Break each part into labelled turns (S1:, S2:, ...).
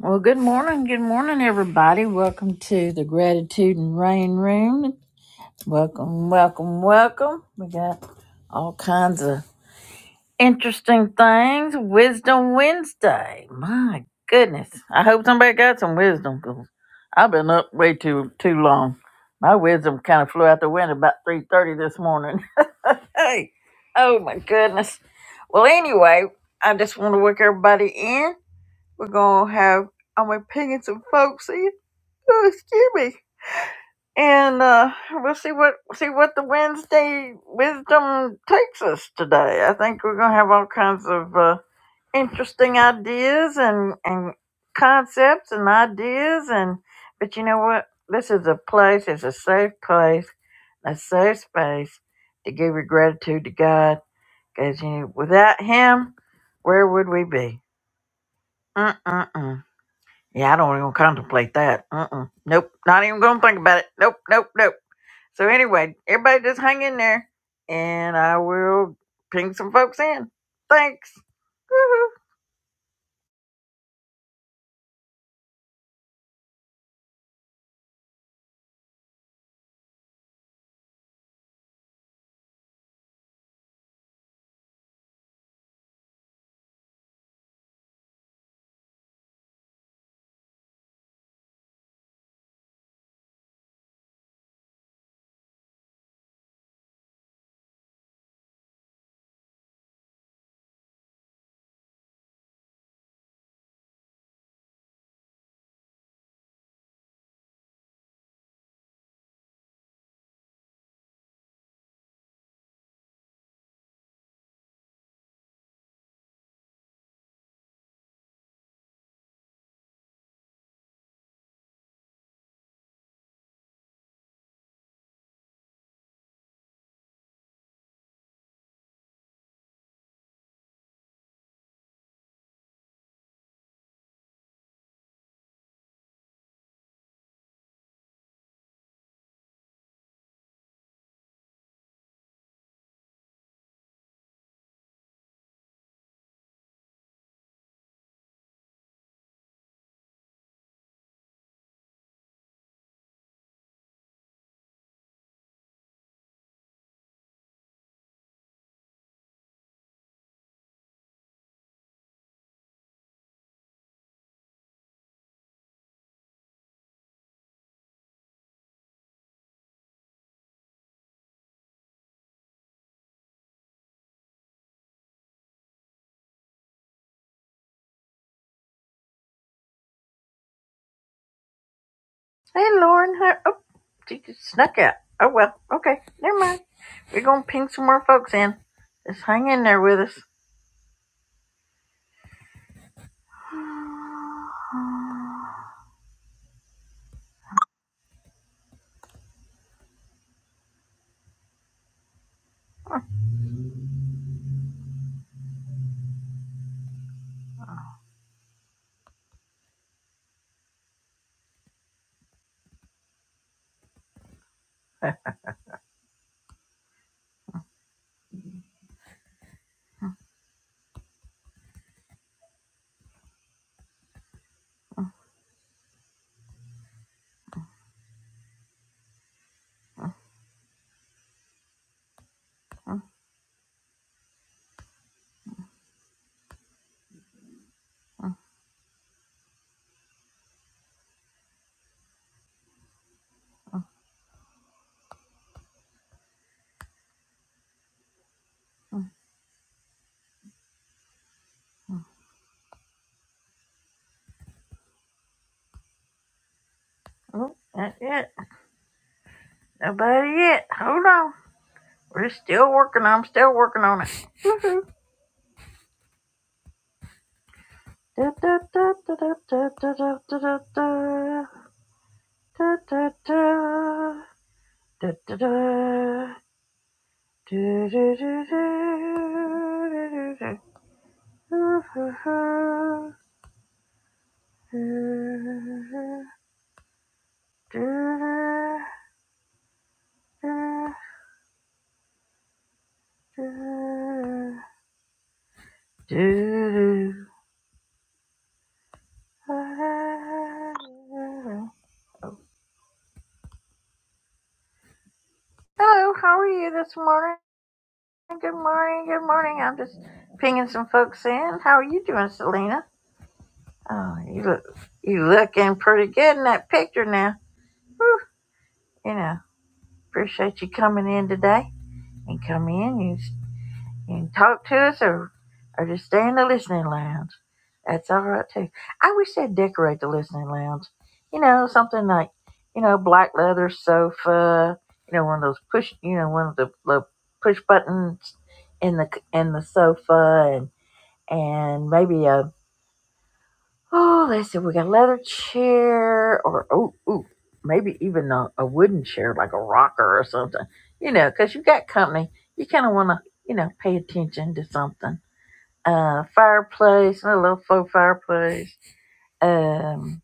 S1: Well, good morning. Good morning, everybody. Welcome to the Gratitude and Rain Room. Welcome, welcome, welcome. We got all kinds of interesting things. Wisdom Wednesday. My goodness. I hope somebody got some wisdom 'cause I've been up way too too long. My wisdom kind of flew out the window about 3.30 this morning. hey, oh my goodness. Well, anyway, I just want to work everybody in. We're going to have I'm gonna ping in some folks in. Oh, excuse me. And uh, we'll see what see what the Wednesday wisdom takes us today. I think we're gonna have all kinds of uh, interesting ideas and and concepts and ideas and but you know what? This is a place. It's a safe place, a safe space to give your gratitude to God. Because you know, without Him, where would we be? Mm-mm-mm. Yeah, I don't even contemplate that. Uh-uh. Nope. Not even gonna think about it. Nope, nope, nope. So anyway, everybody just hang in there and I will ping some folks in. Thanks. Woohoo. Hey Lauren, how, oh she just snuck out. Oh well, okay, never mind. We're gonna ping some more folks in. Just hang in there with us. Oh, not yet. Nobody yet. Hold on. We're still working on I'm still working on it. Woohoo. Da da da da da da da da da da da da da da da da da Do, do, do, do, do, do, do. Ooh, hoo, hoo. Do, do, do, do, do. Do, do. Hello, how are you this morning? Good morning, good morning. I'm just pinging some folks in. How are you doing, Selena? Oh, you look, you looking pretty good in that picture now. Whew, you know, appreciate you coming in today. And come in, you, s- you can talk to us or, or just stay in the listening lounge. That's all right too. I wish they'd decorate the listening lounge. You know, something like, you know, black leather sofa. You know, one of those push, you know, one of the little push buttons in the in the sofa, and and maybe a Oh, let's see. We got leather chair or, oh, ooh, maybe even a, a wooden chair, like a rocker or something, you know, because you got company. You kind of want to, you know, pay attention to something. Uh, fireplace, a little faux fireplace. Um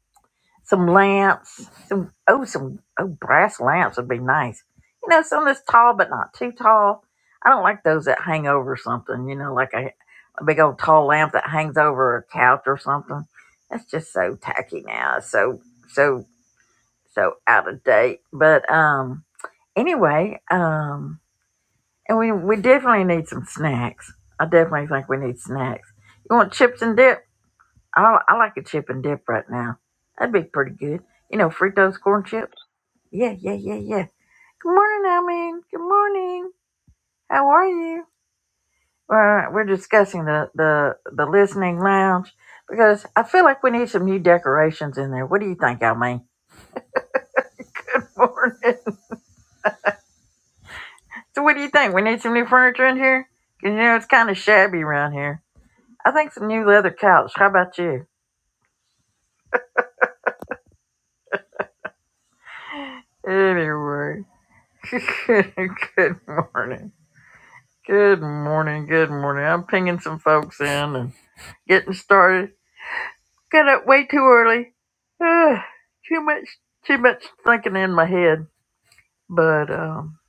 S1: some lamps, some oh some oh brass lamps would be nice. You know, some that's tall but not too tall. I don't like those that hang over something. You know, like a, a big old tall lamp that hangs over a couch or something. That's just so tacky now. It's So so so out of date. But um, anyway, um, and we we definitely need some snacks. I definitely think we need snacks. You want chips and dip? I, I like a chip and dip right now. That'd be pretty good. You know, Fritos corn chips. Yeah, yeah, yeah, yeah. Good morning, Almin. Good morning. How are you? We're, we're discussing the, the, the listening lounge because I feel like we need some new decorations in there. What do you think, Almin? Morning. so, what do you think? We need some new furniture in here? Because, you know, it's kind of shabby around here. I think some new leather couch. How about you? Anyway, good morning. Good morning, good morning. I'm pinging some folks in and getting started. Got up way too early. Ugh, too much, too much thinking in my head. But um,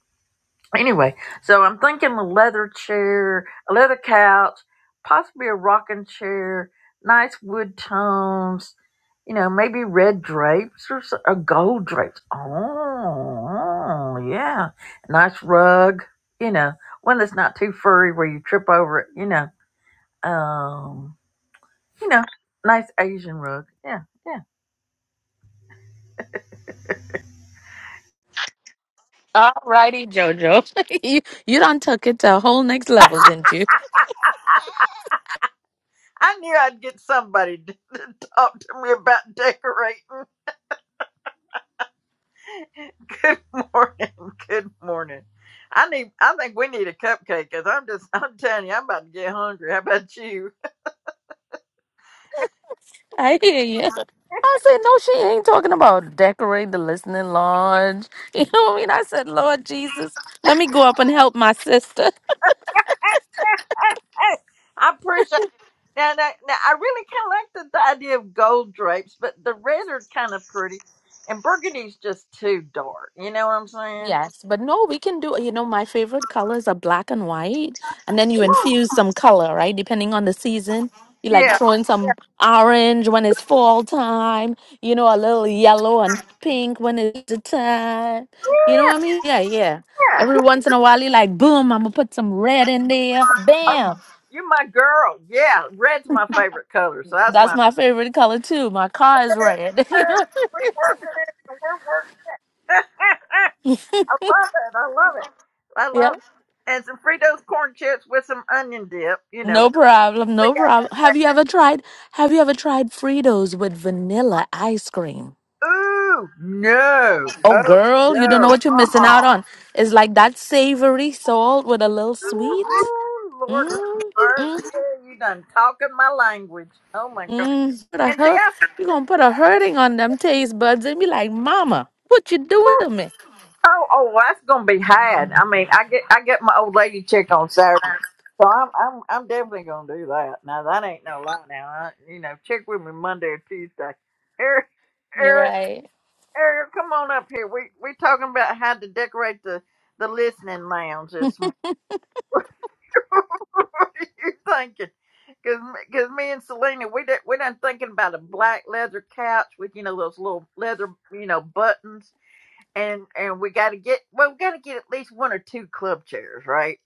S1: anyway, so I'm thinking a leather chair, a leather couch, possibly a rocking chair, nice wood tones. You know, maybe red drapes or, so- or gold drapes. Oh, yeah, nice rug. You know, one that's not too furry where you trip over it. You know um, you know, nice Asian rug. Yeah, yeah.
S2: All righty, JoJo. you you done took it to a whole next level, didn't you?
S1: I knew I'd get somebody to to talk to me about decorating. Good morning. Good morning. I need. I think we need a cupcake because I'm just. I'm telling you, I'm about to get hungry. How about you?
S2: I hear you. I said, no, she ain't talking about decorate the listening lodge. You know what I mean? I said, Lord Jesus, let me go up and help my sister.
S1: I appreciate. Now, now, now, I really kind of like the, the idea of gold drapes, but the red is kind of pretty, and burgundy's just too dark. You know what I'm saying?
S2: Yes, but no, we can do, you know, my favorite colors are black and white, and then you infuse some color, right? Depending on the season. You like
S1: Yeah,
S2: throwing some orange when it's fall time, you know, a little yellow and pink when it's the time. You know what I mean? Yeah, yeah.
S1: yeah.
S2: Every once in a while, you like, boom, I'm gonna put some red in there. Bam.
S1: You're my girl. Yeah, red's my favorite color, so that's why.
S2: That's
S1: I'm-
S2: my favorite color too. My car is red.
S1: I love it. I love it. I
S2: Yeah.
S1: love it. And some Fritos corn chips with some onion dip. You know.
S2: No problem,
S1: We
S2: no
S1: got-
S2: problem. Have you ever tried have you ever tried Fritos with vanilla ice cream?
S1: Ooh no!
S2: Oh
S1: Oh
S2: girl, you don't
S1: no!
S2: know what you're missing
S1: Uh-uh.
S2: out on. It's like that savory salt with a little sweet.
S1: Ooh, Lord
S2: Mm, mm,
S1: mercy! You done talking my language. Oh my god!
S2: mm. Put a
S1: And see,
S2: hurt,
S1: I.
S2: you're gonna put a hurting on them taste buds and be like, Mama, what you doing to me?
S1: Oh, oh, well, that's gonna be had. I mean, I get I get my old lady check on Saturday, so I'm I'm I'm definitely gonna do that. Now that ain't no lie. Now I, you know, check with me Monday or Tuesday. Eric,
S2: You're
S1: Eric,
S2: right.
S1: Eric, come on up here. We we talking about how to decorate the the listening lounge this morning. what are you thinking? Cause, me- Cause me and Selena, we did, we done thinking about a black leather couch with you know those little leather you know buttons and and we got to get well, we got to get at least one or two club chairs, right?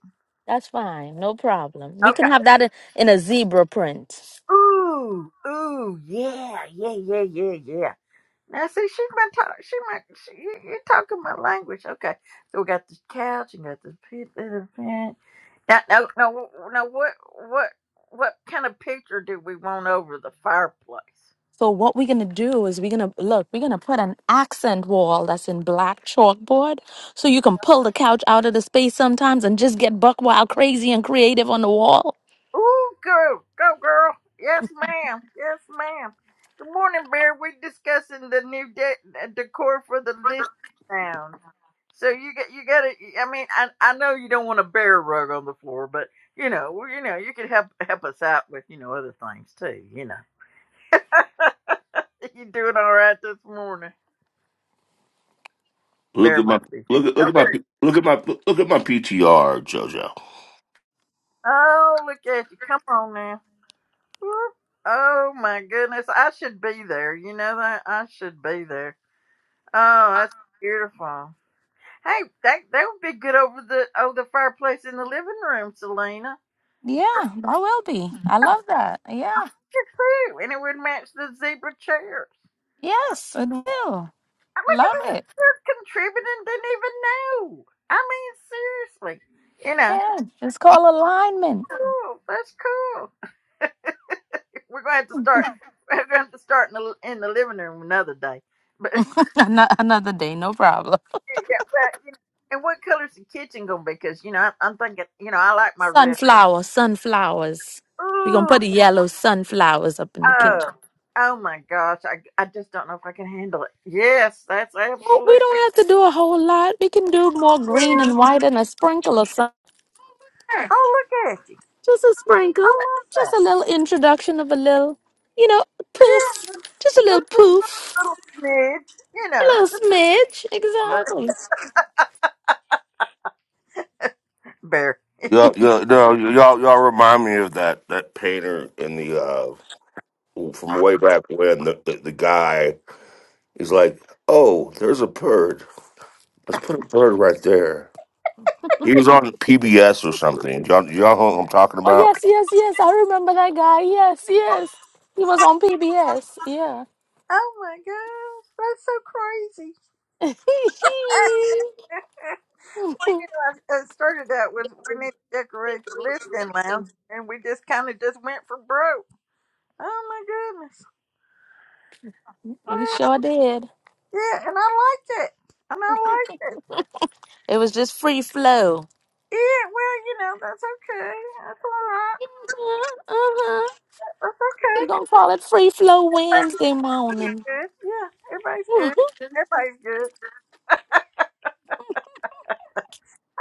S2: That's fine, no problem. We can
S1: Okay.
S2: have that in, in a zebra print.
S1: Ooh, ooh, yeah, yeah, yeah, yeah, yeah. Now see, she might talk. She might. She, you- you're talking my language, okay? So we got this couch and got this pit Now, no, no, no. What, what, what kind of picture do we want over the fireplace?
S2: So what we're gonna do is we're gonna look, we're gonna put an accent wall that's in black chalkboard so you can pull the couch out of the space sometimes and just get buck wild crazy and creative on the wall.
S1: Ooh, go, go, girl. Yes, ma'am. Yes, ma'am. Good morning, Bear. We're discussing the new de- decor for the list sound. So you got, you got to. I mean, I, I know you don't want a bear rug on the floor, but you know, well, you know, you could help help us out with you know other things too. You know, you doing all right this morning?
S3: Look
S1: Bear
S3: at my
S1: must be.
S3: look at
S1: Oh,
S3: look at my
S1: there-
S3: look at my look at my PTR, JoJo.
S1: oh, look at you! Come on now. Whoop. Oh my goodness, I should be there. You know that I should be there. Oh, that's beautiful. Hey, that that would be good over the over the fireplace in the living room, Selena.
S2: Yeah, I will be. I love that.
S1: I
S2: Yeah.
S1: think it's true, and it would match the zebra chairs.
S2: Yes, it will.
S1: I mean,
S2: Love
S1: they're
S2: it.
S1: they're contributing. Didn't even know. I mean, seriously, you know,
S2: Yeah. It's called alignment.
S1: cool. That's cool. We're gonna have to start. We're gonna have to start in the in the living room another day. But yeah,
S2: Ano- Another day, no problem.
S1: but you know, and what color's the kitchen gonna be? Because you know, I, I'm thinking, you know, I like my red.
S2: Sunflower, sunflowers. We're gonna put the
S1: Ooh.
S2: yellow sunflowers up in the
S1: Oh,
S2: kitchen.
S1: oh my gosh. I, I just don't know if I can handle it. Yes, that's
S2: Well, we
S1: absolutely.
S2: don't have to do a whole lot. We can do more green
S1: Yeah.
S2: and white and a sprinkle of something.
S1: Oh, look at you.
S2: Just a
S1: I
S2: sprinkle. Just
S1: love
S2: a
S1: that.
S2: little introduction of a little, you know,
S1: Yes,
S2: poof.
S1: it's
S2: Just a little
S1: just
S2: poof.
S1: a little smidge, you
S2: A
S1: know,
S2: little
S1: just a
S2: smidge.
S1: little
S2: Exactly.
S1: bear.
S3: Yeah, yeah, no, y'all, y'all remind me of that that painter in the uh from way back when the, the the guy is like, oh, there's a bird. Let's put a bird right there. He was on PBS or something. Y'all, y'all know what I'm talking
S2: Oh,
S3: about?
S2: yes, yes, yes. I remember that guy. Yes, yes. He was on PBS. Yeah.
S1: Oh my gosh, that's so crazy. well, you know, I, I started out with we need to decorate the listening lounge, and we just kind of just went for broke. Oh my goodness. Well,
S2: we sure did.
S1: yeah, and I liked it. And I liked it.
S2: It was just free flow.
S1: Yeah, well, you know, that's okay. That's all right.
S2: Uh-huh. uh-huh.
S1: That's okay.
S2: We're going to call it Free Flow Wednesday morning.
S1: Everybody's good. Yeah, everybody's good. Everybody's good.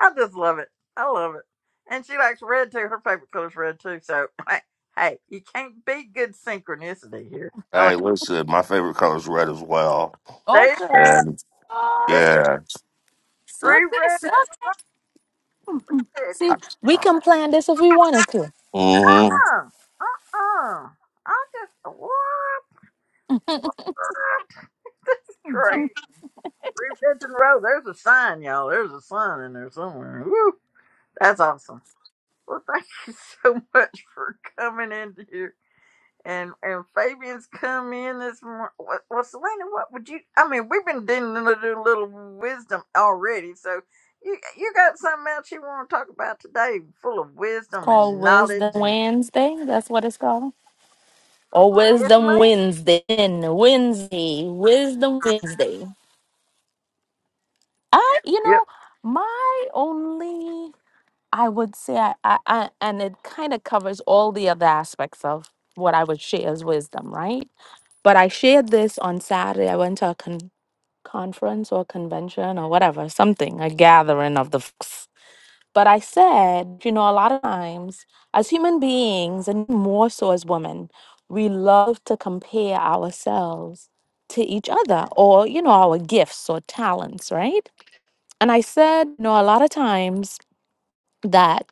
S1: I just love it. I love it. And she likes red too. Her favorite color is red too. So, hey, hey, you can't be good synchronicity here. I mean,
S3: Hey, listen, my favorite color is red as well,
S2: Oh,
S1: there's
S2: sugar.
S3: and
S2: Oh,
S1: it's
S3: yeah,
S2: sugar,
S1: three red
S2: sugar.
S1: and a red.
S2: See, we can plan this if we wanted to. It's
S3: mm-hmm.
S1: Uh, uh-uh. I just, what? What? This is crazy. Three reds in a row. There's a sign, y'all. There's a sign in there somewhere. Woo. That's awesome. Well, thank you so much for coming in here. And and Fabian's come in this morning. Well, well, Selena, what would you? I mean, we've been doing a little little wisdom already. So you you got something else you want to talk about today? Full of wisdom
S2: called
S1: and
S2: Wisdom
S1: knowledge and
S2: Wednesday. That's what it's called. Or
S1: yes,
S2: Wisdom
S1: ma'am.
S2: Wednesday. Wednesday. Wisdom Wednesday. I, you know,
S1: Yep.
S2: my only, I would say, I, I, I and it kind of covers all the other aspects of what I would share as wisdom, right? But I shared this on Saturday. I went to a con. conference or convention or whatever, something, a gathering of the folks. But I said, you know, a lot of times as human beings and more so as women, we love to compare ourselves to each other or, you know, our gifts or talents, right? And I said, you know, a lot of times that,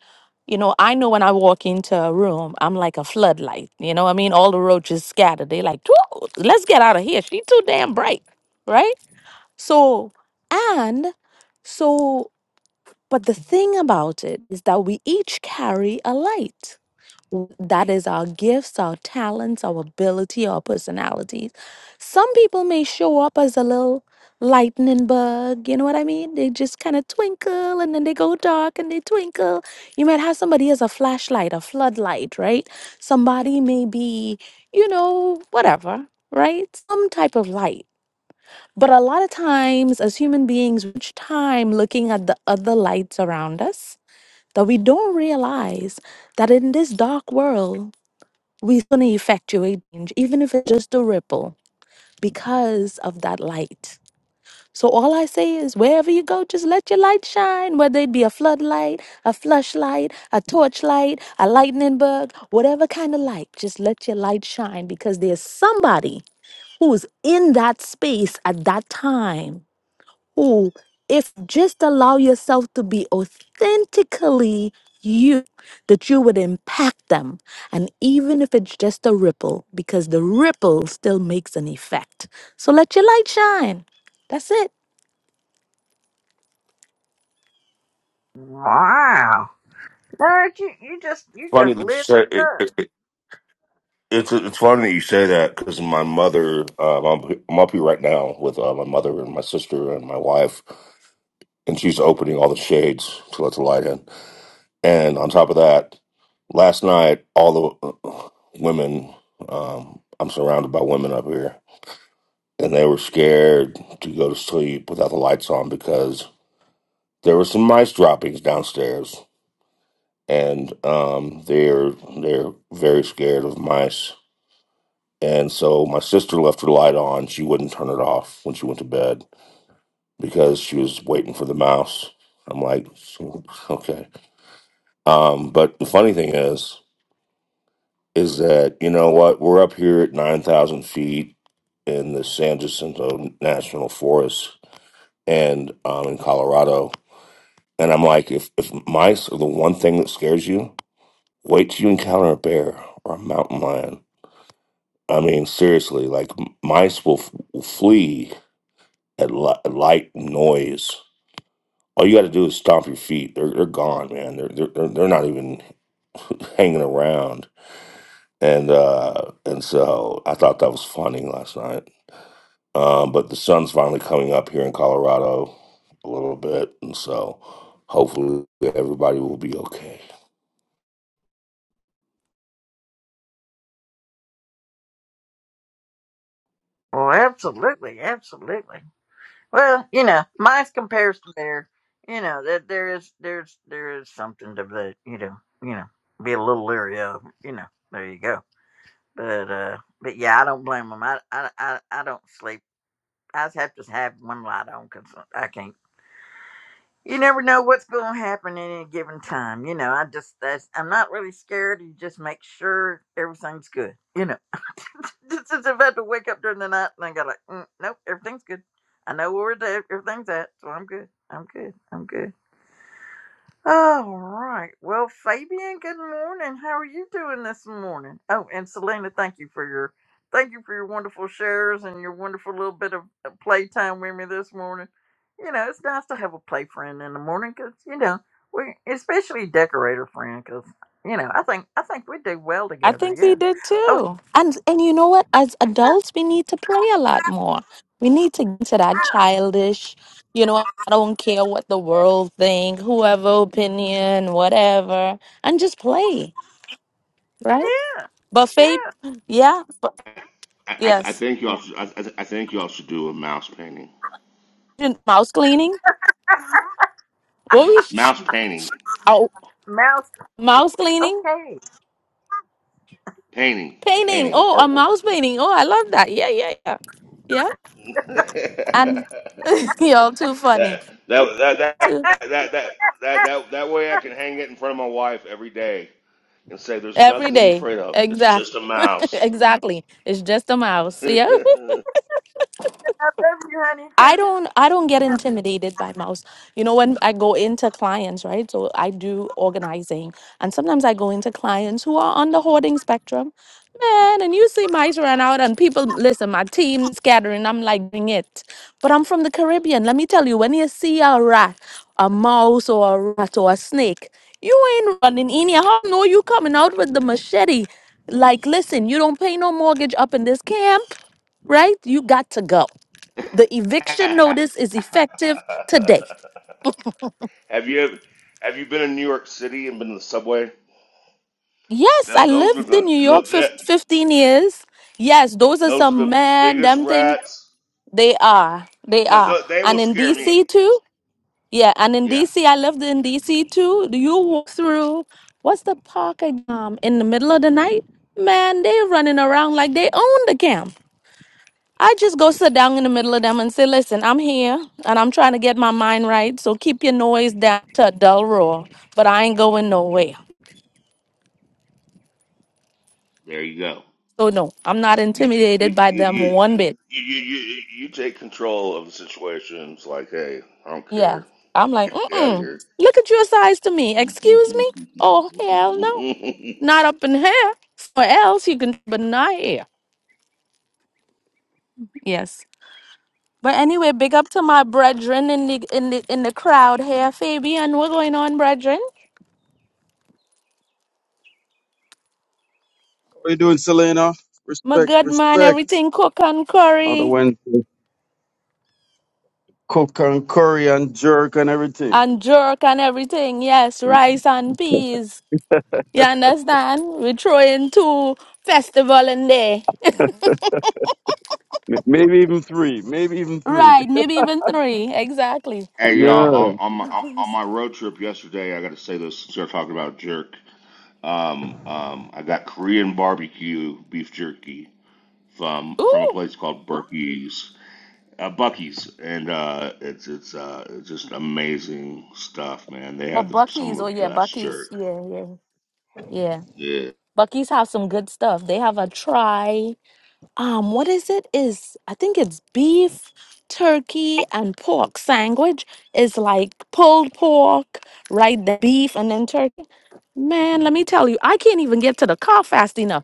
S2: you know, I know when I walk into a room, I'm like a floodlight. You know what I mean? All the roaches scattered. They like, "Whoa, let's get out of here. She too damn bright, right? So, and so, but the thing about it is that we each carry a light. That is our gifts, our talents, our ability, our personalities. Some people may show up as a little lightning bug, you know what I mean? They just kind of twinkle and then they go dark and they twinkle. You might have somebody as a flashlight, a floodlight, right? Somebody may be, you know, whatever, right? Some type of light. But a lot of times, as human beings, we spend time looking at the other lights around us that we don't realize that in this dark world, we're going to effectuate change, even if it's just a ripple, because of that light. So all I say is, wherever you go, just let your light shine. Whether it be a floodlight, a flashlight, a torchlight, a lightning bug, whatever kind of light, just let your light shine because there's somebody who's in that space at that time who, if just allow yourself to be authentically you, that you would impact them. And even if it's just a ripple, because the ripple still makes an effect. So let your light shine. That's it.
S1: Wow. No, you you just you
S3: funny
S1: just
S3: to
S1: lit up.
S3: say. It's it's funny that you say that because my mother, um, I'm, I'm up here right now with uh, my mother and my sister and my wife, and she's opening all the shades to let the light in. And on top of that, last night all the uh, women, um, I'm surrounded by women up here, and they were scared to go to sleep without the lights on because there were some mice droppings downstairs, and um, they're they're very scared of mice And so my sister left her light on. She wouldn't turn it off when she went to bed because she was waiting for the mouse. I'm like, okay. Um, but the funny thing is, is that, you know what? We're up here at 9,000 feet in the San Jacinto National Forest and um, in Colorado. And I'm like, if, if mice are the one thing that scares you, wait till you encounter a bear or a mountain lion. I mean, seriously, like m- mice will, f- will flee at li- light noise. All you got to do is stomp your feet. They're they're gone, man. They're they're they're they're not even hanging around. And uh and so I thought that was funny last night. Um, but the sun's finally coming up here in Colorado a little bit, and so hopefully everybody will be okay.
S1: Well, absolutely, absolutely. Well, you know, mine's compares to there. You know that there is there's there is something to that. You know, you know, be a little leery of. You know, there you go. But uh, but yeah, I don't blame them. I I I, I don't sleep. I just have to have one light on because I can't. You never know what's going to happen at any given time. You know, I just that's I'm not really scared. You just make sure everything's good. You know. Just since I've had to wake up during the night and I got like, mm, nope, everything's good. I know where the, everything's at, so I'm good. I'm good. I'm good. All right. Well, Fabian, good morning. How are you doing this morning? Oh, and Selena, thank you for your thank you for your wonderful shares and your wonderful little bit of of playtime with me this morning. You know, it's nice to have a play friend in the morning because you know we, especially decorator friend, because you know I think I think we do well
S2: I
S1: together.
S2: think we
S1: Yeah.
S2: did too. And and you know what? As adults, we need to play a lot more. We need to get to that childish, you know, I don't care what the world think, whoever opinion, whatever, and just play, right?
S1: Yeah.
S2: buffet.
S1: Yeah.
S2: Yeah, but
S3: I, I, I
S2: yes,
S3: think y'all should, I, I I think y'all should do a mouse painting.
S2: And mouse cleaning. What we?
S3: Mouse painting,
S2: Oh,
S1: Mouse
S2: mouse cleaning,
S1: Okay.
S3: painting,
S2: painting.
S3: painting like
S2: Oh, a
S3: artwork.
S2: mouse painting. Oh, I love that. Yeah, yeah, yeah, yeah. And y'all too funny.
S3: That that that that that
S2: Too
S3: that that that, that way I
S1: I
S3: can hang it in front of my wife every day and say there's
S2: every
S3: nothing to be
S2: day.
S3: afraid of. It's
S2: Exact.
S3: just a mouse.
S2: exactly. It's just a
S3: have
S2: mouse. Yeah.
S1: love you, honey, because
S2: I don't I don't get intimidated by mouse. You know when I go into clients, right? So I do organizing and sometimes I go into clients who are on the hoarding spectrum. Man, and you see mice run out and people listen, my team scattering, I'm like bring it. But I'm from the Caribbean. Let me tell you, when you see a rat, a mouse or a rat or a snake, you ain't running in here. How no? you coming out with the machete? Like, listen, you don't pay no mortgage up in this camp, right? You got to go. The eviction notice is effective today.
S3: you ever have you
S2: Yes, I
S3: tho- those are
S2: lived in
S3: the,
S2: New York
S3: the
S2: for
S3: that,
S2: 15 years. Yes, those are
S3: those are the
S2: some man
S3: biggest
S2: them thing.
S3: rats.
S2: They are. They
S3: Th-
S2: are.
S3: th- they will
S2: And in
S3: scare me.
S2: DC too. Yeah, and in
S3: Yeah.
S2: DC, I lived in DC too. Do You walk through what's the park um in the middle of the night? Man, they running around like they own the camp. I just go sit down in the middle of them and say, listen, I'm here and I'm trying to get my mind right. So keep your noise down to a dull roar, but I ain't going nowhere.
S3: There you go.
S2: So, no, I'm not
S3: You you
S2: intimidated by
S3: you
S2: them
S3: you
S2: one bit.
S3: you, you, you, you take control of the situation. It's like, hey, I don't
S2: Yeah.
S3: care.
S2: I'm
S3: Get,
S2: like,
S3: get, get out of
S2: mm-mm, look at your size to me. Excuse me? Oh, hell no.
S3: here.
S2: Not up in here. Or else you can, but not here. Yes. But anyway, big up to my brethren in the in the in the crowd here, Fabian. What's going on, brethren?
S4: What you doing, Selena?
S2: My
S4: Respect,
S2: good man,
S4: respect.
S2: everything cook and
S4: Another
S2: curry.
S4: Wednesday. Cook and curry and jerk and everything.
S2: and jerk and everything. Yes, rice and peas. You understand? We throw in two festival in there.
S4: M- Maybe even three. Maybe even three.
S2: Right, maybe even three. Exactly.
S3: Hey y'all,
S4: Yeah.
S3: on, on my on on my road trip yesterday, I got to say this since we're talking about jerk. Um, um, I got Korean barbecue beef jerky from from a
S2: Ooh.
S3: place called Bucky's, uh, Bucky's, and uh, it's it's uh, it's just amazing stuff, man. They
S2: Or
S3: have the, some
S2: Bucky's.
S3: of
S2: Oh
S3: the
S2: yeah,
S3: best
S2: Bucky's.
S3: jerk.
S2: Yeah, yeah. Yeah.
S3: Yeah.
S2: Bucky's have some good stuff. They have a try. Um, what is it? Is I think it's beef, turkey, and pork sandwich. It's like pulled pork, right? The beef and then turkey. Man, let me tell you, I can't even get to the car fast enough.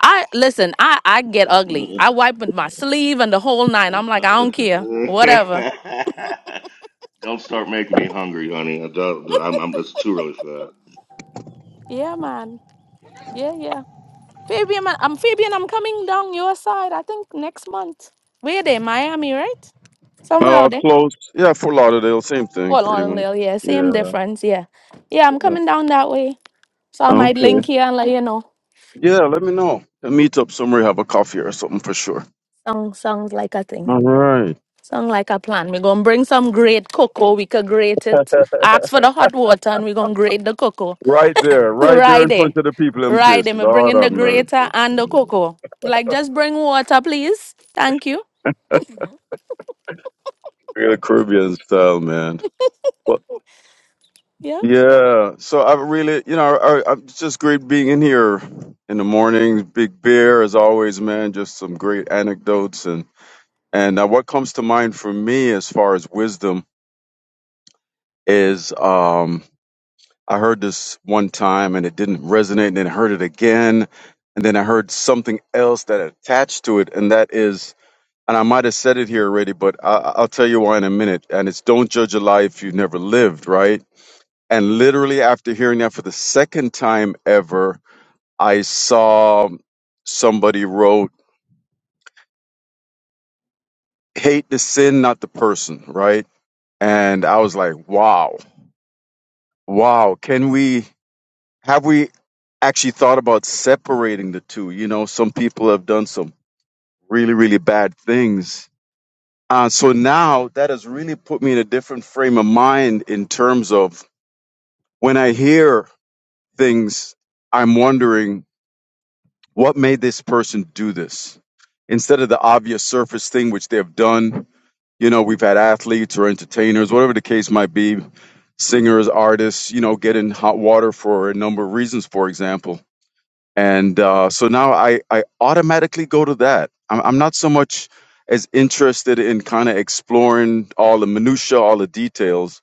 S2: I listen, I I get ugly. I wipe with my sleeve and the whole nine. I'm like, I don't care. Whatever.
S3: don't start making me hungry, honey. I don't. I'm, I'm. It's too early for that.
S2: Yeah, man. Yeah, yeah. Fabian, man, I'm Fabian. I'm coming down your side. I think next month. Where they? Miami, right? Somewhere
S4: Uh,
S2: out there.
S4: close. Yeah, for Lauderdale, same thing,
S2: Well,
S4: pretty
S2: on
S4: much.
S2: Lil, yeah, same
S4: Yeah.
S2: difference, yeah. Yeah, I'm
S4: yeah.
S2: coming down that way. So I might
S4: Okay.
S2: link here and let you know.
S4: Yeah, let me know. We'll meet up somewhere, have a coffee or something for sure.
S2: Song, sounds like a thing.
S4: All right.
S2: Sound like a plan. We're gonna bring some great cocoa. We could grate it. Ask for the hot water and we're gonna grate the cocoa.
S4: Right there, right there
S2: right
S4: in
S2: there.
S4: front of the people in
S2: Right
S4: face.
S2: there. Me bring
S4: Lord
S2: in
S4: have
S2: the
S4: mercy.
S2: grater and the cocoa. Like just bring water, please. Thank you.
S4: Real Caribbean style, man.
S2: Yeah.
S4: Yeah, so I really, you know, I, I'm just great being in here in the morning. Big beer, as always, man. Just some great anecdotes and and uh, what comes to mind for me as far as wisdom is, um, I heard this one time and it didn't resonate, and then I heard it again, and then I heard something else that attached to it, and that is, and I might have said it here already, but I, I'll tell you why in a minute. And it's don't judge a life you've never lived, right? And literally after hearing that for the second time ever, I saw somebody wrote, hate the sin, not the person, right? And I was like, wow, wow, can we, have we actually thought about separating the two? You know, some people have done some really, really bad things. Uh, so now that has really put me in a different frame of mind in terms of when I hear things, I'm wondering What made this person do this? Instead of the obvious surface thing which they have done, you know, we've had athletes or entertainers, whatever the case might be, singers, artists, you know, get in hot water for a number of reasons, for example. And uh, so now I, I automatically go to that. I'm, I'm not so much as interested in kind of exploring all the minutia, all the details.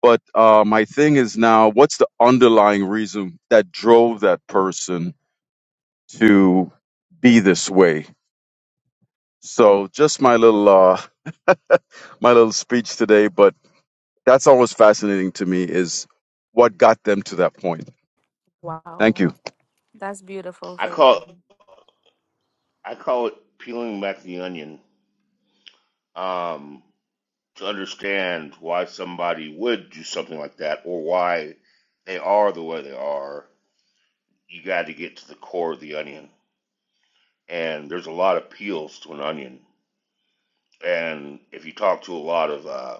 S4: But uh, my thing is now, what's the underlying reason that drove that person to be this way. So just my little uh, my little speech today, but that's always fascinating to me is what got them to that point. Thank you.
S3: I call I call it peeling back the onion. Um. to understand why somebody would do something like that or why they are the way they are, you got to get to the core of the onion. And there's a lot of peels to an onion. And if you talk to a lot of uh,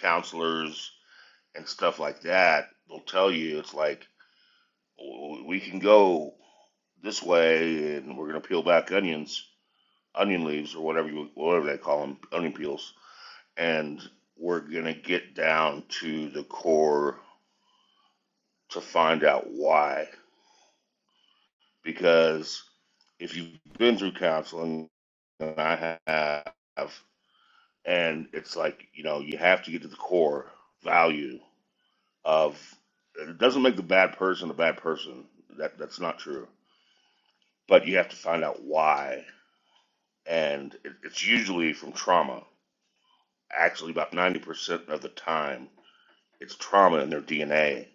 S3: counselors and stuff like that, they'll tell you it's like, "Oh, we can go this way and we're going to peel back onions, onion leaves, or whatever, you, whatever they call them, onion peels. And we're going to get down to the core to find out why. Because if you've been through counseling, and I have, and it's like, you know, you have to get to the core value of it doesn't make the bad person a bad person. That that's not true. But you have to find out why. And it, it's usually from trauma. Actually, about 90% of the time, it's trauma in their DNA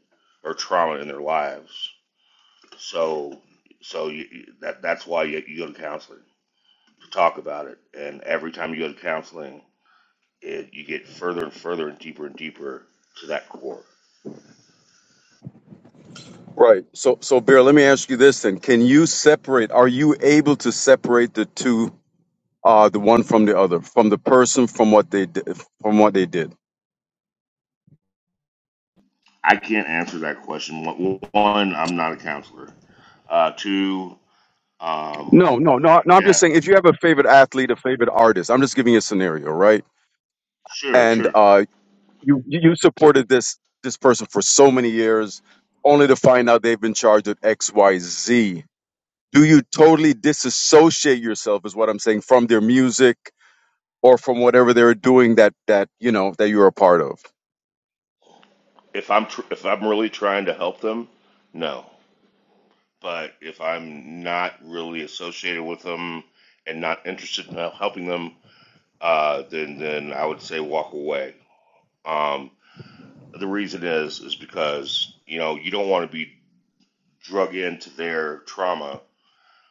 S3: or trauma in their lives. So, so you, that that's why you, you go to counseling talk about it. And every time you go to counseling, it, you get further and further and deeper and deeper to that core.
S4: Right. So so Bear, let me ask you this then. Can you separate are you able to separate the two uh the one from the other, from the person from what they did from what they did?
S3: I can't answer that question. One, I'm not a counselor. Uh, two, um,
S4: No, no, no, no. I'm just
S3: yeah,
S4: saying if you have a favorite athlete, a favorite artist, I'm just giving you a scenario, right?
S3: sure,
S4: And
S3: sure.
S4: uh you you you supported this this person for so many years only to find out they've been charged with xyz do you totally disassociate yourself is what i'm saying from their music or from whatever they're doing that that you know that you're a part of
S3: If I'm tr- if I'm really trying to help them, no. But if I'm not really associated with them and not interested in helping them, uh, then then I would say walk away. Um, the reason is is because you know you don't want to be drug into their trauma.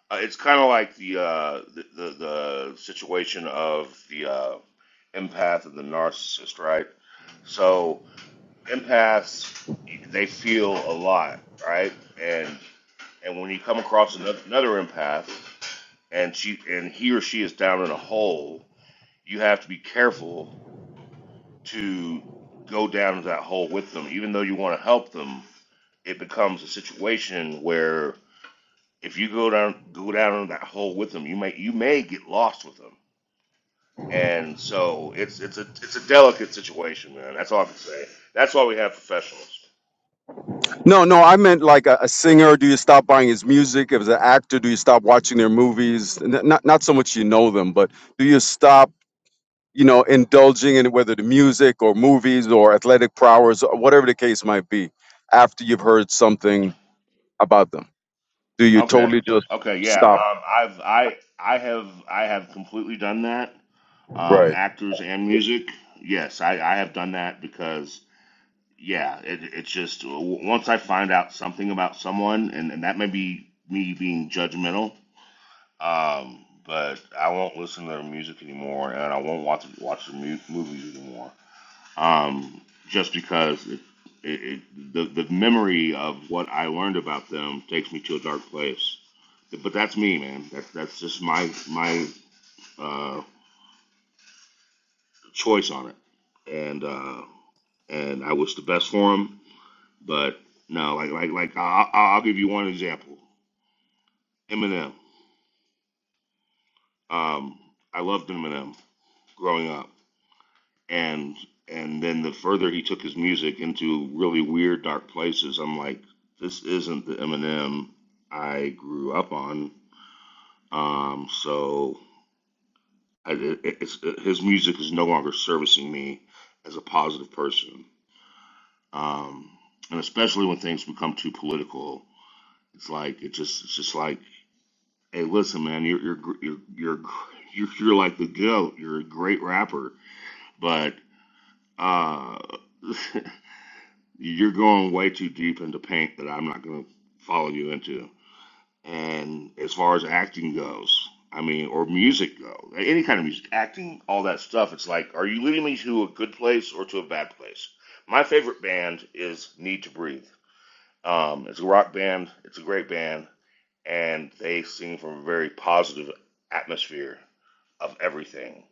S3: Uh, it's kind of like the, uh, the the the situation of the uh, empath and the narcissist, right? So empaths they feel a lot, right? And and when you come across another, another empath and she and he or she is down in a hole, you have to be careful to go down that hole with them, even though you want to help them. It becomes a situation where if you go down go down that hole with them, you may you may get lost with them. And so it's it's a it's a delicate situation, man. That's all I can say. That's why we have professionals.
S4: no no i meant like a, a singer do you stop buying his music if it's an actor do you stop watching their movies N- not not so much you know them but do you stop you know indulging in whether the music or movies or athletic prowess or whatever the case might be after you've heard something about them? Do you
S3: Okay.
S4: totally just
S3: Okay. Yeah.
S4: stop?
S3: Um. I've I I have I have completely done that. Um.
S4: Right.
S3: Actors and music. Yes, I I have done that because yeah, it it's just w- once I find out something about someone, and and that may be me being judgmental Um, but I won't listen to their music anymore, and I won't watch watch their mu- movies anymore. Um, just because it, it, it, the the memory of what I learned about them takes me to a dark place. But that's me, man. That's that's just my my uh, choice on it, and uh, and I wish the best for him. But no, like like like I'll, I'll give you one example. Eminem. Um, I loved Eminem growing up and and then the further he took his music into really weird dark places, I'm like, this isn't the Eminem I grew up on. Um, so I, it, it's, his music is no longer servicing me as a positive person, um, and especially when things become too political, it's like it just it's just like, hey, listen, man, you're you're you're you're you're, you're like the goat. You're a great rapper, but uh You're going way too deep into paint that I'm not going to follow you into. And as far as acting goes, I mean, or music go, any kind of music, acting, all that stuff. It's like, are you leading me to a good place or to a bad place? My favorite band is Need to Breathe. Um, it's a rock band. It's a great band, and they sing from a very positive atmosphere of everything.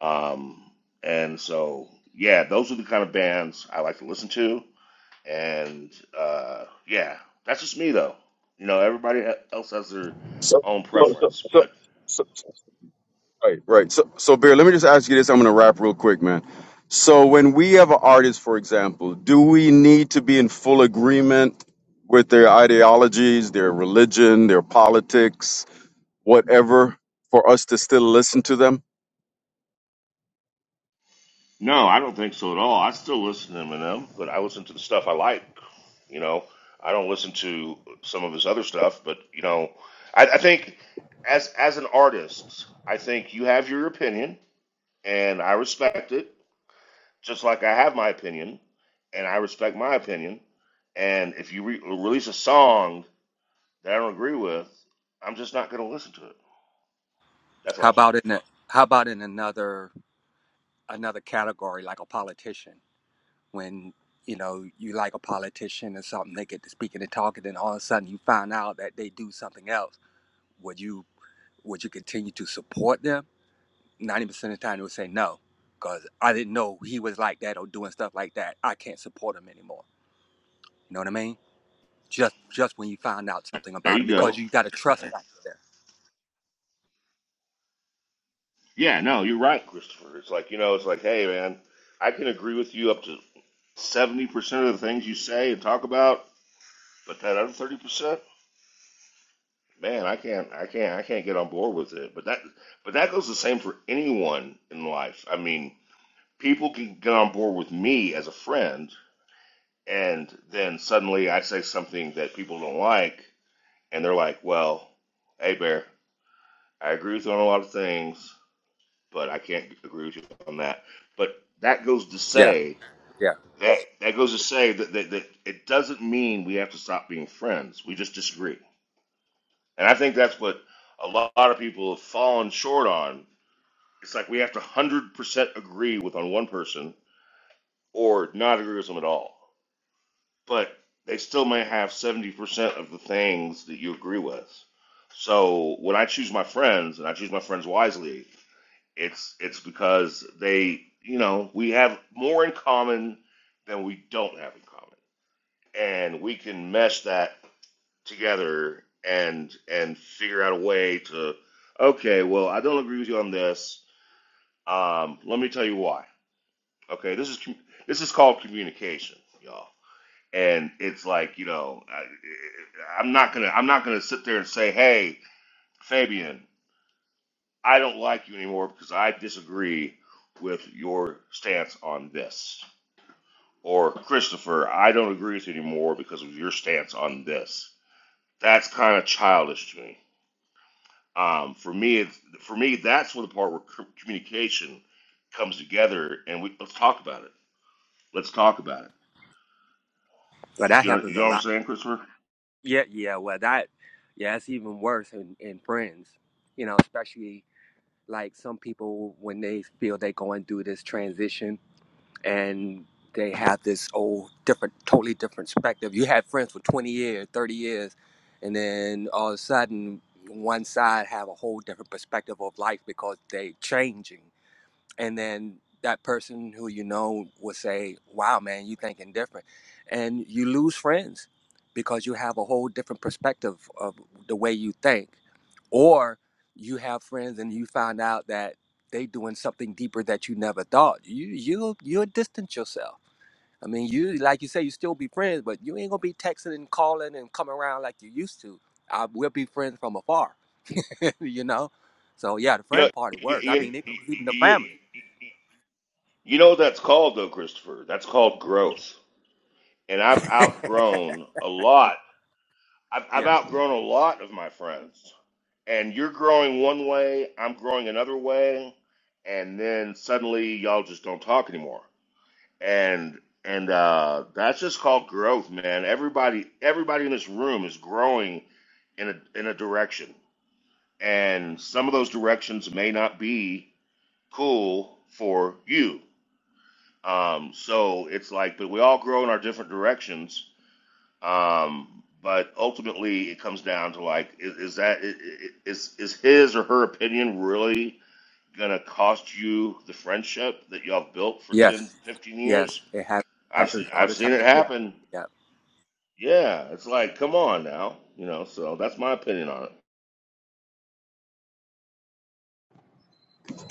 S3: Um, and so, yeah, those are the kind of bands I like to listen to. And uh, yeah, that's just me though. You know, everybody else has their
S4: So,
S3: own
S4: so, so,
S3: preference,
S4: so,
S3: but
S4: so, so- right, right. So, so, Bear, let me just ask you this. I'm going to wrap real quick, man. So, when we have an artist, for example, do we need to be in full agreement with their ideologies, their religion, their politics, whatever, for us to still listen to them?
S3: no, I don't think so at all. I still listen to Eminem, but I listen to the stuff I like. You know, I don't listen to some of his other stuff, but you know, I, I think as as an artist, I think you have your opinion, and I respect it, just like I have my opinion, and I respect my opinion. And if you re- release a song that I don't agree with, I'm just not going to listen to it. That's
S5: How
S3: all.
S5: about in a, how about in another another category like a politician when you know you like a politician or something they get to speaking and talking and all of a sudden you find out that they do something else would you would you continue to support them 90% of the time they would say no because i didn't know he was like that or doing stuff like that i can't support him anymore you know what i mean just just when you find out something
S3: There
S5: about him
S3: you go.
S5: because you got a trust factor there
S3: Yeah, no, you're right, Christopher. It's like, you know, it's like, hey, man, I can agree with you up to 70% of the things you say and talk about, but that other 30%, man, I can't, I can't, I can't get on board with it. But that, but that goes the same for anyone in life. I mean, people can get on board with me as a friend, and then suddenly I say something that people don't like, and they're like, well, hey, Bear, I agree with you on a lot of things, but I can't agree with you on that. But that goes to
S5: yeah
S3: say
S5: yeah
S3: that that goes to say that, that, that it doesn't mean we have to stop being friends. We just disagree, and I think that's what a lot of people have fallen short on. It's like we have to one hundred percent agree with on one person or not agree with them at all, but they still may have seventy percent of the things that you agree with. So when I choose my friends, and I choose my friends wisely, It's it's because they, you know, we have more in common than we don't have in common, and we can mesh that together and and figure out a way to, okay, well, I don't agree with you on this. Um, let me tell you why. Okay, this is com- this is called communication, y'all. And it's like, you know, I, I'm not gonna I'm not gonna sit there and say, hey, Fabian, I don't like you anymore because I disagree with your stance on this. Or, Christopher, I don't agree with you anymore because of your stance on this. That's kind of childish to me. Um, for me, it's, for me, that's where the part where c- communication comes together, and we let's talk about it. Let's talk about it.
S5: but that
S3: You know, you
S5: happens a
S3: know what
S5: lot
S3: I'm saying, Christopher?
S5: Yeah, yeah, well, that, yeah, it's even worse in, in friends, you know, especially like some people when they feel they're going through this transition and they have this old, different, totally different perspective. You had friends for 20 years, 30 years, and then all of a sudden, one side have a whole different perspective of life because they changing and then that person who you know will say, "Wow, man, you thinking different," and you lose friends because you have a whole different perspective of the way you think, or you have friends and you find out that they doing something deeper that you never thought. You you you'll distance yourself. I mean, you like you say, you still be friends, but you ain't gonna be texting and calling and coming around like you used to. I, we'll be friends from afar, you know. So yeah, the
S3: You know,
S5: friend part it
S3: you,
S5: works. I
S3: you,
S5: mean, it goes
S3: you,
S5: even the
S3: you,
S5: family.
S3: you know what that's called though, Christopher. That's called growth, and I've outgrown a lot I've, I've
S5: Yeah.
S3: outgrown a lot of my friends, and you're growing one way, I'm growing another way, and then suddenly y'all just don't talk anymore. And and uh, that's just called growth, man. Everybody everybody in this room is growing in a in a direction, and some of those directions may not be cool for you. Um, so it's like, but we all grow in our different directions, um, but ultimately, it comes down to like, is, is that i- i- is is his or her opinion really gonna cost you the friendship that y'all built for 10,
S5: Yes,
S3: 15
S5: yes,
S3: years?
S5: it hap-
S3: I've seen
S5: happens all
S3: I've
S5: the time.
S3: seen it Yeah. happen.
S5: Yeah,
S3: Yeah, it's like, come on now, you know. So that's my opinion on it.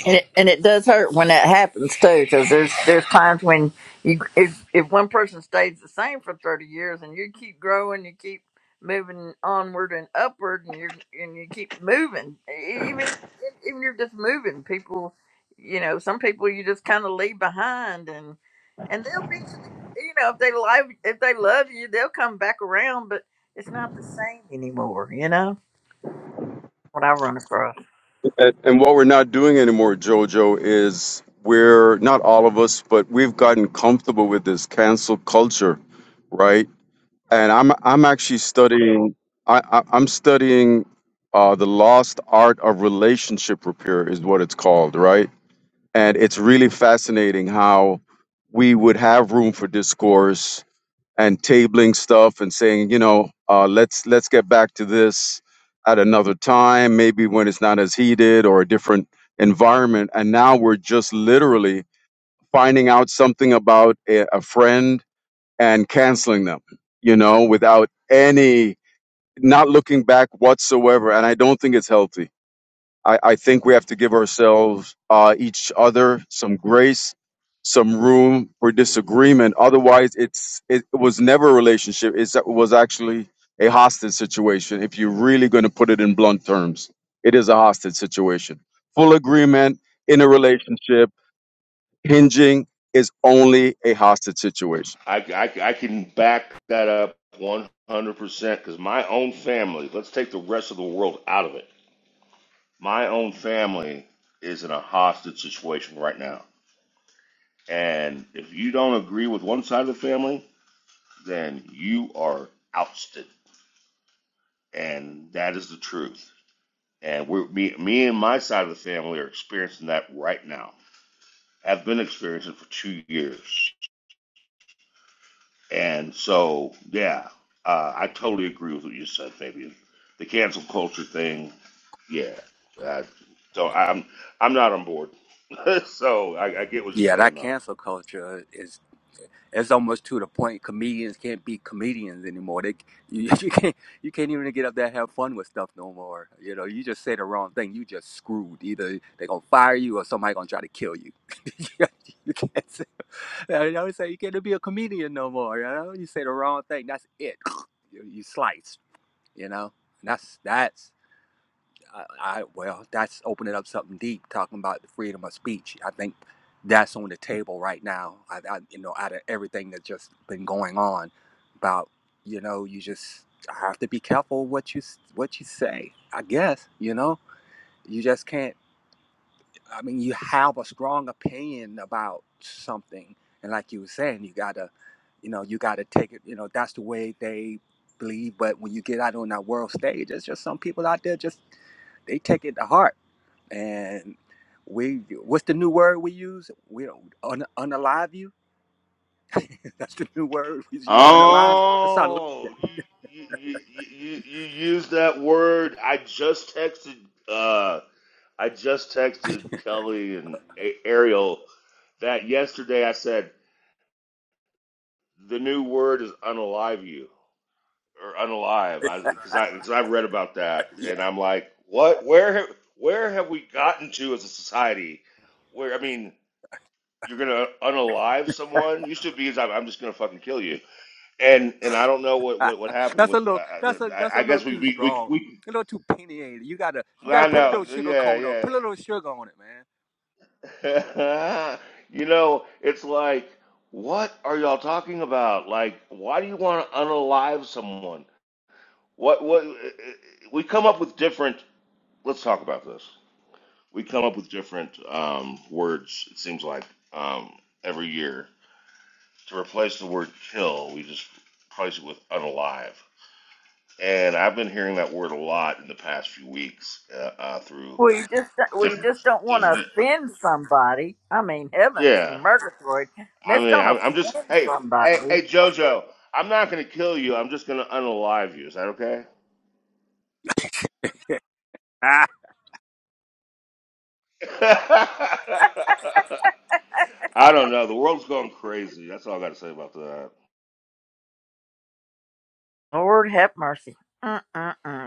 S1: and it, and it does hurt when that happens too, because there's there's times when you if if one person stays the same for thirty years and you keep growing, you keep moving onward and upward, and you are and you keep moving, E- e, even e, even you're just moving. People, you know, some people you just kind of leave behind, and and they'll eventually, you know, if they love if they love you, they'll come back around, but it's not the same anymore. You know what I run across.
S4: And, and what we're not doing anymore, JoJo, is we're not all of us, but we've gotten comfortable with this cancel culture, right? and I'm I'm actually studying. I, I I'm studying uh, the lost art of relationship repair is what it's called, right? And it's really fascinating how we would have room for discourse and tabling stuff and saying, you know, uh, let's let's get back to this at another time, maybe when it's not as heated or a different environment. And now we're just literally finding out something about a, a friend and canceling them, you know, without any, not looking back whatsoever. And I don't think it's healthy. I, I think we have to give ourselves, uh, each other some grace, some room for
S3: Mm.
S4: disagreement. Otherwise, it's, it was never a relationship. It's, it was actually a hostage situation. If you're really going to put it in blunt terms, it is a hostage situation. Full agreement in a relationship, hinging is only a hostage situation.
S3: I, I, I can back that up 100% because my own family, let's take the rest of the world out of it. My own family is in a hostage situation right now. And if you don't agree with one side of the family, then you are ousted. And that is the truth. And we're, me, me and my side of the family are experiencing that right now. Have been experiencing it for two years. And so, yeah, uh, I totally agree with what you said, Fabian. The cancel culture thing, yeah. I, so I'm I'm not on board. so I, I get what you're
S5: yeah,
S3: saying,
S5: that
S3: though.
S5: cancel culture is it's almost to the point comedians can't be comedians anymore. They you, you can't you can't even get up there and have fun with stuff no more. You know, you just say the wrong thing, you just screwed. Either they are gonna fire you or somebody gonna try to kill you. you can't say. I always say you can't be a comedian no more. You know, you say the wrong thing, that's it. You, you sliced. You know, and that's that's. I, I well, that's opening up something deep, talking about the freedom of speech. I think that's on the table right now. I, I you know, out of everything that's just been going on, about you know, you just have to be careful what you s- what you say. I guess you know, you just can't. I mean, you have a strong opinion about something, and like you were saying, you gotta, you know, you gotta take it. You know, that's the way they believe. But when you get out on that world stage, there's just some people out there just they take it to heart and we what's the new word we use? We don't un, unalive you. that's the new word. We use you unalive. That's not.
S3: Oh, you you you you, you use that word. I just texted. Uh, I just texted Kelly and A- Ariel that yesterday. I said the new word is unalive you or unalive. I because I because I've read about that and
S5: Yeah,
S3: I'm like, what? Where ha- where have we gotten to as a society? Where I mean, you're gonna unalive someone? Used to be, I'm I'm just gonna fucking kill you. and and I don't know what what what happened
S5: that's a
S3: with.
S5: little.
S3: I,
S5: That's a
S3: I,
S5: that's a
S3: I
S5: little
S3: guess we
S5: too
S3: we
S5: strong.
S3: we
S5: A little too opinionated. You gotta you
S3: we.
S5: gotta
S3: I
S5: put a
S3: know.
S5: little sugar coat on.
S3: Yeah,
S5: Put a little sugar on it, man.
S3: yeah. you know, it's like, what are y'all talking about? Like, why do you want to unalive someone? What what? uh, uh, We come up with different. Let's talk about this. We come up with different um, words. It seems like um, every year to replace the word kill, we just replace it with unalive. And I've been hearing that word a lot in the past few weeks uh, uh, through
S1: Well, you just well, you
S3: different,
S1: just don't want to
S3: different.
S1: offend somebody. I mean, heavens,
S3: Yeah,
S1: murgatroyd.
S3: I
S1: Let's
S3: mean,
S1: don't
S3: I'm, I'm just
S1: offend
S3: hey, hey, hey,
S1: somebody.
S3: JoJo. I'm not gonna kill you. I'm just gonna unalive you. Is that okay?
S5: Ah,
S3: I don't know. The world's going crazy. That's all I got to say about that.
S1: Lord have mercy. Mm-mm-mm.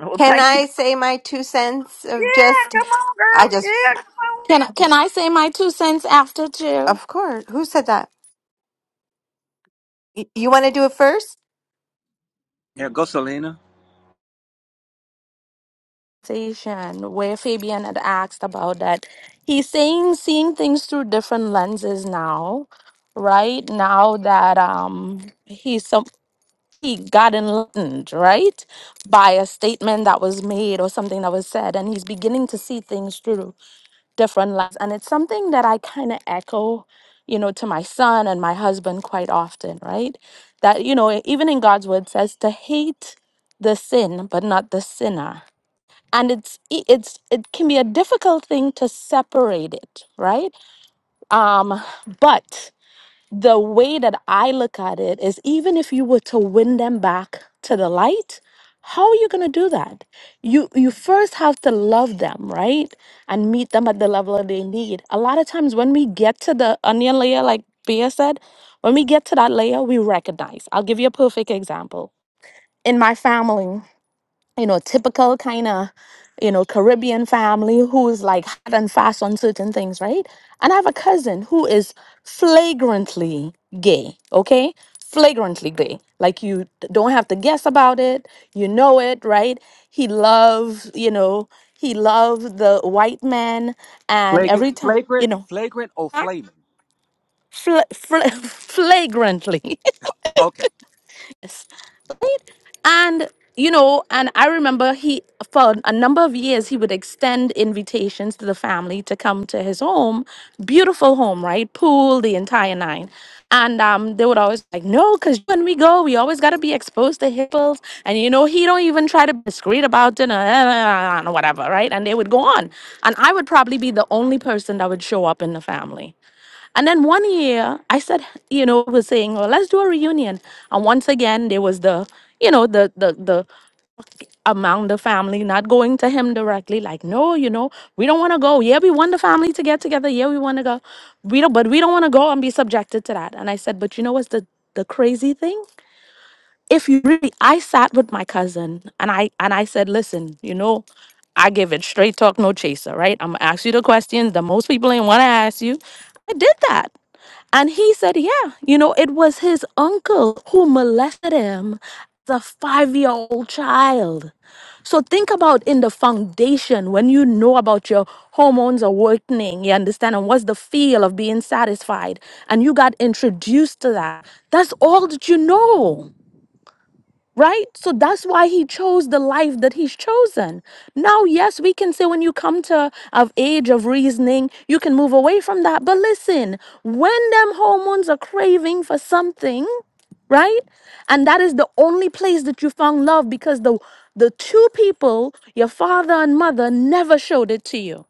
S1: Well,
S6: Can
S1: thank you.
S6: I say my two cents of
S1: Yeah,
S6: just,
S1: come on,
S6: I
S1: girl.
S6: just,
S1: Yeah, come on.
S2: Can I, can I say my two cents after too?
S6: of course, who said that? Y- You want to do it first?
S5: yeah. Go, Selena.
S2: Station where Fabian had asked about that. He's saying seeing things through different lenses now. Right now that um he's some he got enlightened, right? By a statement that was made or something that was said. And he's beginning to see things through different lights. And it's something that I kind of echo, you know, to my son and my husband quite often, right? That, you know, even in God's word says to hate the sin, but not the sinner. And it's e- it's it can be a difficult thing to separate it, right? Um, but the way that I look at it is even if you were to win them back to the light, how are you going to do that? You you first have to love them, right? And meet them at the level that they need. A lot of times when we get to the onion layer like Bea said, when we get to that layer, we recognize. I'll give you a perfect example. In my family, you know, typical kind of, you know, Caribbean family who's like hot and fast on certain things, right? And I have a cousin who is flagrantly gay, okay? Flagrantly gay. Like you d- don't have to guess about it. You know it, right? He loves, you know, he loves the white man and
S5: Flagrant,
S2: every time, you
S5: flagrant,
S2: know,
S5: flagrant, or flaming.
S2: fl- fl- flagrantly.
S5: Okay.
S2: right? And you know, and I remember he for a number of years he would extend invitations to the family to come to his home, beautiful home, right? Pool, the entire nine. And um, they would always like, no, because when we go, we always got to be exposed to hippos. And you know, he don't even try to be discreet about it, and whatever, right? And they would go on. And I would probably be the only person that would show up in the family and then one year, I said, you know, was saying, well, let's do a reunion. And once again, there was the, you know, the the the among the family not going to him directly, like, no, you know, we don't want to go. Yeah, we want the family to get together. Yeah, we want to go. We don't, but we don't want to go and be subjected to that. And I said, but you know what's the the crazy thing? If you really, I sat with my cousin and I and I said, listen, you know, I give it straight talk, no chaser, right? I'm gonna ask you the questions that most people ain't want to ask you. I did that. And he said, yeah, you know, it was his uncle who molested him as a five year old child. So think about in the foundation when you know about your hormones are working, you understand, and what's the feel of being satisfied, and you got introduced to that. That's all that you know. Right? So that's why he chose the life that he's chosen. Now, yes, we can say when you come to of age of reasoning, you can move away from that. But listen, when them hormones are craving for something, right? And that is the only place that you found love because the the two people, your father and mother, never showed it to you.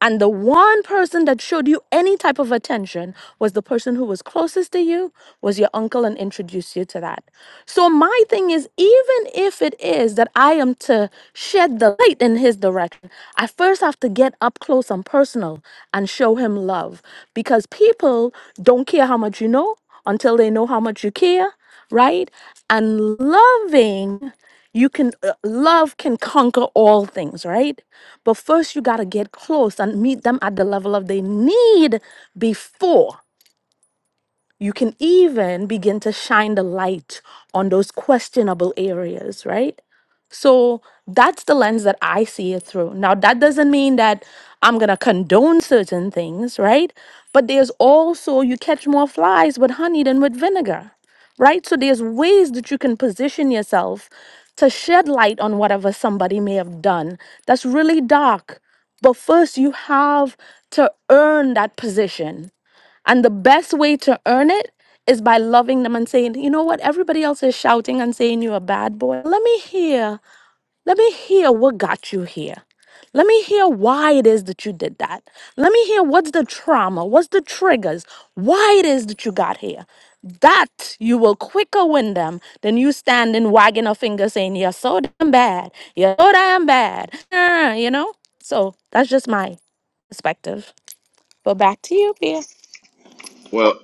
S2: And the one person that showed you any type of attention was the person who was closest to you, was your uncle, and introduced you to that. So, my thing is, even if it is that I am to shed the light in his direction, I first have to get up close and personal and show him love because people don't care how much you know until they know how much you care, right? And loving you can uh, love can conquer all things right but first you got to get close and meet them at the level of they need before you can even begin to shine the light on those questionable areas right so that's the lens that I see it through. Now, that doesn't mean that I'm going to condone certain things, right? But there's also, you catch more flies with honey than with vinegar, right? So there's ways that you can position yourself to shed light on whatever somebody may have done that's really dark. But first, you have to earn that position. And the best way to earn it is by loving them and saying, you know what, everybody else is shouting and saying you're a bad boy. Let me hear let me hear what got you here. Let me hear why it is that you did that. Let me hear what's the trauma, what's the triggers, why it is that you got here. That you will quicker win them than you standing wagging a finger saying, You're so damn bad. You're so damn bad. Uh, you know? So that's just my perspective. But back to you, Pia.
S3: Well,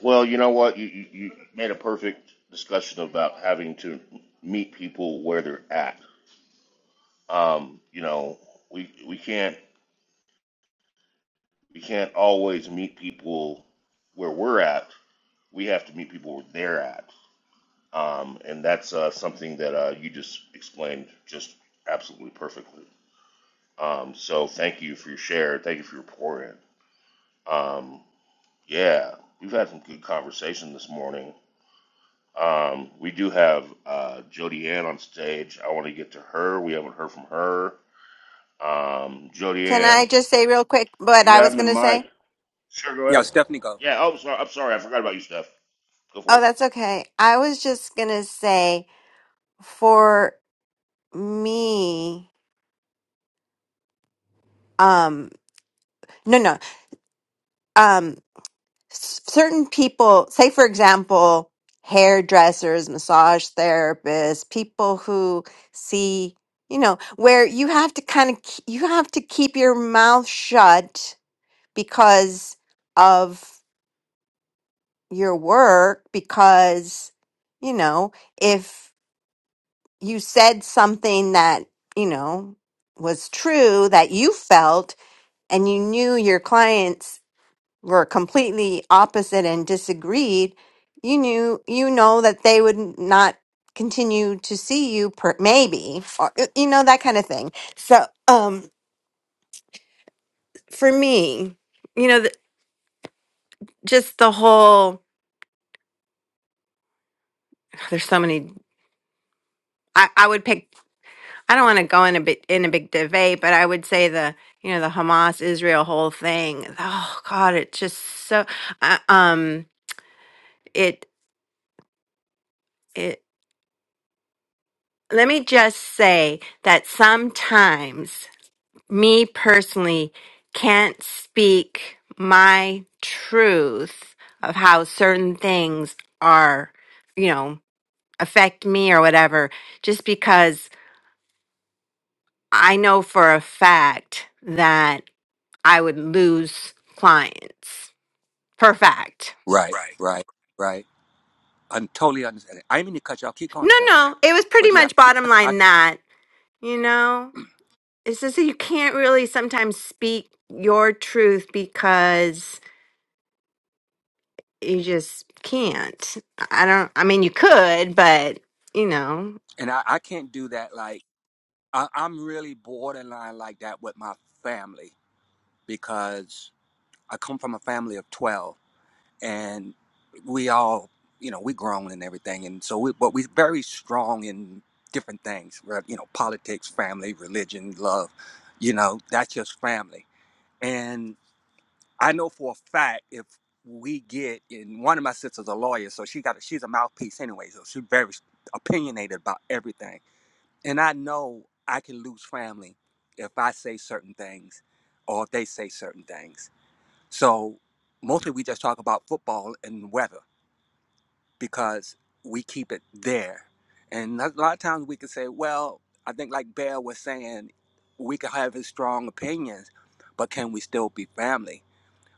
S3: well, you know what? You, you you made a perfect discussion about having to meet people where they're at. Um, you know, we we can't We can't always meet people where we're at. We have to meet people where they're at. Um, and that's uh, something that uh, you just explained just absolutely perfectly. Um, so thank you for your share. Thank you for your pour in. Um, yeah, we've had some good conversation this morning. Um, we do have uh, Jody Ann on stage. I want to get to her. We haven't heard from her. Um, Jody
S6: Can
S3: Ann,
S6: I just say real quick what
S3: you
S6: I
S3: have
S6: was
S3: the
S6: going to
S3: mic.
S6: say?
S3: Sure, go
S5: Yeah,
S3: ahead.
S5: Stephanie, go.
S3: Yeah. Oh, sorry. I'm sorry about you, Steph. Go for
S6: Oh,
S3: it.
S6: that's okay. I was just going to say for me, um, no, no, um, s- certain people, say for example, hairdressers, massage therapists, people who see, you know, where you have to kind of, you have to keep your mouth shut because of your work because you know if you said something that you know was true that you felt and you knew your clients were completely opposite and disagreed you knew you know that they would not continue to see you per, maybe or you know that kind of thing so um for me you know the, just the whole there's so many I, I would pick I don't want to go in a bit in a big debate, but I would say the you know the Hamas Israel whole thing. Oh God, it's just so. I um, it it. Let me just say that sometimes me personally can't speak my truth of how certain things are, you know, affect me or whatever, just because I know for a fact that. I would lose clients for a fact.
S5: Right, right, right. I'm totally understanding. I didn't mean to cut you off. Keep going,
S6: No,
S5: Stephanie.
S6: no, it was pretty
S5: But you, have-
S6: much
S5: you
S6: bottom
S5: I, I,
S6: line that, you know, it's just that you can't really sometimes speak your truth because you just can't. I don't, I mean, you could, but, you know,
S5: and I, I can't do that. Like. I, I'm really borderline like that with my family because I come from a family of 12 and we all, you know, we grown and everything. And so we, but we're very strong in different things, right? You know, politics, family, religion, love, you know, that's just family. And I know for a fact if we get and one of my sisters a lawyer, so she got a, she's a mouthpiece anyway. So she's very opinionated about everything and I know I can lose family if I say certain things or if they say certain things. So mostly we just talk about football and weather because we keep it there. And a lot of times we can say, well, I think like Bear was saying, we can have his strong opinions, but can we still be family?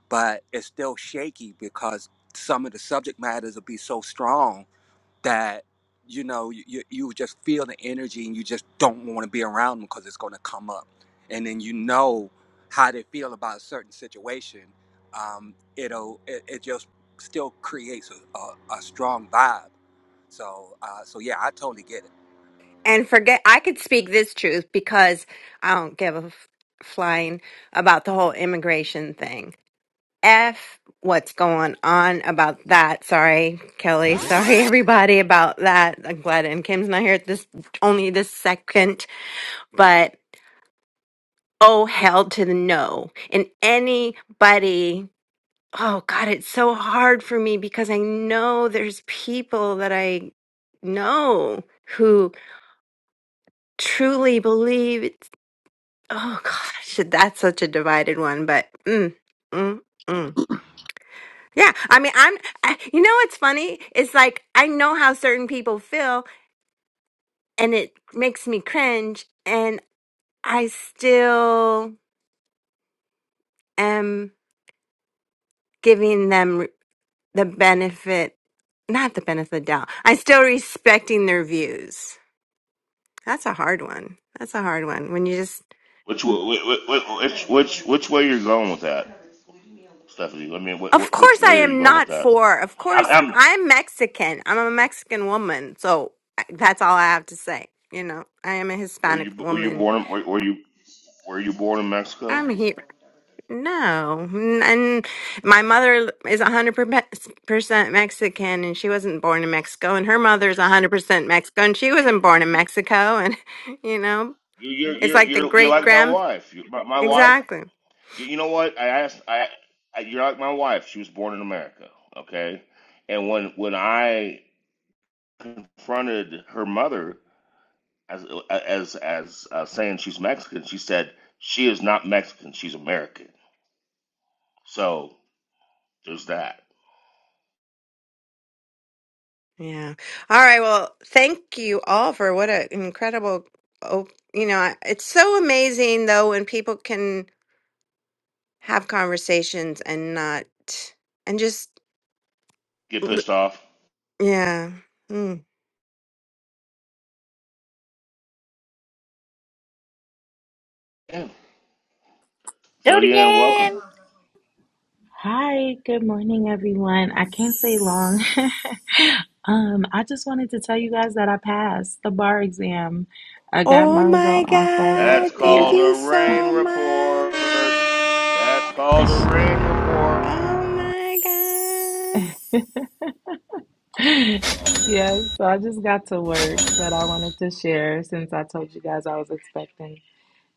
S5: But it's still shaky because some of the subject matters will be so strong that you know you, you just feel the energy and you just don't want to be around them because it's going to come up and then you know how they feel about a certain situation um, it'll it, it just still creates a, a, a strong vibe so uh, so yeah i totally get it
S6: and forget, I could speak this truth because I don't give a f- flying about the whole immigration thing. F what's going on about that. Sorry, Kelly. Sorry, everybody, about that. I'm glad and Kim's not here at this only this second, but oh hell to the no. And anybody oh God, it's so hard for me because I know there's people that I know who truly believe it's oh gosh, that's such a divided one, but mm, mm, mm. Yeah, I mean, I'm. I, you know what's funny? It's like I know how certain people feel, and it makes me cringe, and I still am giving them re- the benefit, not the benefit of the doubt. I'm still respecting their views. That's a hard one. That's a hard one. When you just,
S3: Which wa- which which which way you're going with that, Stephanie? I mean, wh-
S6: of
S3: which
S6: course, I
S3: way are you
S6: am
S3: going with
S6: not
S3: that?
S6: for. Of
S3: I,
S6: course,
S3: I'm.
S6: I'm Mexican. I'm a Mexican woman, so I- that's all I have to say. You know, I am a
S3: Were
S6: Hispanic
S3: you were you
S6: woman.
S3: born in, were, were you were you born in Mexico?
S6: I'm here. No, N- and my mother is 100% Mexican and she wasn't born in Mexico and her mother is 100% Mexico and she wasn't born in Mexico and you know,
S3: You you're
S6: it's
S3: you're
S6: like the
S3: you're, you're
S6: great
S3: like my
S6: grand
S3: wife. You, my, my wife.
S6: Exactly.
S3: You, you know what? I asked. I, I you're like my wife. She was born in America. Okay. And when when I confronted her mother as as as uh, saying she's Mexican, she said she is not Mexican. She's American. So there's that.
S6: Yeah. All right, well, thank you all for what an incredible oh, you know, I- it's so amazing though when people can have conversations and not and just
S3: Get
S6: l-
S3: pissed off.
S6: yeah. Hmm.
S3: Yeah.
S1: Do it
S3: Julianne, welcome.
S1: again.
S7: Hi, good morning, everyone. I can't say long. um, I just wanted to tell you guys that I passed the bar exam. I got my
S6: Oh my
S7: result on Friday.
S3: That's
S6: God. Thank
S7: Yeah.
S3: called
S6: you
S3: a rain
S6: so much.
S3: report. That's called a rain report.
S6: Oh my God.
S7: yeah, so I just got to work, but I wanted to share since I told you guys I was expecting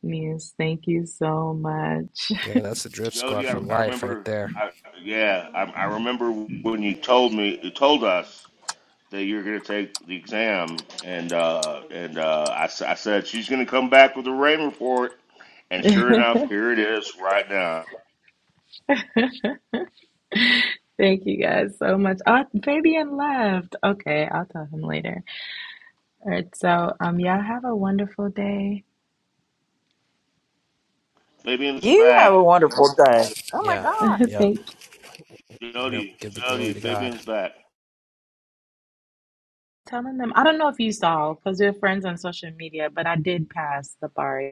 S7: news. Thank you so much.
S3: Jody, I, I remember. I, yeah, I, I remember when you told me, you told us that you are going to take the exam, and uh, and uh, I, s- I said she's going to come back with a rain report, and sure enough, here it is right now.
S7: Thank you guys so much. Oh, Fabian left. Okay, I'll tell him later. All right, so um, y'all have a wonderful day.
S3: Fabian's
S1: You have
S3: back.
S1: a wonderful day. Oh my God.
S7: Thank
S3: Jody, Jody, Fabian's back.
S7: telling them I don't know if you saw because we're friends on social media, but I did pass the bar.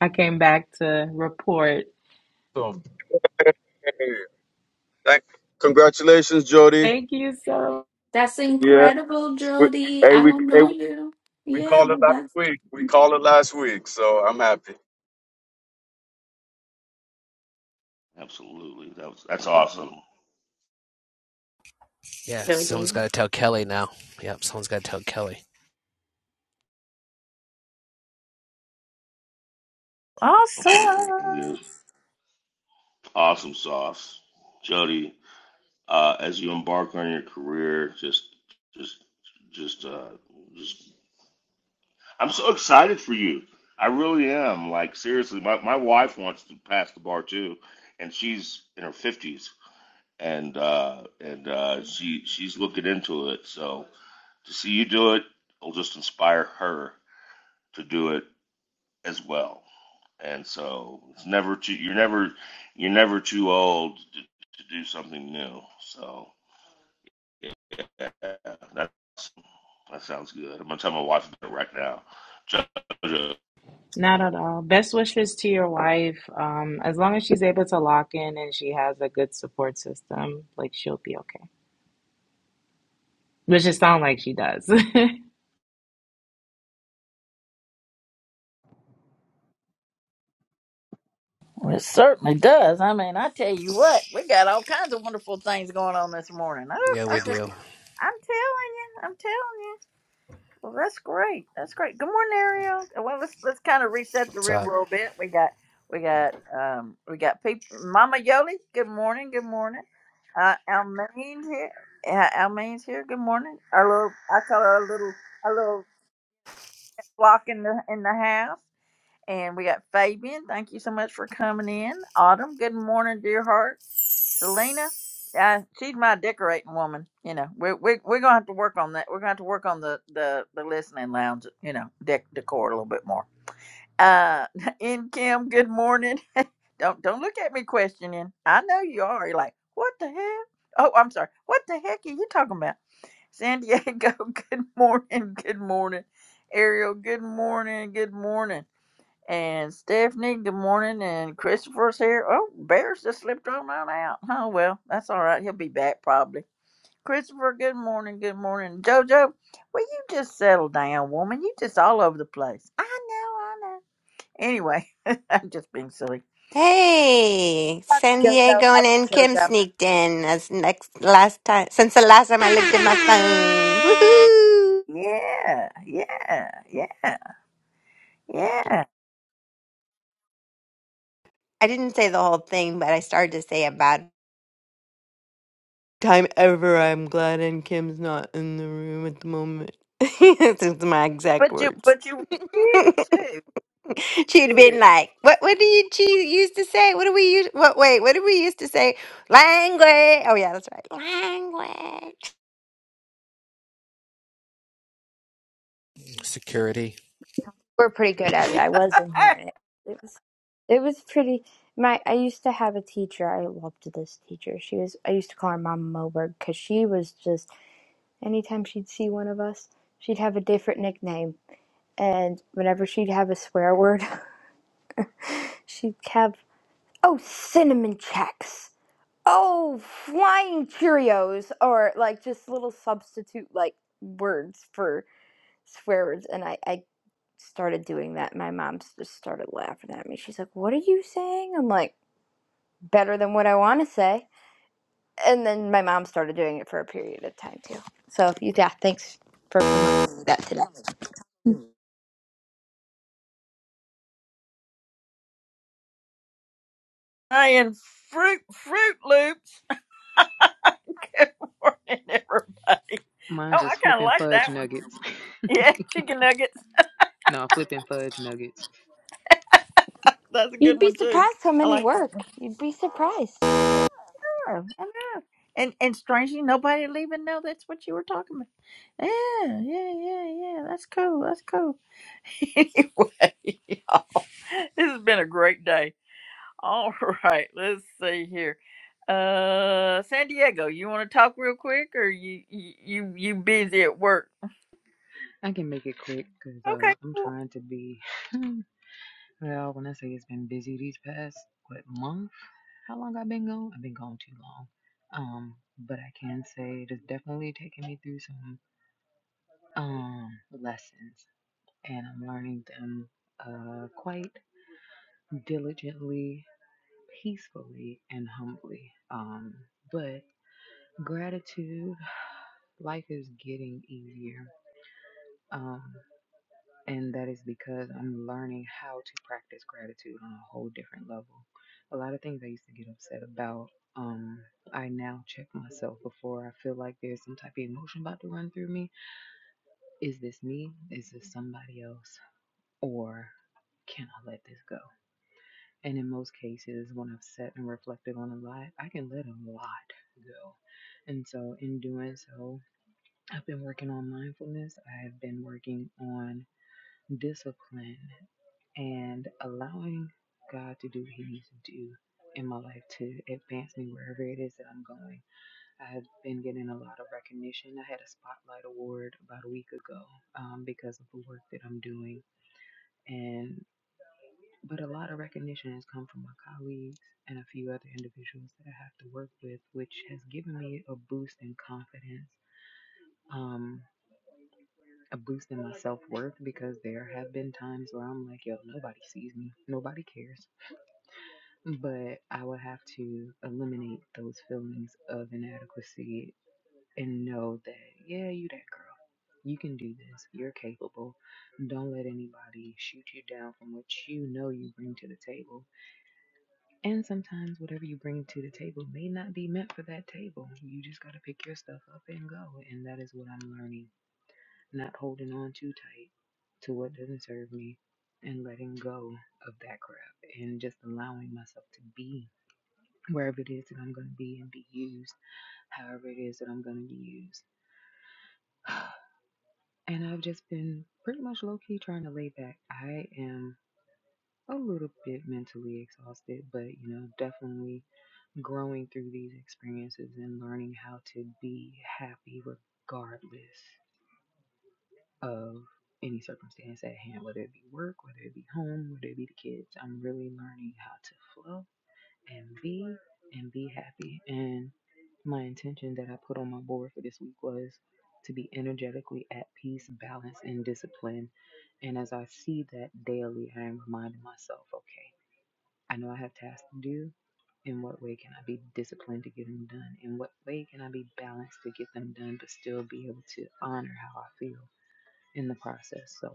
S7: I came back to report.
S4: Awesome. Hey, thank, congratulations, Jody.
S7: Thank you so.
S2: That's
S4: Yeah.
S2: incredible,
S4: We,
S2: Jody.
S4: hey,
S2: I
S4: we,
S2: don't
S4: hey,
S2: know
S4: we
S2: you.
S4: we
S2: Yeah,
S4: called it
S2: but
S4: last
S2: that's
S4: week. We called it last week, so I'm happy.
S3: Have some. Okay,
S1: Awesome.
S3: yes. Awesome sauce. Jody, uh, as you embark on your career. Just, just, just, uh, just. I'm so excited for you. I really am. Like seriously, my my wife wants to pass the bar too, and she's in her fifties, and uh, and uh, she she's looking into it. So to see you do it will just inspire her to do it as well. And so it's never too you're never you're never too old to, to do something new. So yeah, That sounds good. I'm gonna tell my wife about it right now. Judge
S7: Not at all. Best wishes to your wife. Um, as long as she's able to lock in and she has a good support system, like she'll be okay. Which it sounds like she does.
S1: Well, it certainly does. I mean, I tell you what, we got all kinds of wonderful things going on this morning. Oh, I just, I'm telling you, I'm telling you. Well, that's great. That's great. Good morning, Ariel. Uh, Well, let's let's kind of reset the room a little bit. We got we got um we got people. Mama Yoli. Good morning. Good morning. Uh, Almaine's here. Uh, Almaine's here. Good morning. Our little I call her a little a little flock in the in the house. And we got Fabian. Thank you so much for coming in. Autumn, good morning, dear heart. Selena, uh, she's my decorating woman. You know, we're, we we're going to have to work on that. We're going to have to work on the, the, the listening lounge, you know, dec- decor a little bit more. Uh, in Kim, good morning. Don't don't look at me questioning. I know you are. You're like, what the heck? Oh, I'm sorry. What the heck are you talking about? San Diego, good morning. Good morning. Ariel, good morning. Good morning. And Stephanie, good morning. And Christopher's here. Oh, Bear's just slipped on on out. Oh, well, that's all right. He'll be back probably. Christopher, good morning. Good morning. JoJo, will you just settle down, woman? You just all over the place. I know, I know. Anyway, I'm just being silly.
S6: Hey,
S8: Love
S6: San
S8: you, Jojo.
S6: Diego and
S8: Love
S6: then
S8: you,
S6: Kim
S8: Jojo.
S6: sneaked in as next last time since the last time I looked at my phone. Woohoo!
S1: Yeah, yeah, yeah, yeah.
S6: I didn't say the whole thing, but I started to say about time ever. I'm glad and Kim's not in the room at the moment. These are my exact
S1: But you,
S6: words.
S1: but you, you too,
S6: She'd
S1: you.
S6: been like, "What? What do you she used to say? What do we use? What? Wait, what did we used to say? Language. Oh yeah, that's right. Language.
S8: We're pretty good at it. I was in here, and it, it was it was pretty. My I used to have a teacher. I loved this teacher. She was I used to call her Mama Moberg because she was just anytime she'd see one of us, she'd have a different nickname, and whenever she'd have a swear word, she'd have oh cinnamon checks, oh flying Cheerios, or like just little substitute like words for swear words, and I I started doing that, my mom just started laughing at me. She's like, What are you saying? I'm like, Better than what I want to say. And then my mom started doing it for a period of time too. So, yeah, thanks for reminding me that today.
S1: I am fruit, Fruit Loops. Good morning, everybody. Oh,
S9: Mine
S1: I
S9: was
S1: kind of
S9: flipping
S1: like
S9: fudge
S1: that one.
S9: nuggets.
S1: Yeah, chicken nuggets.
S9: no, flipping fudge nuggets.
S1: That's a
S8: You'd
S1: good
S8: be
S1: one too.
S8: surprised how
S1: I
S8: many
S1: like that.
S8: work. You'd be surprised.
S1: Oh, I know. And and strangely, nobody will even know that's what you were talking about. Yeah, yeah, yeah, yeah. That's cool. That's cool. anyway, y'all, this has been a great day. All right, let's see here. Uh, San Diego, you want to talk real quick, or you you you you busy at work?
S9: I can make it quick because
S1: Okay,
S9: uh, I'm
S1: cool.
S9: trying to be. well, when I say it's been busy these past what month? How long I've been gone? I've been gone too long. Um, but I can say it has definitely taken me through some um lessons, and I'm learning them uh quite diligently, peacefully, and humbly. Um, but gratitude, life is getting easier Um, and that is because I'm learning how to practice gratitude on a whole different level. A lot of things I used to get upset about, um, I now check myself before I feel like there's some type of emotion about to run through me. Is this me? Is this somebody else? Or can I let this go? And in most cases, when I've sat and reflected on a lot, I can let a lot go. And so, in doing so, I've been working on mindfulness. I've been working on discipline and allowing God to do what He needs to do in my life to advance me wherever it is that I'm going. I have been getting a lot of recognition. I had a spotlight award about a week ago um, because of the work that I'm doing, and but a lot of recognition has come from my colleagues and a few other individuals that I have to work with, which has given me a boost in confidence. Um, a boost in my self worth because there have been times where I'm like, yo, nobody sees me, nobody cares. But I would have to eliminate those feelings of inadequacy and know that, yeah, you that girl. You can do this. You're capable. Don't let anybody shoot you down from what you know you bring to the table. And sometimes whatever you bring to the table may not be meant for that table. You just got to pick your stuff up and go. And that is what I'm learning not holding on too tight to what doesn't serve me and letting go of that crap and just allowing myself to be wherever it is that I'm going to be and be used however it is that I'm going to be used. And I've just been pretty much low key trying to lay back. I am a little bit mentally exhausted, but you know, definitely growing through these experiences and learning how to be happy regardless. of any circumstance at hand, whether it be work, whether it be home, whether it be the kids. I'm really learning how to flow and be and be happy. And my intention that I put on my board for this week was to be energetically at peace, balance, and discipline. And as I see that daily, I am reminding myself, okay, I know I have tasks to do. In what way can I be disciplined to get them done? In what way can I be balanced to get them done, but still be able to honor how I feel? in the process. So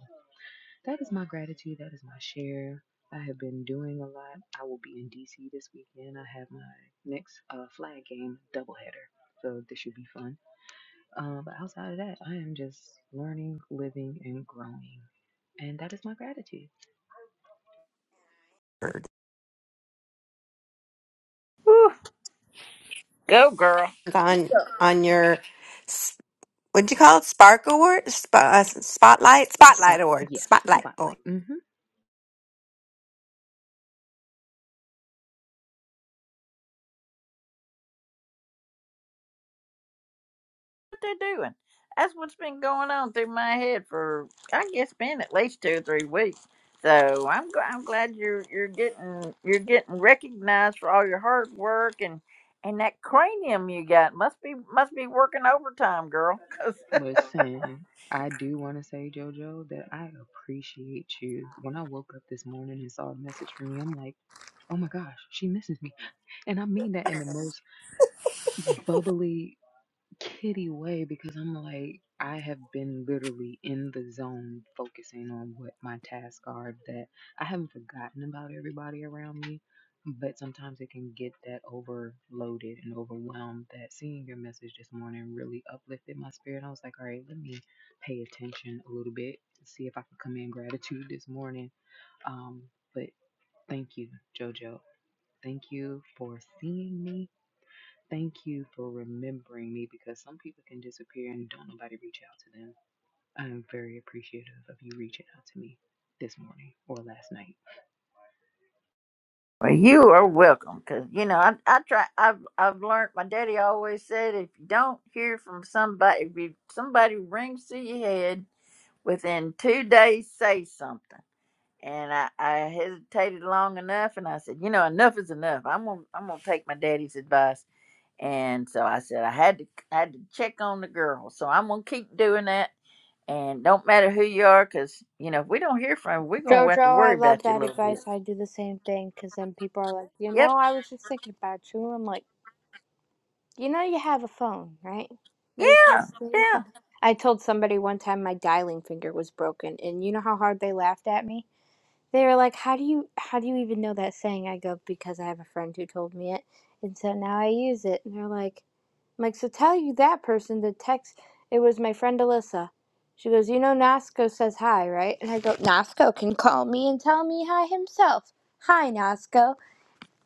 S9: that is my gratitude. That is my share. I have been doing a lot. I will be in DC this weekend. I have my next uh, flag game doubleheader. So this should be fun. Uh, but outside of that, I am just learning, living, and growing. And that is my gratitude.
S1: Whew, Go, girl.
S6: It's on on your s- what do you call it? Spark award, Sp- uh, s- spotlight, spotlight
S9: Spot,
S6: award,
S9: yes,
S6: spotlight award.
S9: spotlight. hmm
S1: what they're doing. That's what's been going on through my head for I guess been at least two or three weeks. So I'm gl- I'm glad you're you're getting you're getting recognized for all your hard work and and that cranium you got must be must be working overtime, girl. 'cause-
S9: Listen, I do want to say, JoJo, that I appreciate you. When I woke up this morning and saw a message from you, I'm like, Oh my gosh, she misses me. And I mean that in the most bubbly, kitty way because I'm like, I have been literally in the zone focusing on what my tasks are that I haven't forgotten about everybody around me. But sometimes it can get that overloaded and overwhelmed that seeing your message this morning really uplifted my spirit. I was like, all right, let me pay attention a little bit, see if I can come in gratitude this morning. Um, but thank you, JoJo. Thank you for seeing me. Thank you for remembering me because some people can disappear and don't nobody reach out to them. I am very appreciative of you reaching out to me this morning or last night.
S1: well, you are welcome. Cause you know I I try I've I've learned. My daddy always said if you don't hear from somebody if you, somebody rings to your head within two days, say something And I, I hesitated long enough, and I said, you know, enough is enough. I'm gonna I'm gonna take my daddy's advice. And so I said I had to I had to check on the girl. So I'm gonna keep doing that. And don't matter who you are, 'cause you know if we don't hear from you, we're gonna have to
S8: Jojo, I
S1: worry
S8: love
S1: about you a
S8: that
S1: little bit.
S8: advice. I do the same thing because then people are like, you
S1: Yep.
S8: know, I was just thinking about you. I'm like, You know you have a phone, right? There's
S1: Yeah.
S8: this thing called
S1: Yeah.
S8: I told somebody one time my dialing finger was broken, and you know how hard they laughed at me? They were like, "How do you how do you even know that saying?" I go, "Because I have a friend who told me it." And so now I use it. And they're like, I'm like, "So tell you that person to text it was my friend Alyssa." She goes, "You know Nasco says hi, right?" And I go, "Nasco can call me and tell me hi himself. Hi, Nasco."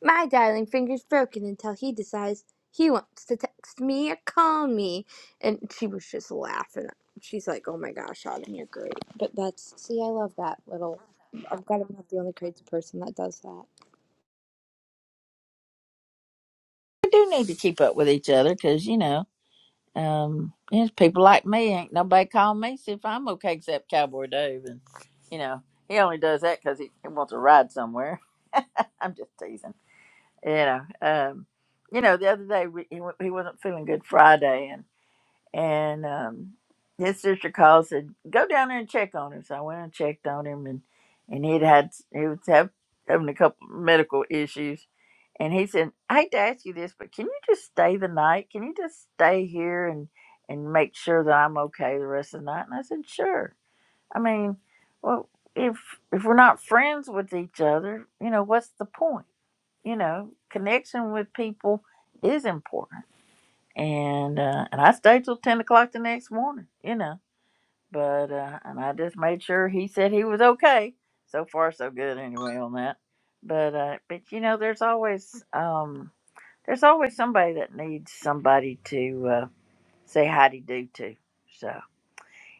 S8: My dialing finger's broken until he decides he wants to text me or call me. And she was just laughing. She's like, oh my gosh, Autumn, you're great. But that's, see, I love that little. I've got I'm not the only crazy person that does that.
S1: We do need to keep up with each other, 'cause you know, um, there's people like me. Ain't nobody calling me see if I'm okay except Cowboy Dave, and you know he only does that 'cause he, he wants to ride somewhere. I'm just teasing. you know, um, you know, the other day we, he, wa- he wasn't feeling good Friday, and and um, his sister called said go down there and check on him. So I went and checked on him, and and he'd had he was have, having a couple medical issues, and he said, I hate to ask you this, but can you just stay the night? Can you just stay here and and make sure that I'm okay the rest of the night? And I said, sure. I mean, well, if if we're not friends with each other, you know, what's the point? you know, connection with people is important. And uh, and I stayed till ten o'clock the next morning, you know. But uh, and I just made sure he said he was okay. So far, so good anyway on that. But uh, but you know, there's always um, there's always somebody that needs somebody to uh, say hi to do to. So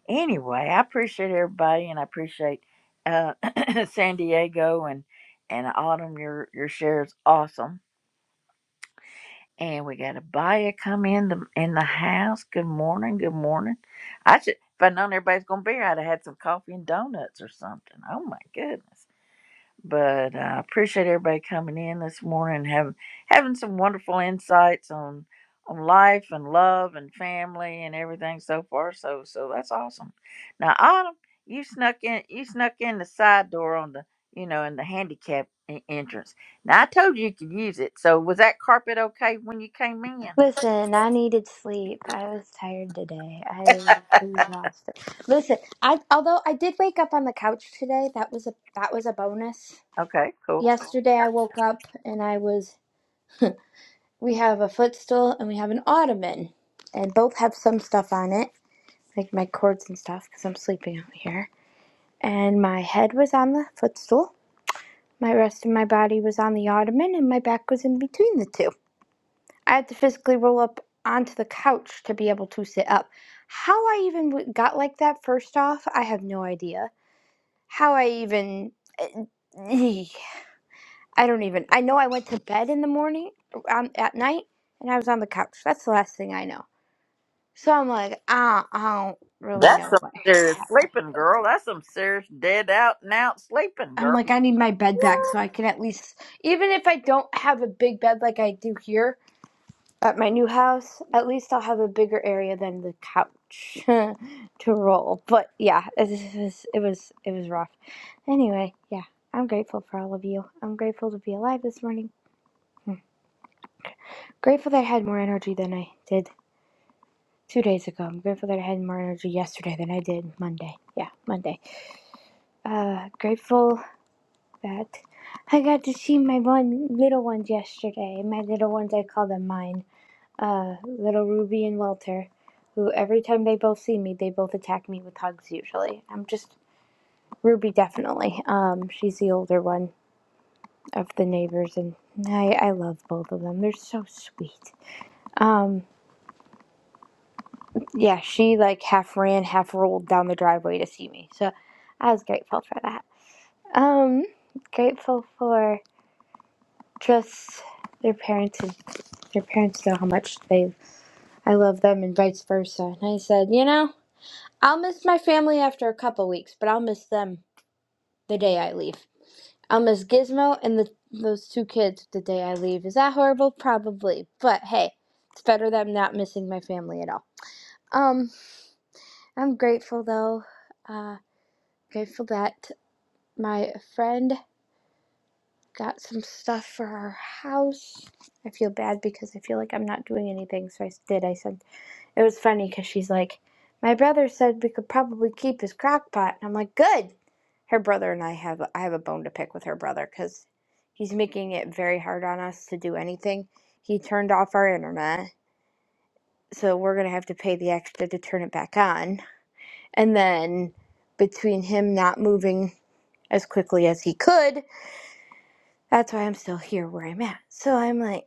S1: anyway, I appreciate everybody, and I appreciate uh, San Diego and and Autumn. Your your share is awesome And we got a buyer come in the in the house. Good morning, good morning. I should if I'd known everybody's gonna be here, I'd have had some coffee and donuts or something. Oh my goodness but I appreciate everybody coming in this morning, having having some wonderful insights on on life and love and family and everything so far. So so that's awesome. Now Autumn, you snuck in you snuck in the side door on the you know in the handicap e- entrance. Now I told you you could use it. So was that carpet okay when you came in?
S8: Listen, I needed sleep. I was tired today. I was exhausted. Listen, I although I did wake up on the couch today, that was a that was a bonus.
S1: Okay, cool.
S8: Yesterday I woke up and I was We have a footstool and we have an ottoman, and both have some stuff on it, like my cords and stuff, because I'm sleeping out here. And my head was on the footstool, my rest of my body was on the ottoman, and my back was in between the two. I had to physically roll up onto the couch to be able to sit up. How I even got like that, first off, I have no idea. How I even. eh, I don't even. I know I went to bed in the morning, um, at night, and I was on the couch. That's the last thing I know. So I'm like, I don't, I don't really
S1: That's
S8: know
S1: some
S8: what.
S1: serious
S8: ha-
S1: sleeping, girl. That's some serious dead out and out sleeping,
S8: I'm
S1: girl.
S8: like, I need my bed back so I can at least, even if I don't have a big bed like I do here at my new house, at least I'll have a bigger area than the couch to roll. But yeah, it was, it was, it was rough. Anyway, yeah, I'm grateful for all of you. I'm grateful to be alive this morning. Hmm. Grateful that I had more energy than I did two days ago. I'm grateful that I had more energy yesterday than I did Monday. Yeah, Monday uh, grateful. that. I got to see my one little ones yesterday. My little ones, I call them mine. Uh, little Ruby and Walter, who every time they both see me, they both attack me with hugs. Usually, I'm just Ruby definitely. Um, she's the older one of the neighbors, and I I love both of them. They're so sweet. Um, yeah, she like half ran, half rolled down the driveway to see me, so I was grateful for that. Um, grateful for just their parents Your parents know how much they I love them and vice versa. And I said, you know, I'll miss my family after a couple weeks, but I'll miss them the day I leave. I'll miss Gizmo and the those two kids the day I leave. Is that horrible? Probably. But hey, it's better than not missing my family at all. Um, I'm grateful though. Uh, grateful that my friend got some stuff for our house. I feel bad because I feel like I'm not doing anything, so I did. I sent It was funny because she's like, my brother said we could probably keep his crock pot. And I'm like, good. Her brother and I have I have a bone to pick with her brother because he's making it very hard on us to do anything. He turned off our internet, so we're gonna have to pay the extra to turn it back on. And then between him not moving as quickly as he could, that's why I'm still here where I'm at. So I'm like.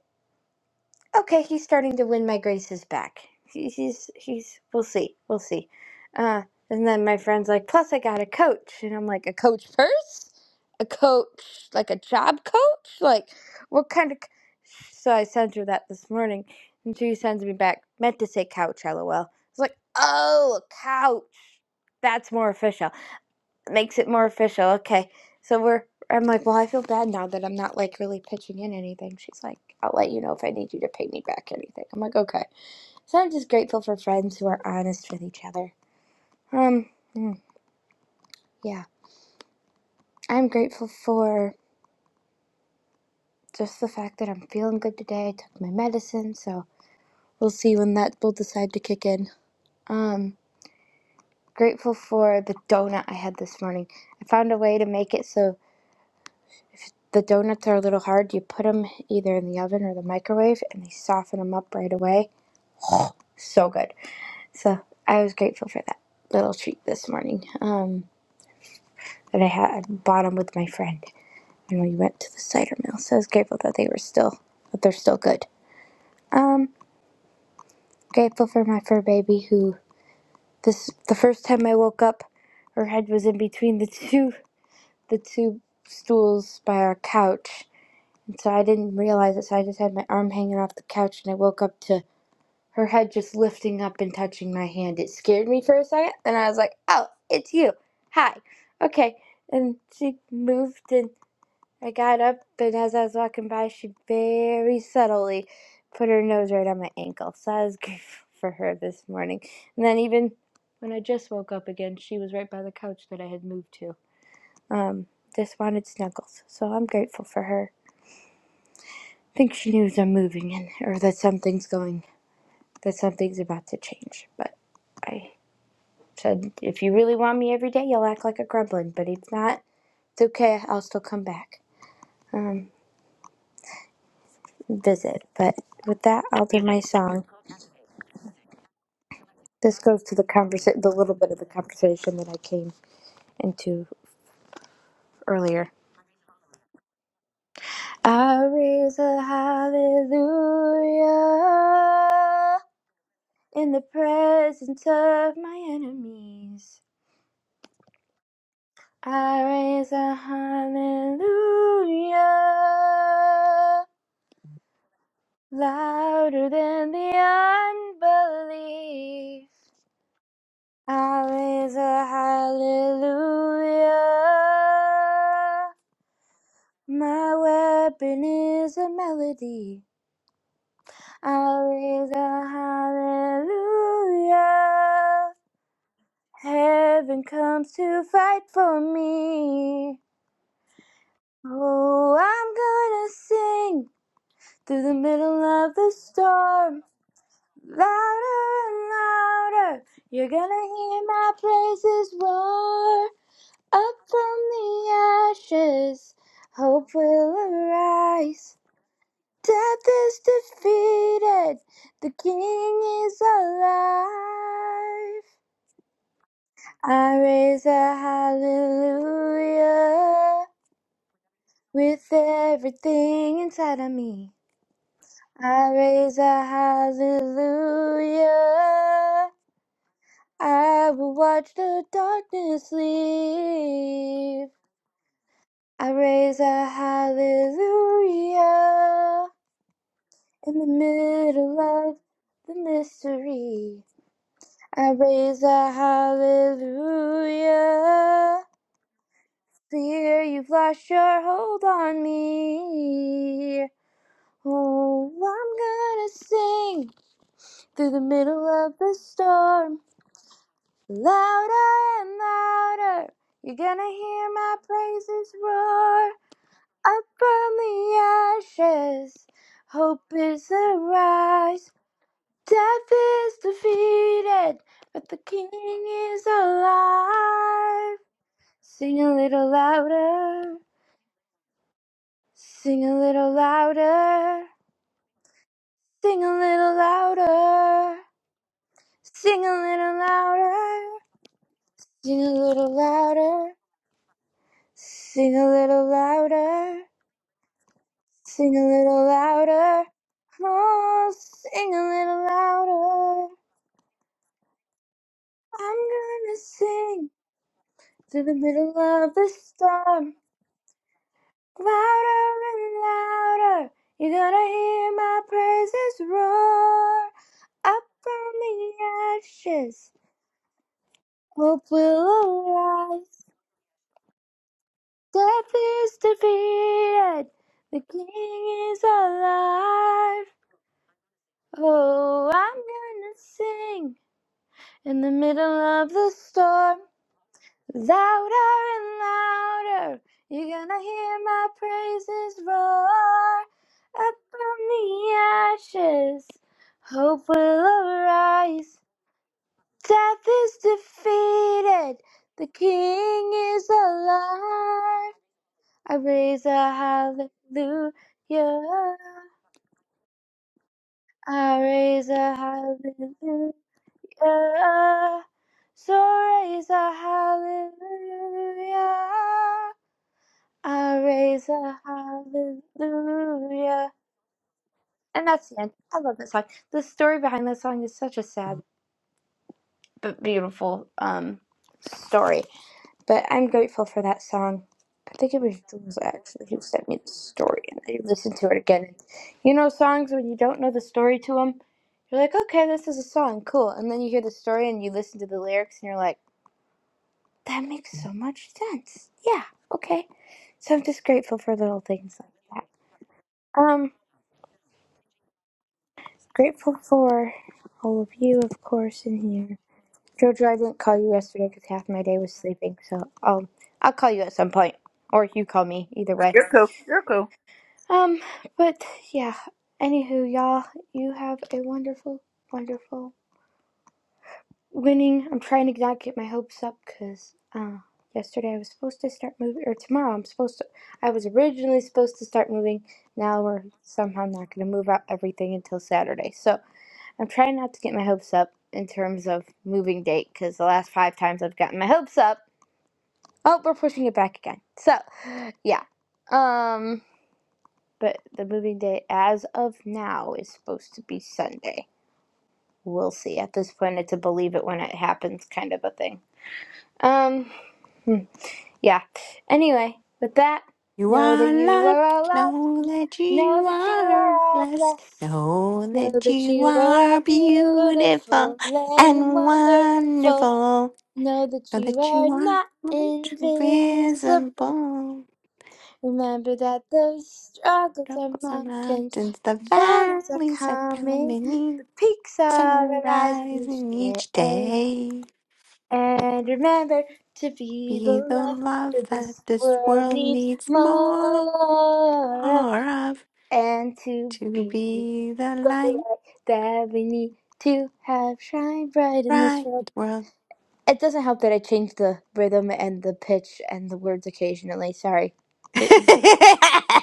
S8: Okay, he's starting to win my graces back. He, he's he's we'll see. We'll see. Uh and then my friend's like, plus I got a coach. And I'm like, a coach purse? A coach like a job coach? Like what kind of c-" so I sent her that this morning and she sends me back, meant to say couch, lol. It's like, oh a couch. That's more official makes it more official. Okay. So we're I'm like, well, I feel bad now that I'm not like really pitching in anything. She's like, I'll let you know if I need you to pay me back anything. I'm like, okay. So I'm just grateful for friends who are honest with each other. Um, mm, yeah. I'm grateful for just the fact that I'm feeling good today. I took my medicine, so we'll see when that will decide to kick in. Um, grateful for the donut I had this morning. I found a way to make it so The donuts are a little hard. You put them either in the oven or the microwave, and they soften them up right away. So good. So I was grateful for that little treat this morning um, that I had I bought them with my friend, and we went to the cider mill. So I was grateful that they were still that they're still good. Um, grateful for my fur baby who this the first time I woke up, her head was in between the two the two stools by our couch. And so I didn't realize it, so I just had my arm hanging off the couch and I woke up to her head just lifting up and touching my hand. It scared me for a second, and I was like, "Oh, it's you. Hi. Okay." And she moved, and I got up, and as I was walking by, she very subtly put her nose right on my ankle. So I was grateful for her this morning. And then even when I just woke up again, she was right by the couch that I had moved to. Um, just wanted snuggles, so I'm grateful for her. I think she knows I'm moving, in, or that something's going, that something's about to change, but. I. Said, if you really want me every day, you'll act like a gremlin. But if not, it's okay. I'll still come back. Um, visit. But with that, I'll do my song. This goes to the conversa- the little bit of the conversation that I came into earlier. I raise a hallelujah in the presence of my enemies. I raise a hallelujah louder than the unbelief. I raise a hallelujah. My weapon is a melody. I raise a hallelujah. Heaven comes to fight for me. Oh, I'm gonna sing through the middle of the storm. Louder and louder, you're gonna hear my praises roar. Up from the ashes, hope will arise. Death is defeated, the King is alive. I raise a hallelujah with everything inside of me. I raise a hallelujah. I will watch the darkness leave. I raise a hallelujah in the middle of the mystery. I raise a hallelujah. Fear you've lost your hold on me. Oh, I'm gonna sing through the middle of the storm. Louder and louder, you're gonna hear my praises roar up from the ashes. Hope is arise, death is defeated, but the King is alive. Sing a little louder, sing a little louder, sing a little louder, sing a little louder, sing a little louder, sing a little louder. Sing a little louder. Oh, sing a little louder. I'm gonna sing through the middle of the storm. Louder and louder. You're gonna hear my praises roar. Up from the ashes, hope will arise. Death is defeated. The King is alive. Oh, I'm gonna sing In the middle of the storm, louder and louder, you're gonna hear my praises roar. Up from the ashes, hope will arise. Death is defeated, the King is alive. I raise a hallelujah, I raise a hallelujah. Yeah. So raise a hallelujah. I raise a hallelujah. And that's the end. I love that song. The story behind that song is such a sad but beautiful um story. But I'm grateful for that song. I think it was Jules actually who sent me the story, and I listened to it again. You know, songs when you don't know the story to them, you're like, okay, this is a song, cool. And then you hear the story and you listen to the lyrics, and you're like, That makes so much sense. Yeah, okay. So I'm just grateful for little things like that. Um, grateful for all of you, of course, in here. Jojo, I didn't call you yesterday because half my day was sleeping, so um, I'll call you at some point, or you call me, either way.
S1: You're cool. You're cool.
S8: Um, but yeah. Anywho, y'all, you have a wonderful, wonderful. winning. I'm trying to not get my hopes up because uh, yesterday I was supposed to start moving, or tomorrow I'm supposed to. I was originally supposed to start moving. Now we're somehow not going to move out everything until Saturday. So I'm trying not to get my hopes up in terms of moving date because the last five times I've gotten my hopes up, oh, we're pushing it back again. So yeah, um, but the moving date as of now is supposed to be Sunday. We'll see. At this point, it's a believe it when it happens kind of a thing. Um, Hmm. Yeah. Anyway, with that,
S6: You
S8: know that
S6: are
S8: you
S6: loved.
S8: are all loved.
S6: Know that
S8: Know
S6: you
S8: that you are
S6: are
S8: all
S6: blessed.
S8: blessed.
S6: Know
S8: Know
S6: that
S8: that
S6: you
S8: you are all
S6: are beautiful
S8: beautiful and
S6: and
S8: wonderful.
S6: wonderful.
S8: Know that
S6: Know
S8: you
S6: that
S8: are
S6: you are
S8: not
S6: not
S8: invisible.
S6: invisible.
S8: Remember that those struggles are
S6: Circles are
S8: mountains,
S6: mountains, the
S8: valleys are
S6: valleys are
S8: coming, the
S6: prominent,
S8: peaks
S6: sun
S8: are
S6: are
S8: arising each
S6: rising each
S8: day.
S6: day.
S8: And remember to be the
S6: Be the
S8: love
S6: love
S8: that
S6: that
S8: this
S6: this
S8: world
S6: world
S8: needs
S6: needs more
S8: more of,
S6: of
S8: and to
S6: to
S8: be
S6: be the
S8: the
S6: light
S8: light that we need to have shine bright in this
S6: bright
S8: world.
S6: world.
S8: It doesn't help that I change the rhythm and the pitch and the words occasionally. Sorry. Pre-
S6: I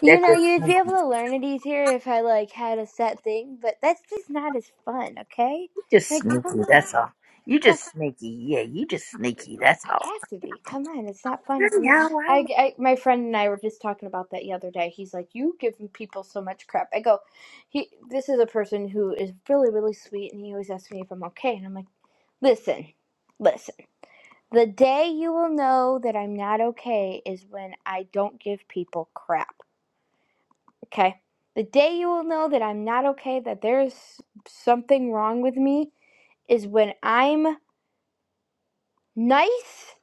S8: You
S1: That's
S8: know, you'd
S1: it.
S8: be able to learn it easier if I like had a set thing, but that's just not as fun, okay?
S1: Just
S8: Like, come
S1: sneaky,
S8: on.
S1: that's all. You just sneaky. Yeah, you just sneaky, that's all.
S8: I have to be. Come on, it's not fun
S1: I
S8: if I'm not.
S1: know, I know.
S8: I, I, my friend and I were just talking about that the other day. He's like, "You give people so much crap." I go, "He, this is a person who is really, really sweet, and he always asks me if I'm okay." And I'm like, "Listen, listen. The day you will know that I'm not okay is when I don't give people crap. Okay." The day you will know that I'm not okay, that there's something wrong with me, is when I'm nice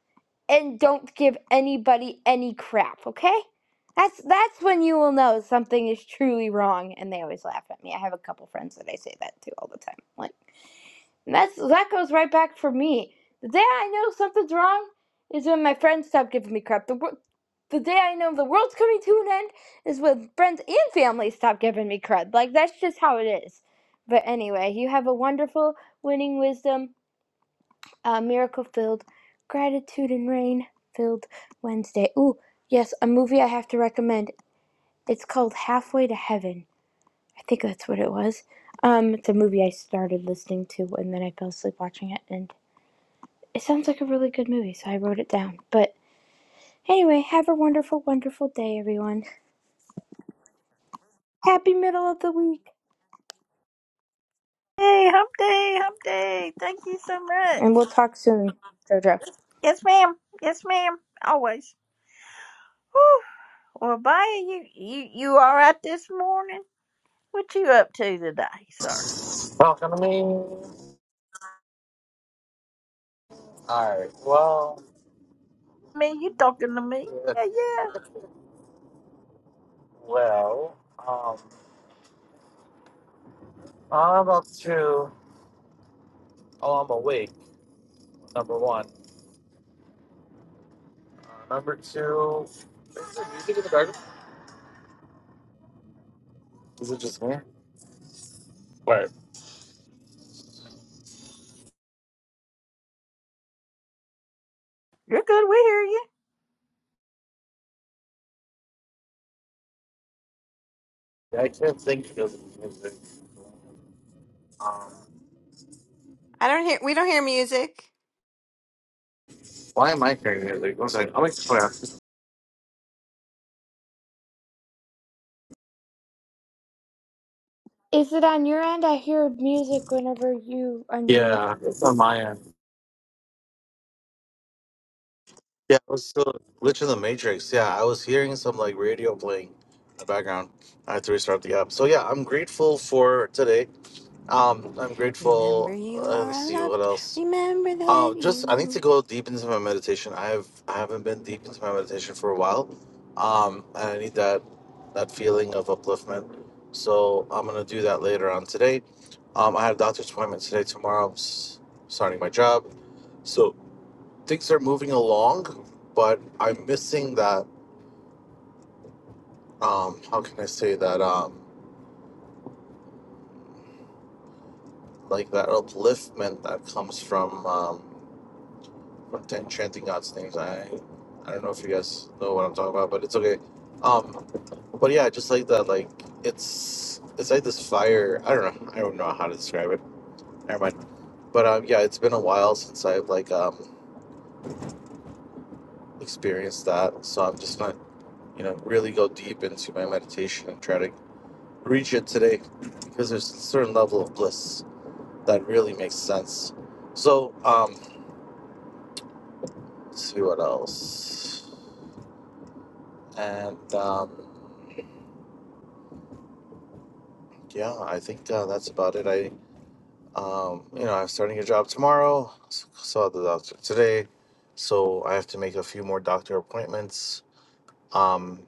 S8: and don't give anybody any crap, okay? That's that's when you will know something is truly wrong and they always laugh at me. I have a couple friends that I say that to all the time. Like and that's that goes right back for me. The day I know something's wrong is when my friends stop giving me crap. The the day I know the world's coming to an end is when friends and family stop giving me crud. Like that's just how it is. But anyway, you have a wonderful winning wisdom uh, miracle filled, gratitude and rain filled Wednesday. Ooh, yes, a movie I have to recommend. It's called Halfway to Heaven. I think that's what it was. Um, it's a movie I started listening to and then I fell asleep watching it, and it sounds like a really good movie, so I wrote it down. But anyway, have a wonderful, wonderful day, everyone. Happy middle of the week,
S1: Hey, hump day, hump day. Thank you so much.
S8: and we'll talk soon, JoJo.
S1: Yes, ma'am. Yes, ma'am. Always. Whew. Well, Baya, you, you, you all right this morning? What you up to today, sir?
S10: Talking to me? Alright, well,
S1: I mean, you talking to me?
S10: yeah,
S1: Yeah, yeah.
S10: well, um, I'm up to, oh, I'm awake, number one. Number two, is there music in the garden? Is it just me? Where?
S1: You're good. We hear you.
S10: I can't think of music. Um,
S6: don't hear. We don't hear music.
S10: why am I hearing music? One second, I'll make the plan.
S8: Is it on your end? I hear music whenever you unmute.
S10: Yeah, it's on my end. Yeah, I was still a glitch in the matrix. Yeah, I was hearing some like radio playing in the background. I had to restart the app. So yeah, I'm grateful for today. Um, I'm
S6: Remember,
S10: grateful.
S6: you
S10: Uh, let's
S6: are
S10: see what
S6: loved.
S10: else.
S6: Remember that
S10: Um, just I need to
S6: you.
S10: go deep into my meditation. I've I haven't been deep into my meditation for a while, um, and I need that that feeling of upliftment. So I'm gonna do that later on today. Um, I have a doctor's appointment today. Tomorrow I'm s- starting my job, so things are moving along, but I'm missing that. Um, how can I say that? Um, like that upliftment that comes from. Um, pretend chanting God's names. I I don't know if you guys know what I'm talking about, but it's okay. Um, but yeah, just like that, like it's it's like this fire. I don't know. I don't know how to describe it. Never mind. But um, yeah, it's been a while since I've like um experienced that, so I'm just gonna you know really go deep into my meditation and try to reach it today because there's a certain level of bliss that really makes sense. So um, let's see what else, and um. yeah, I think uh, that's about it. I, um, you know, I'm starting a job tomorrow. s- Saw the doctor today, so I have to make a few more doctor appointments, um,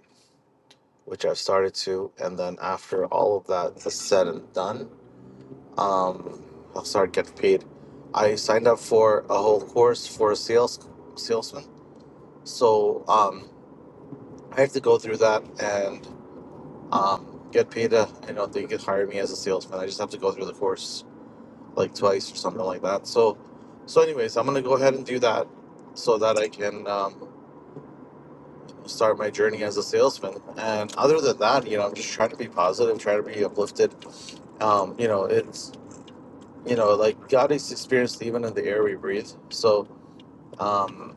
S10: which I've started to. And then after all of that is said and done, um, I'll start getting paid. I signed up for a whole course for a sales salesman, so um, I have to go through that and um, get paid. uh I don't think you know, they can hire me as a salesman. I just have to go through the course like twice or something like that. So, so anyways, I'm gonna go ahead and do that so that I can um, start my journey as a salesman. And other than that, you know, I'm just trying to be positive, trying to be uplifted. Um, you know, it's you know, like God is experienced even in the air we breathe. So, um,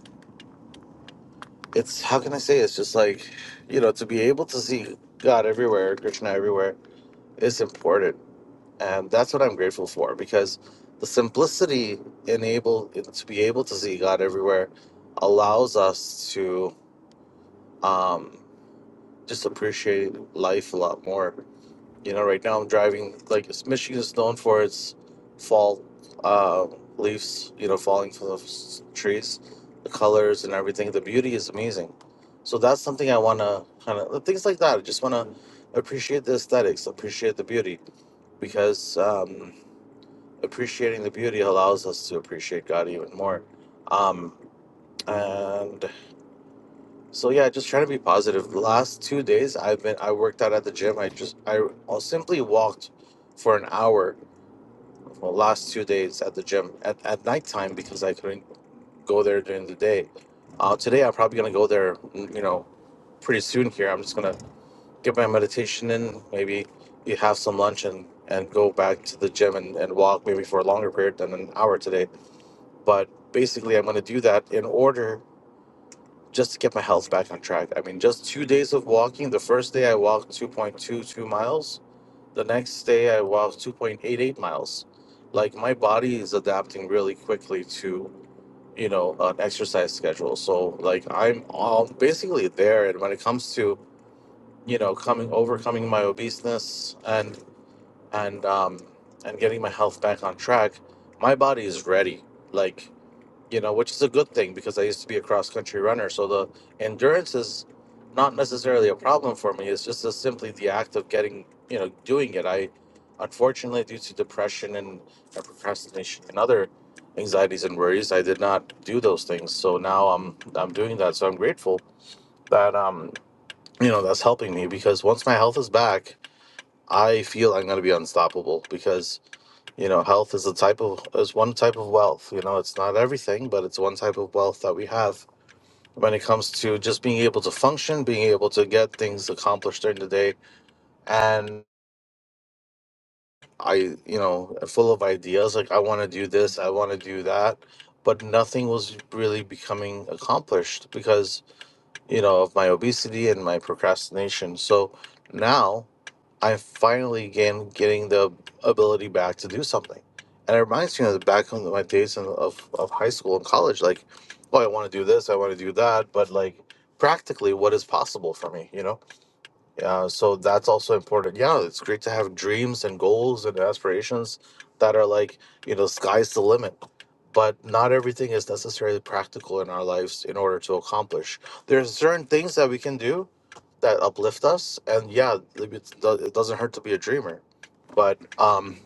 S10: it's how can I say? It's just like, you know, to be able to see God everywhere, Krishna everywhere, is important and that's what I'm grateful for because the simplicity enable to be able to see God everywhere allows us to um, just appreciate life a lot more. You know, right now I'm driving like it's- Michigan is known for its fall uh, leaves, you know, falling from the s- trees, the colors and everything. The beauty is amazing. So that's something I want to kind of things like that. I just want to appreciate the aesthetics, appreciate the beauty because. Um, appreciating the beauty allows us to appreciate God even more. Um, and so yeah, just trying to be positive. The last two days, I've been I worked out at the gym. I just I simply walked for an hour. The last two days at the gym at at nighttime because I couldn't go there during the day. Uh, today I'm probably gonna go there. mm, You know, pretty soon here. I'm just gonna get my meditation in. Maybe have some lunch and and go back to the gym and, and walk maybe for a longer period than an hour today but basically i'm going to do that in order just to get my health back on track i mean just two days of walking the first day i walked 2.22 miles the next day i walked 2.88 miles like my body is adapting really quickly to you know an exercise schedule so like i'm all basically there and when it comes to you know coming overcoming my obeseness and and um and getting my health back on track my body is ready like you know, which is a good thing because I used to be a cross country runner. So the endurance is not necessarily a problem for me. It's just a, simply the act of getting, you know, doing it. I, unfortunately, due to depression and uh, procrastination and other anxieties and worries, I did not do those things. So now I'm I'm doing that. So I'm grateful that um you know that's helping me because once my health is back, I feel I'm going to be unstoppable because. You know, health is a type of is one type of wealth. You know, it's not everything, but it's one type of wealth that we have when it comes to just being able to function, being able to get things accomplished during the day. And I, you know, full of ideas like I want to do this, I want to do that, but nothing was really becoming accomplished because you know of my obesity and my procrastination. So now I finally again getting the ability back to do something. And it reminds me of the back of my days in, of, of high school and college. Like, oh, I want to do this, I want to do that. But like, practically, what is possible for me, you know? Uh, so that's also important. Yeah, it's great to have dreams and goals and aspirations that are like, you know, sky's the limit. But not everything is necessarily practical in our lives in order to accomplish. There's certain things that we can do that uplift us and yeah like, it doesn't hurt to be a dreamer but um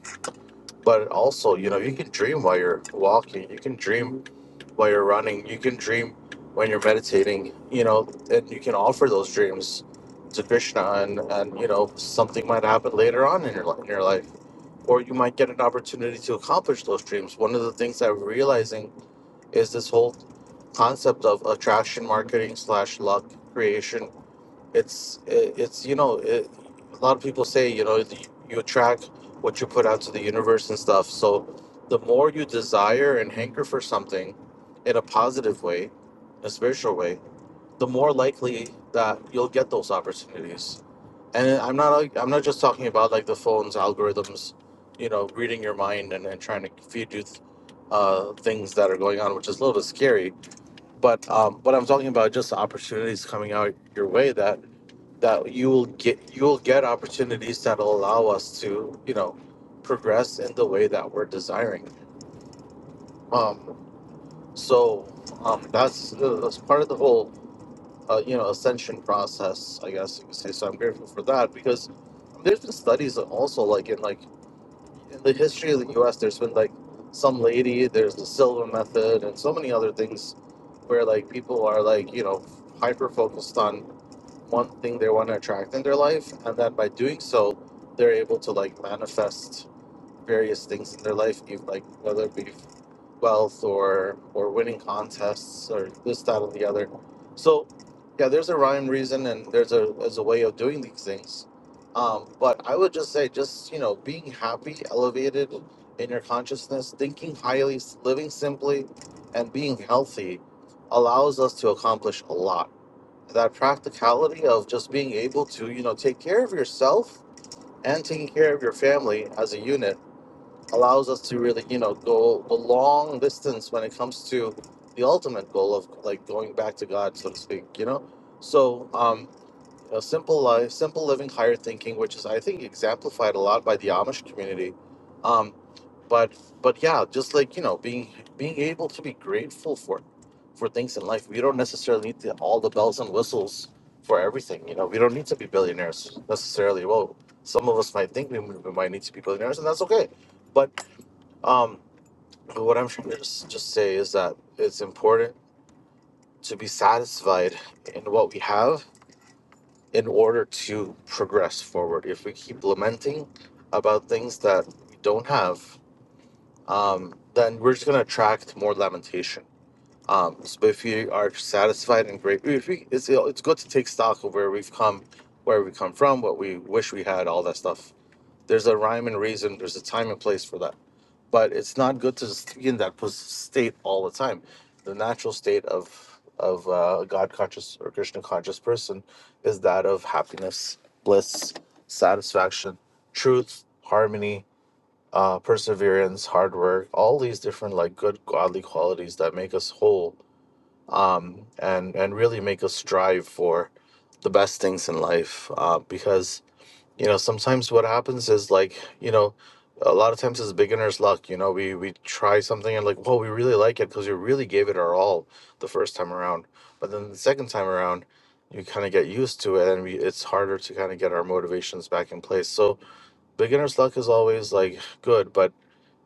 S10: but also you know you can dream while you're walking you can dream while you're running you dream when you're eating you know and you can dreams to krishna and and you know something might happen later on in your, li- in your life or you might get an opportunity to accomplish those dreams one of the things that we're realizing is this whole concept of attraction marketing slash luck creation it's it, it's you know it, a lot of people say you know you you attract what you put out to the universe and stuff so the more you desire and hanker for something in a positive way a spiritual way the more likely that you'll get those opportunities and i'm not like- i'm not just talking about like the phones algorithms you know reading your mind and, and trying to feed you th- uh, things that are going on which is a little bit scary but um, what i'm talking about just the opportunities coming out your way that that you will get you will get opportunities that'll allow us to you know progress in the way that we're desiring um so um that's uh, that's part of the whole uh, you know ascension process i guess you could say so i'm grateful for that because there's been studies that also like in like in the history of the us there's been like some lady there's the silva method and so many other things where like people are like you know hyper focused on one thing they want to attract in their life and then by doing so they're able to like manifest various things in their life even like whether it be wealth or or winning contests or this that and the other so yeah there's a rhyme reason and there's a there's a way of doing these things um, but i would just say just you know being happy elevated in your consciousness thinking highly living simply and being healthy allows us to accomplish a lot that practicality of just being able to you know take care of yourself and taking care of your family as a unit allows us to really you know go the long distance when it comes to the ultimate goal of like going back to god so to speak you know so um a simple life simple living higher thinking which is i think exemplified a lot by the amish community Um, but but yeah just like you know being being able to be grateful for for things in life we don't necessarily need to, all the bells and whistles for everything you know we don't need to be billionaires necessarily well some of us might think we, we might need to be billionaires and that's okay but um what i'm trying to just, just say is that it's important to be satisfied in what we have in order to progress forward if we keep lamenting about things that we don't have um, then we're just gonna attract more lamentation. Um, so if you are satisfied and great, if we, it's it's good to take stock of where we've come, where we come from, what we wish we had, all that stuff. There's a rhyme and reason. There's a time and place for that. But it's not good to just be in that pos- state all the time. The natural state of of uh, God conscious or Krishna conscious person is that of happiness, bliss, satisfaction, truth, harmony, uh, perseverance, hard work, all these different like good godly qualities that make us whole, um, and and really make us strive for the best things in life. Uh, because you know sometimes what happens is like you know a lot of times it's beginner's luck. You know we we try something and like whoa we really like it because we really gave it our all the first time around, but then the second time around. You kind of get used to it, and we, it's harder to kind of get our motivations back in place. So beginner's luck is always like good, but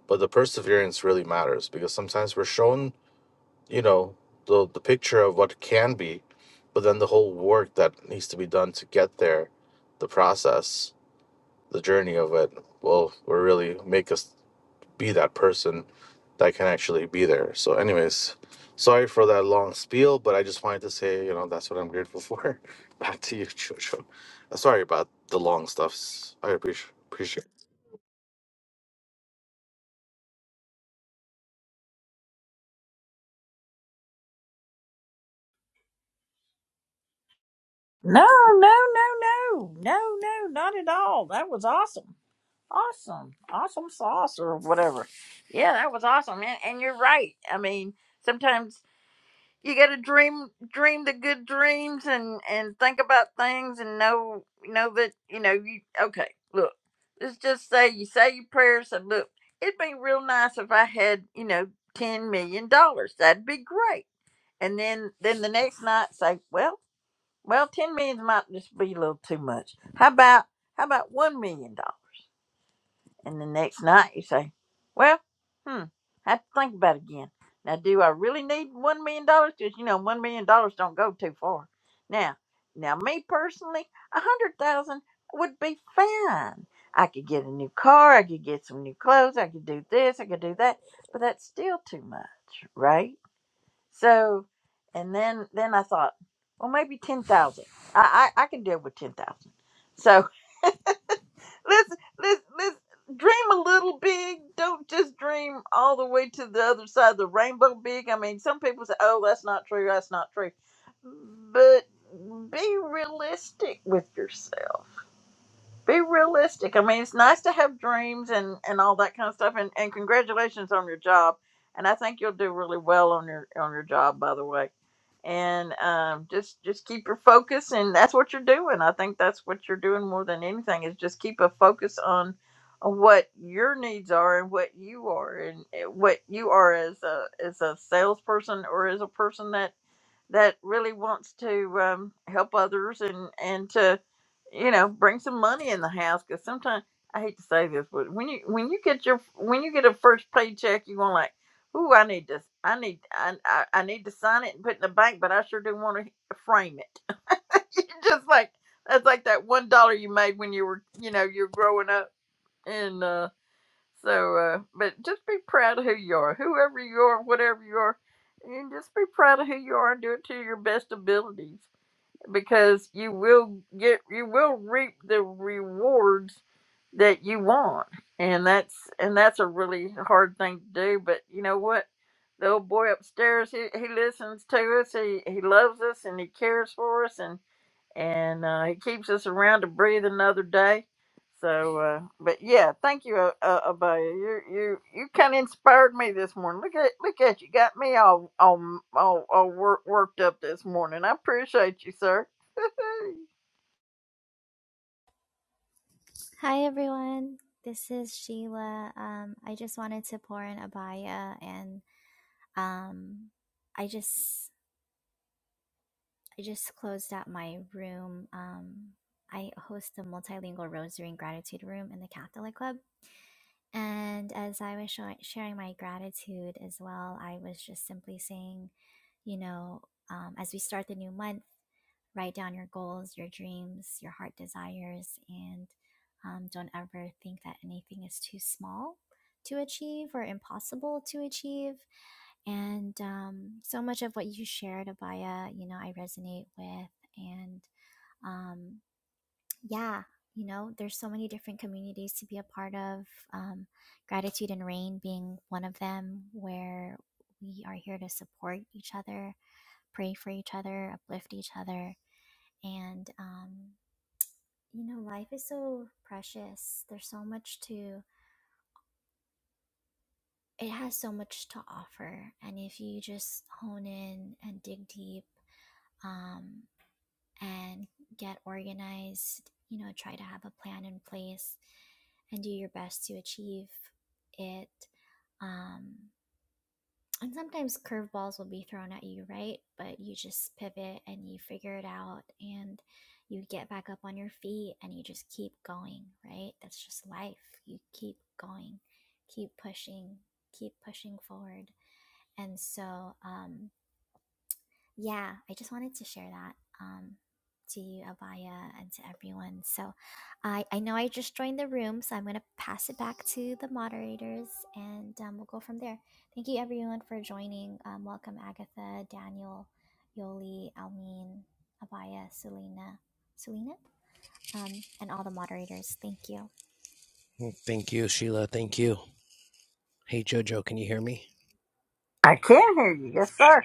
S10: but the perseverance really matters because sometimes we're shown you know the, the picture of what can be but then the whole work that needs to be done to get there the process the journey of it will will really make us be that person that can actually be there so anyways sorry for that long spiel but i just wanted to say you know that's what i'm grateful for back to you jojo sorry about the long stuffs i appreciate appreciate it.
S1: No, no, no, no. No, no, not at all. That was awesome. Awesome. Awesome sauce or whatever. Yeah, that was awesome. And, and you're right. I mean, sometimes you got to dream dream the good dreams and and think about things and know know that, you know, you okay, look. Let's just say you say your prayers and look, it'd be real nice if I had, you know, 10 million dollars. That'd be great. And then then the next night say, well, well, 10 million might just be a little too much. How about how about $1 million? dollars? And the next night you say, well, hmm, I have to think about it again. Now, do I really need $1 million? dollars? Because, you know, $1 million dollars don't go too far. Now, now, me personally, a 100000 would be fine. I could get a new car. I could get some new clothes. I could do this. I could do that. But that's still too much, right? So, and then, then I thought, well, maybe 10000 I, I, I can deal with 10000 So, let's let's let's dream a little big. Don't just dream all the way to the other side of the rainbow big. I mean, some people say, "Oh, that's not true. That's not true," but be realistic with yourself be realistic. I mean, it's nice to have dreams and and all that kind of stuff. And and congratulations on your job. And I think you'll do really well on your on your job, by the way. And um, just just keep your focus, and that's what you're doing. I think that's what you're doing more than anything is just keep a focus on on what your needs are and what you are and uh, what you are as a as a salesperson or as a person that that really wants to um, help others and and to you know bring some money in the house because sometimes I hate to say this, but when you when you get your when you get a first paycheck, you want like, ooh, I need this, I need I, I I need to sign it and put it in the bank, but I sure do want to frame it. It's just like that's like that one dollar you made when you were you know you're growing up, and. uh, so, uh, but just be proud of who you are, whoever you are, whatever you are, and just be proud of who you are and do it to your best abilities because you will get, you will reap the rewards that you want, and that's and that's a really hard thing to do. But you know what? The old boy upstairs, he, he listens to us, he he loves us, and he cares for us, and and uh, he keeps us around to breathe another day. So, uh, but yeah, thank you, uh, uh, Abaya. You you you kind of inspired me this morning. Look at look at you, got me all all all, all wor- worked up this morning. I appreciate you, sir.
S11: Hi everyone, this is Sheila. Um, I just wanted to pour an abaya, and um, I just I just closed out my room. Um, I host a multilingual rosary and gratitude room in the Catholic Club, and as I was show- sharing my gratitude as well, I was just simply saying, you know, um, as we start the new month, write down your goals, your dreams, your heart desires, and um, don't ever think that anything is too small to achieve or impossible to achieve. And um, so much of what you shared, Abaya, you know, I resonate with. And um, yeah you know there's so many different communities to be a part of um, gratitude and rain being one of them where we are here to support each other pray for each other uplift each other and um, you know life is so precious there's so much to it has so much to offer and if you just hone in and dig deep um, and get organized, you know, try to have a plan in place and do your best to achieve it. Um, and sometimes curveballs will be thrown at you, right? But you just pivot and you figure it out and you get back up on your feet and you just keep going, right? That's just life. You keep going, keep pushing, keep pushing forward. And so, um, yeah, I just wanted to share that um, to you, Abaya, and to everyone. So I, I know I just joined the room, so I'm going to pass it back to the moderators and um, we'll go from there. Thank you, everyone, for joining. Um, welcome, Agatha, Daniel, Yoli, Almin, Abaya, Selena, Selena, um, and all the moderators. Thank you.
S1: I can hear you, yes, sir.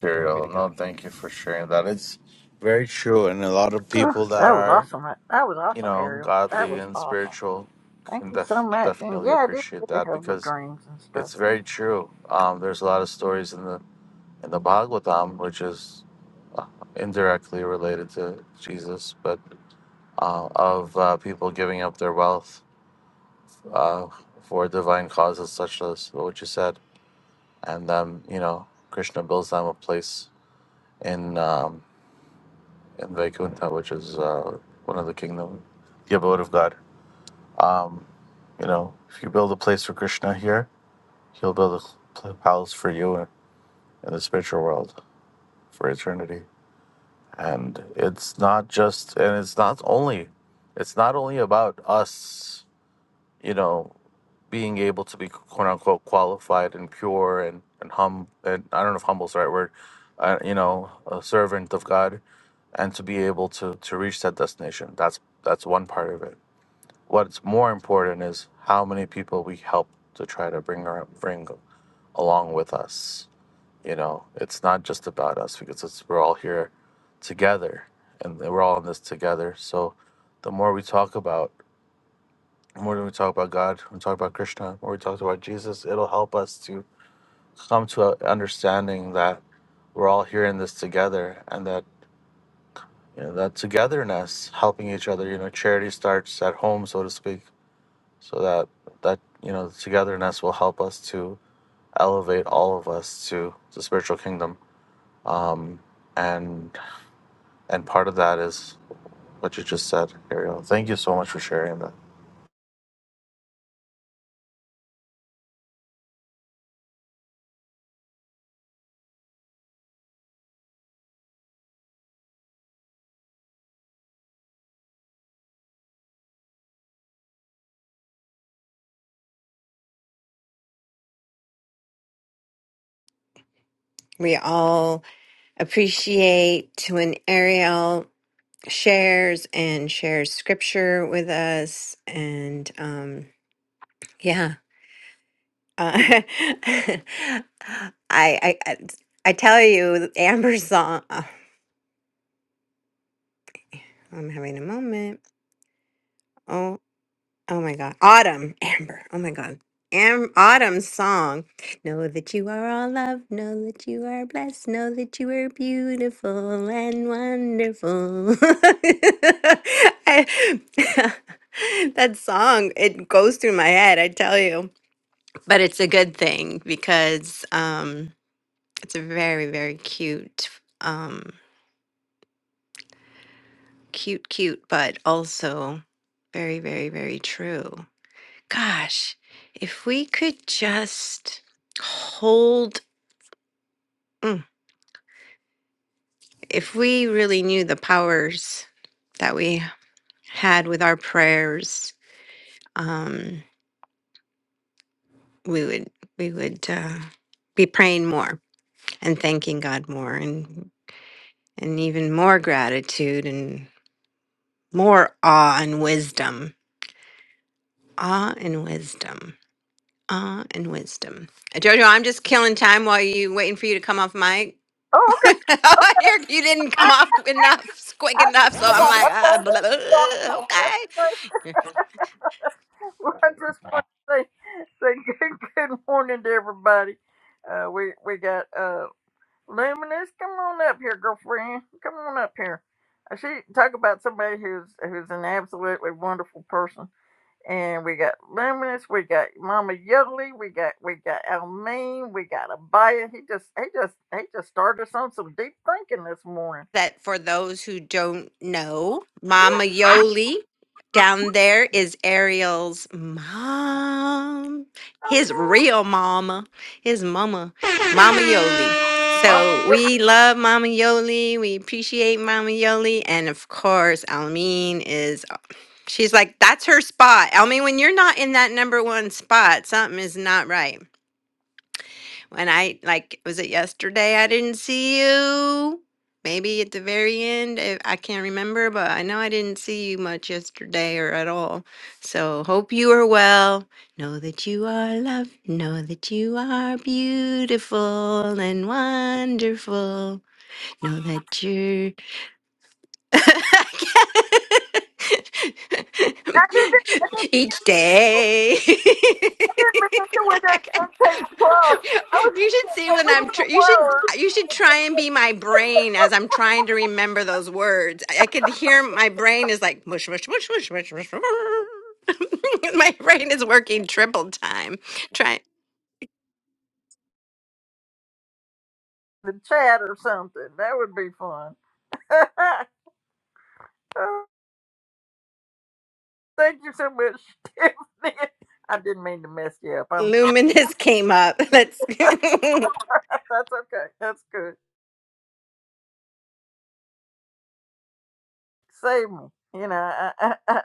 S10: Material. No, thank you for sharing that. It's very true, and a lot of
S1: Ooh,
S10: people that
S1: that was
S10: are,
S1: awesome. That, that was
S10: you
S1: awesome,
S10: know,
S1: Ariel. That
S10: godly
S1: was
S10: and
S1: awesome.
S10: spiritual
S1: Thank
S10: can
S1: you so
S10: def-
S1: much. And
S10: definitely
S1: yeah, it is
S10: appreciate
S1: good to
S10: that
S1: have the
S10: because
S1: dreams and stuff.
S10: it's very true. Um, there's a lot of stories in the in the Bhagavatam, which is uh, indirectly related to Jesus, but uh, of uh, people giving up their wealth uh, for divine causes such as what you said, and um, you know, Krishna builds them a place in. Um, in Vaikuntha, which is uh, one of the kingdom, the abode of God. Um, you know, if you build a place for Krishna here, he'll build a pl- palace for you in, in the spiritual world for eternity. And it's not just, and it's not only, it's not only about us, you know. being able to be quote unquote qualified and pure and and hum and I don't know if humble's the right word, uh, you know, a servant of God, and to be able to to reach that destination. That's that's one part of it. What's more important is how many people we help to try to bring ar- bring along with us. You know, it's not just about us because it's, we're all here together and we're all in this together. So, the more we talk about more than we talk about God, when we talk about Krishna, or we talk about Jesus, it'll help us to come to a understanding that we're all here in this together and that you know that togetherness, helping each other, you know, charity starts at home, so to speak. So that that you know, togetherness will help us to elevate all of us to the spiritual kingdom. Um, and and part of that is what you just said, Ariel. Thank you so much for sharing that.
S6: We all appreciate to an Ariel. shares and shares scripture with us and um yeah uh, I, I i i tell you amber's song oh, i'm having a moment Oh, Oh my God. Autumn, Amber. Oh my God. Am- Autumn's song. Know that you are all loved. Know that you are blessed. Know that you are beautiful and wonderful. I- that song, it goes through my head, I tell you. But it's a good thing because um, it's a very, very cute, um, cute, cute, but also very, very, very true. Gosh, if we could just hold, mm, if we really knew the powers that we had with our prayers, um, we would we would uh, be praying more and thanking God more, and and even more gratitude and more awe and wisdom, awe and wisdom, awe and wisdom. Uh, Jojo, I'm just killing time while you waiting for you to come off mic.
S1: Oh, okay.
S6: You're, you didn't come off qu- enough, s- quick
S1: I just
S6: enough. So I'm
S1: about
S6: like, ah,
S1: okay. That's
S6: blah, blah,
S1: going to
S6: blah, uh, okay. Yeah.
S1: Well, I just want to say, say good, good morning to everybody. Uh, we we got uh, Luminous. Come on up here, girlfriend. Come on up here. Uh, She talk about somebody who's who's an absolutely wonderful person. And we got Luminous. We got Mama Yodely. We got we got Almeen. We got Abaya. He just he just he just started us on some deep thinking this morning.
S6: That for those who don't know, Mama
S1: I
S6: Yoli down there is Ariel's mom, his
S1: know.
S6: real mama, his mama, Mama Yoli.
S1: Mama,
S6: So
S12: Yeah,
S6: we love Mama Yoli. We appreciate Mama Yoli. And of course, Almeen is She's like, that's her spot. I mean, when you're not in that number one spot, something is not right. When I, like, was it yesterday I didn't see you? Maybe at the very end. I I can't remember, but I know I didn't see you much yesterday or at all. So, hope you are well. Know that you are loved. Know that you are beautiful and wonderful. Know that you're Each day.
S1: Good, because you were that same book. I was
S6: you should see
S1: I
S6: when
S1: would
S6: I'm.
S1: need
S6: Tr-
S1: the
S6: you should.
S1: word.
S6: You should try and be my brain as I'm trying to remember those words. I, I could hear my brain is like mush mush mush mush mush mush. mush. my brain is working triple time. Try.
S1: The chat or something. That would be fun. Oh, Thank you so much, Tiffany. I didn't mean to mess you up. I'm
S6: Luminous came up. Let's.
S1: sorry. That's okay. That's good. Save me. You know, I I, I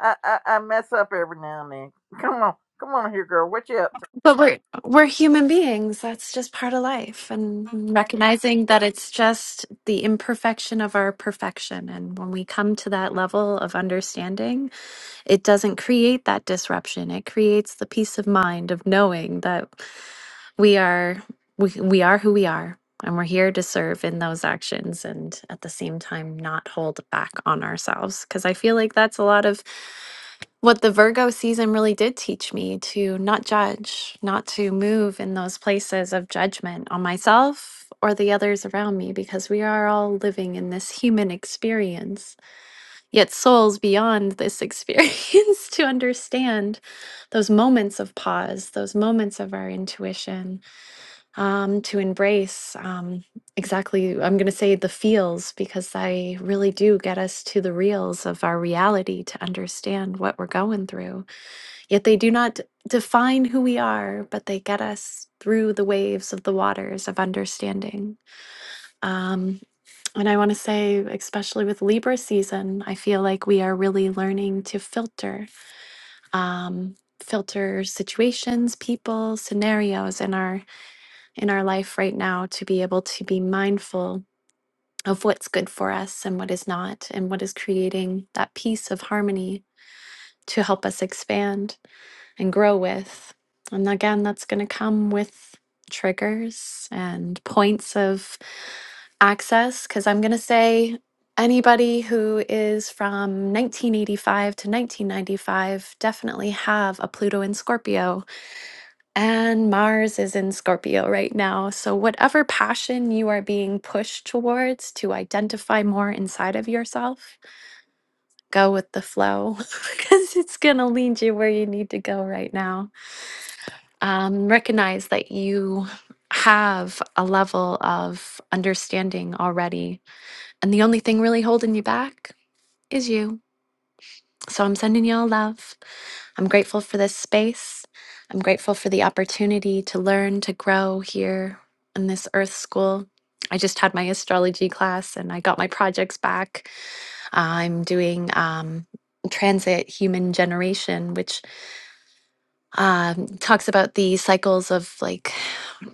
S1: I I I mess up every now and then. Come on, come on here, girl. What you up?
S13: But we're we're human beings. That's just part of life and recognizing that it's just the imperfection of our perfection and when we come to that level of understanding, it doesn't create that disruption. It creates the peace of mind of knowing that we are we, we are who we are and we're here to serve in those actions and at the same time not hold back on ourselves because I feel like that's a lot of what the Virgo season really did teach me to not judge, not to move in those places of judgment on myself or the others around me, because we are all living in this human experience, yet souls beyond this experience to understand those moments of pause, those moments of our intuition, um, to embrace um, exactly, I'm going to say the feels, because they really do get us to the reals of our reality to understand what we're going through Yet they do not define who we are, but they get us through the waves of the waters of understanding. Um, and I want to say, especially with Libra season, I feel like we are really learning to filter. Um, filter situations people scenarios in our in our life right now to be able to be mindful of what's good for us and what is not and what is creating that piece of harmony to help us expand and grow with. And again, that's going to come with triggers and points of access because I'm going to say anybody who is from 1985 to 1995 definitely have a Pluto in Scorpio and Mars is in Scorpio right now. So whatever passion you are being pushed towards to identify more inside of yourself, go with the flow because it's going to lead you where you need to go right now. um, recognize that you have a level of understanding already. And the only thing really holding you back is you. So I'm sending you all love. I'm grateful for this space. I'm grateful for the opportunity to learn, to grow here in this earth school. I just had my astrology class and I got my projects back. I'm doing um, transit human generation, which. um, talks about the cycles of like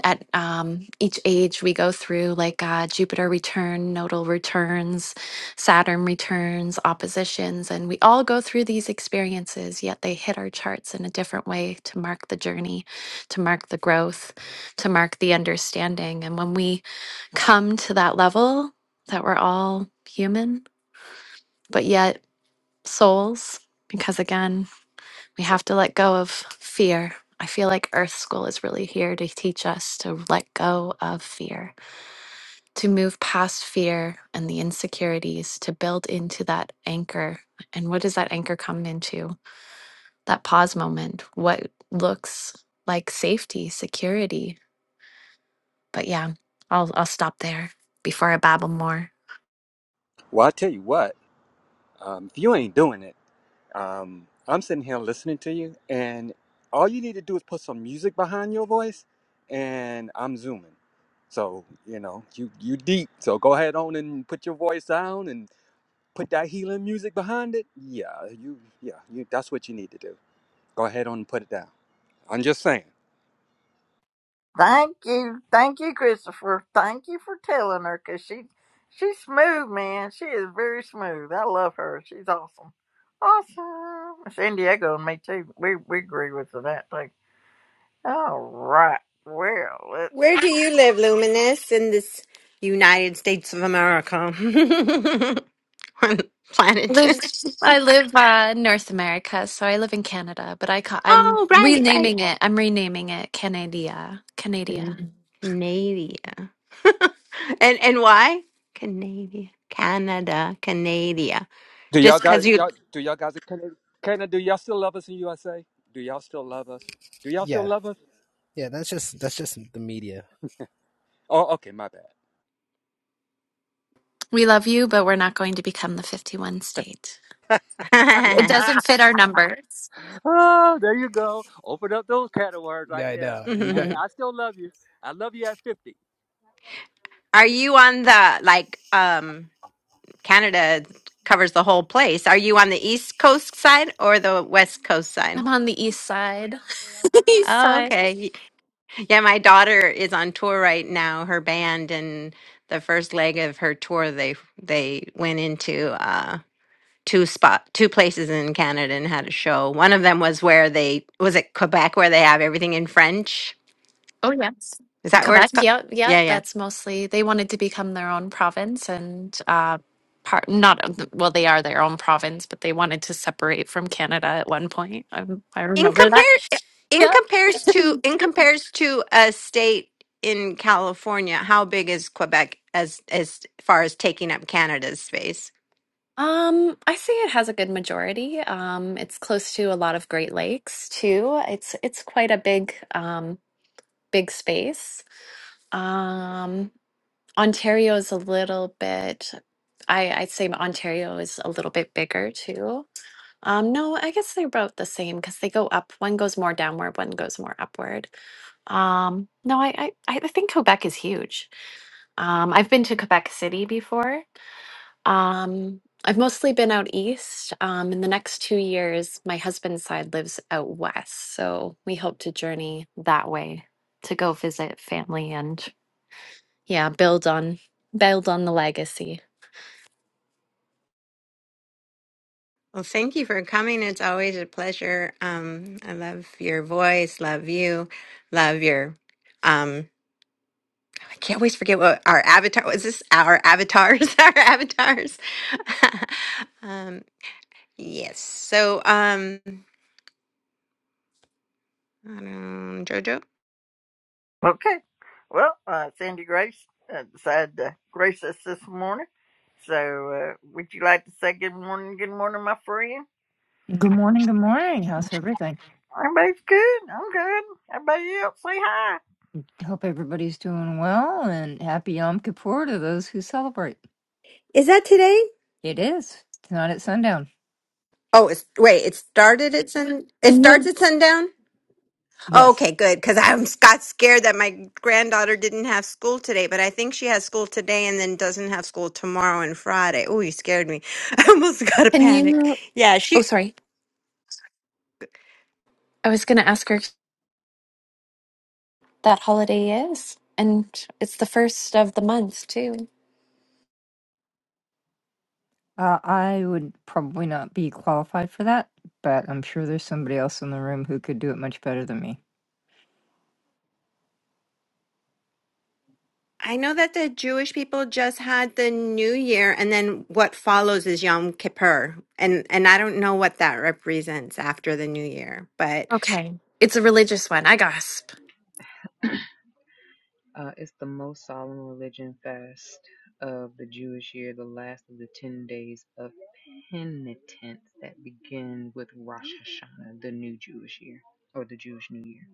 S13: at um, each age we go through like uh, Jupiter return, nodal returns, Saturn returns, oppositions, and we all go through these experiences, yet they hit our charts in a different way to mark the journey, to mark the growth, to mark the understanding. And when we come to that level that we're all human, but yet souls, because again, we have to let go of fear. I feel like Earth School is really here to teach us to let go of fear, to move past fear and the insecurities, to build into that anchor. And what does that anchor come into? That pause moment, what looks like safety, security. But yeah, I'll, I'll stop there before I babble more.
S5: Well, I tell you what, um, if you ain't doing it. Um, I'm sitting here listening to you, and all you need to do is put some music behind your voice, and I'm zooming. So you know you you deep. So go ahead on and put your voice down and put that healing music behind it. Yeah, you yeah you. That's what you need to do. Go ahead on and put it down. I'm just saying.
S1: Thank you, thank you, Christopher. Thank you for telling her, cause she, she's smooth, man. She is very smooth. I love her. She's awesome, awesome. San Diego and me too. We we agree with that too. All right. Well, let's.
S6: Where do you live, Luminous, in this United States of America? On
S13: I
S6: planet.
S13: live, I live uh, North America, so I live in Canada, but I ca- I'm
S6: oh, right, right.
S13: renaming it. I'm renaming it Canada. Canada.
S6: Can- Canada. and and why? Canada. Canada. Canada.
S5: Do y'all
S6: Just because
S5: got
S6: you.
S5: y'all? Do y'all guys in Canada? Canada? Do y'all still love us in USA? Do y'all still love us? Do y'all still love us? Oh, okay, my bad.
S13: We love you, but we're not going to become the 51 state. It doesn't fit our numbers.
S5: Oh, there you go. Open up those can of worms right there. I, I still love you. I love you at 50.
S6: Are you on the, like, um, Canada covers the whole place. Are you on the East Coast side or the West Coast side?
S13: I'm on the east side. east
S6: Oh,
S13: side.
S6: okay. Y- Yeah, my daughter is on tour right now, her band, and the first leg of her tour, they they went into uh two spot two places in Canada and had a show. One of them was where they was it Quebec where they have everything in French.
S13: Oh, yes.
S6: Is that where it's
S13: Quebec.
S6: called?
S13: Yeah. Yeah.
S6: Yeah, yeah.
S13: That's mostly, they wanted to become their own province and, uh, part, not, of the- well, they are their own province, but they wanted to separate from Canada at one point. I, I
S6: In
S13: remember that.
S6: compare in
S13: Yeah.
S6: compares to in compares to a state in California, how big is Quebec as as far as taking up Canada's space?
S13: Um, I say it has a good majority. Um, it's close to a lot of Great Lakes too. It's it's quite a big um big space. Um, Ontario is a little bit, I, I'd say Ontario is a little bit bigger too. Um, no, I guess they're about the same because they go up. One goes more downward, one goes more upward. Um, no, I, I, I think Quebec is huge. Um, I've been to Quebec City before um, I've mostly been out east. Um, in the next two years, my husband's side lives out west, so we hope to journey that way to go visit family and yeah, build on build on the legacy.
S6: Well, thank you for coming. It's always a pleasure. Um, I love your voice, love you, love your. Um, I can't always forget what our avatar was. This our avatars, our avatars. um, yes. So, um, I don't, Jojo.
S1: Okay. Well, uh, Sandy Grace uh, decided to grace us this morning. So, uh, would you like to say good morning? Good morning, my friend.
S14: Good morning, good morning. How's everything?
S1: Everybody's good. I'm good. Everybody else, say hi.
S14: Hope everybody's doing well and happy Yom Kippur to those who celebrate.
S6: Is that today?
S14: It is. It's not at sundown.
S6: Oh, it's wait. It started at sun. It
S13: Can
S6: starts
S13: you
S6: at sundown.
S14: Yes.
S6: Okay, good. Because I was- got scared that my granddaughter didn't have school today, but I think she has school today and then doesn't have school tomorrow and Friday. Oh, you scared me. I almost got a
S13: can
S6: panic.
S13: you
S6: Yeah,
S13: oh
S6: she.
S13: sorry. I was gonna ask her that holiday is, and it's the first of the month too.
S14: Uh, I would probably not be qualified for that, but I'm sure there's somebody else in the room who could do it much better than me.
S6: I know that the Jewish people just had the New Year, and then what follows is Yom Kippur, and and I don't know what that represents after the New Year, but
S13: Okay. It's a religious one. I gasp.
S9: Uh, it's the most solemn religion fast of the Jewish year, the last of the 10 days of penitence that begin with Rosh Hashanah, the new Jewish year or the Jewish New Year.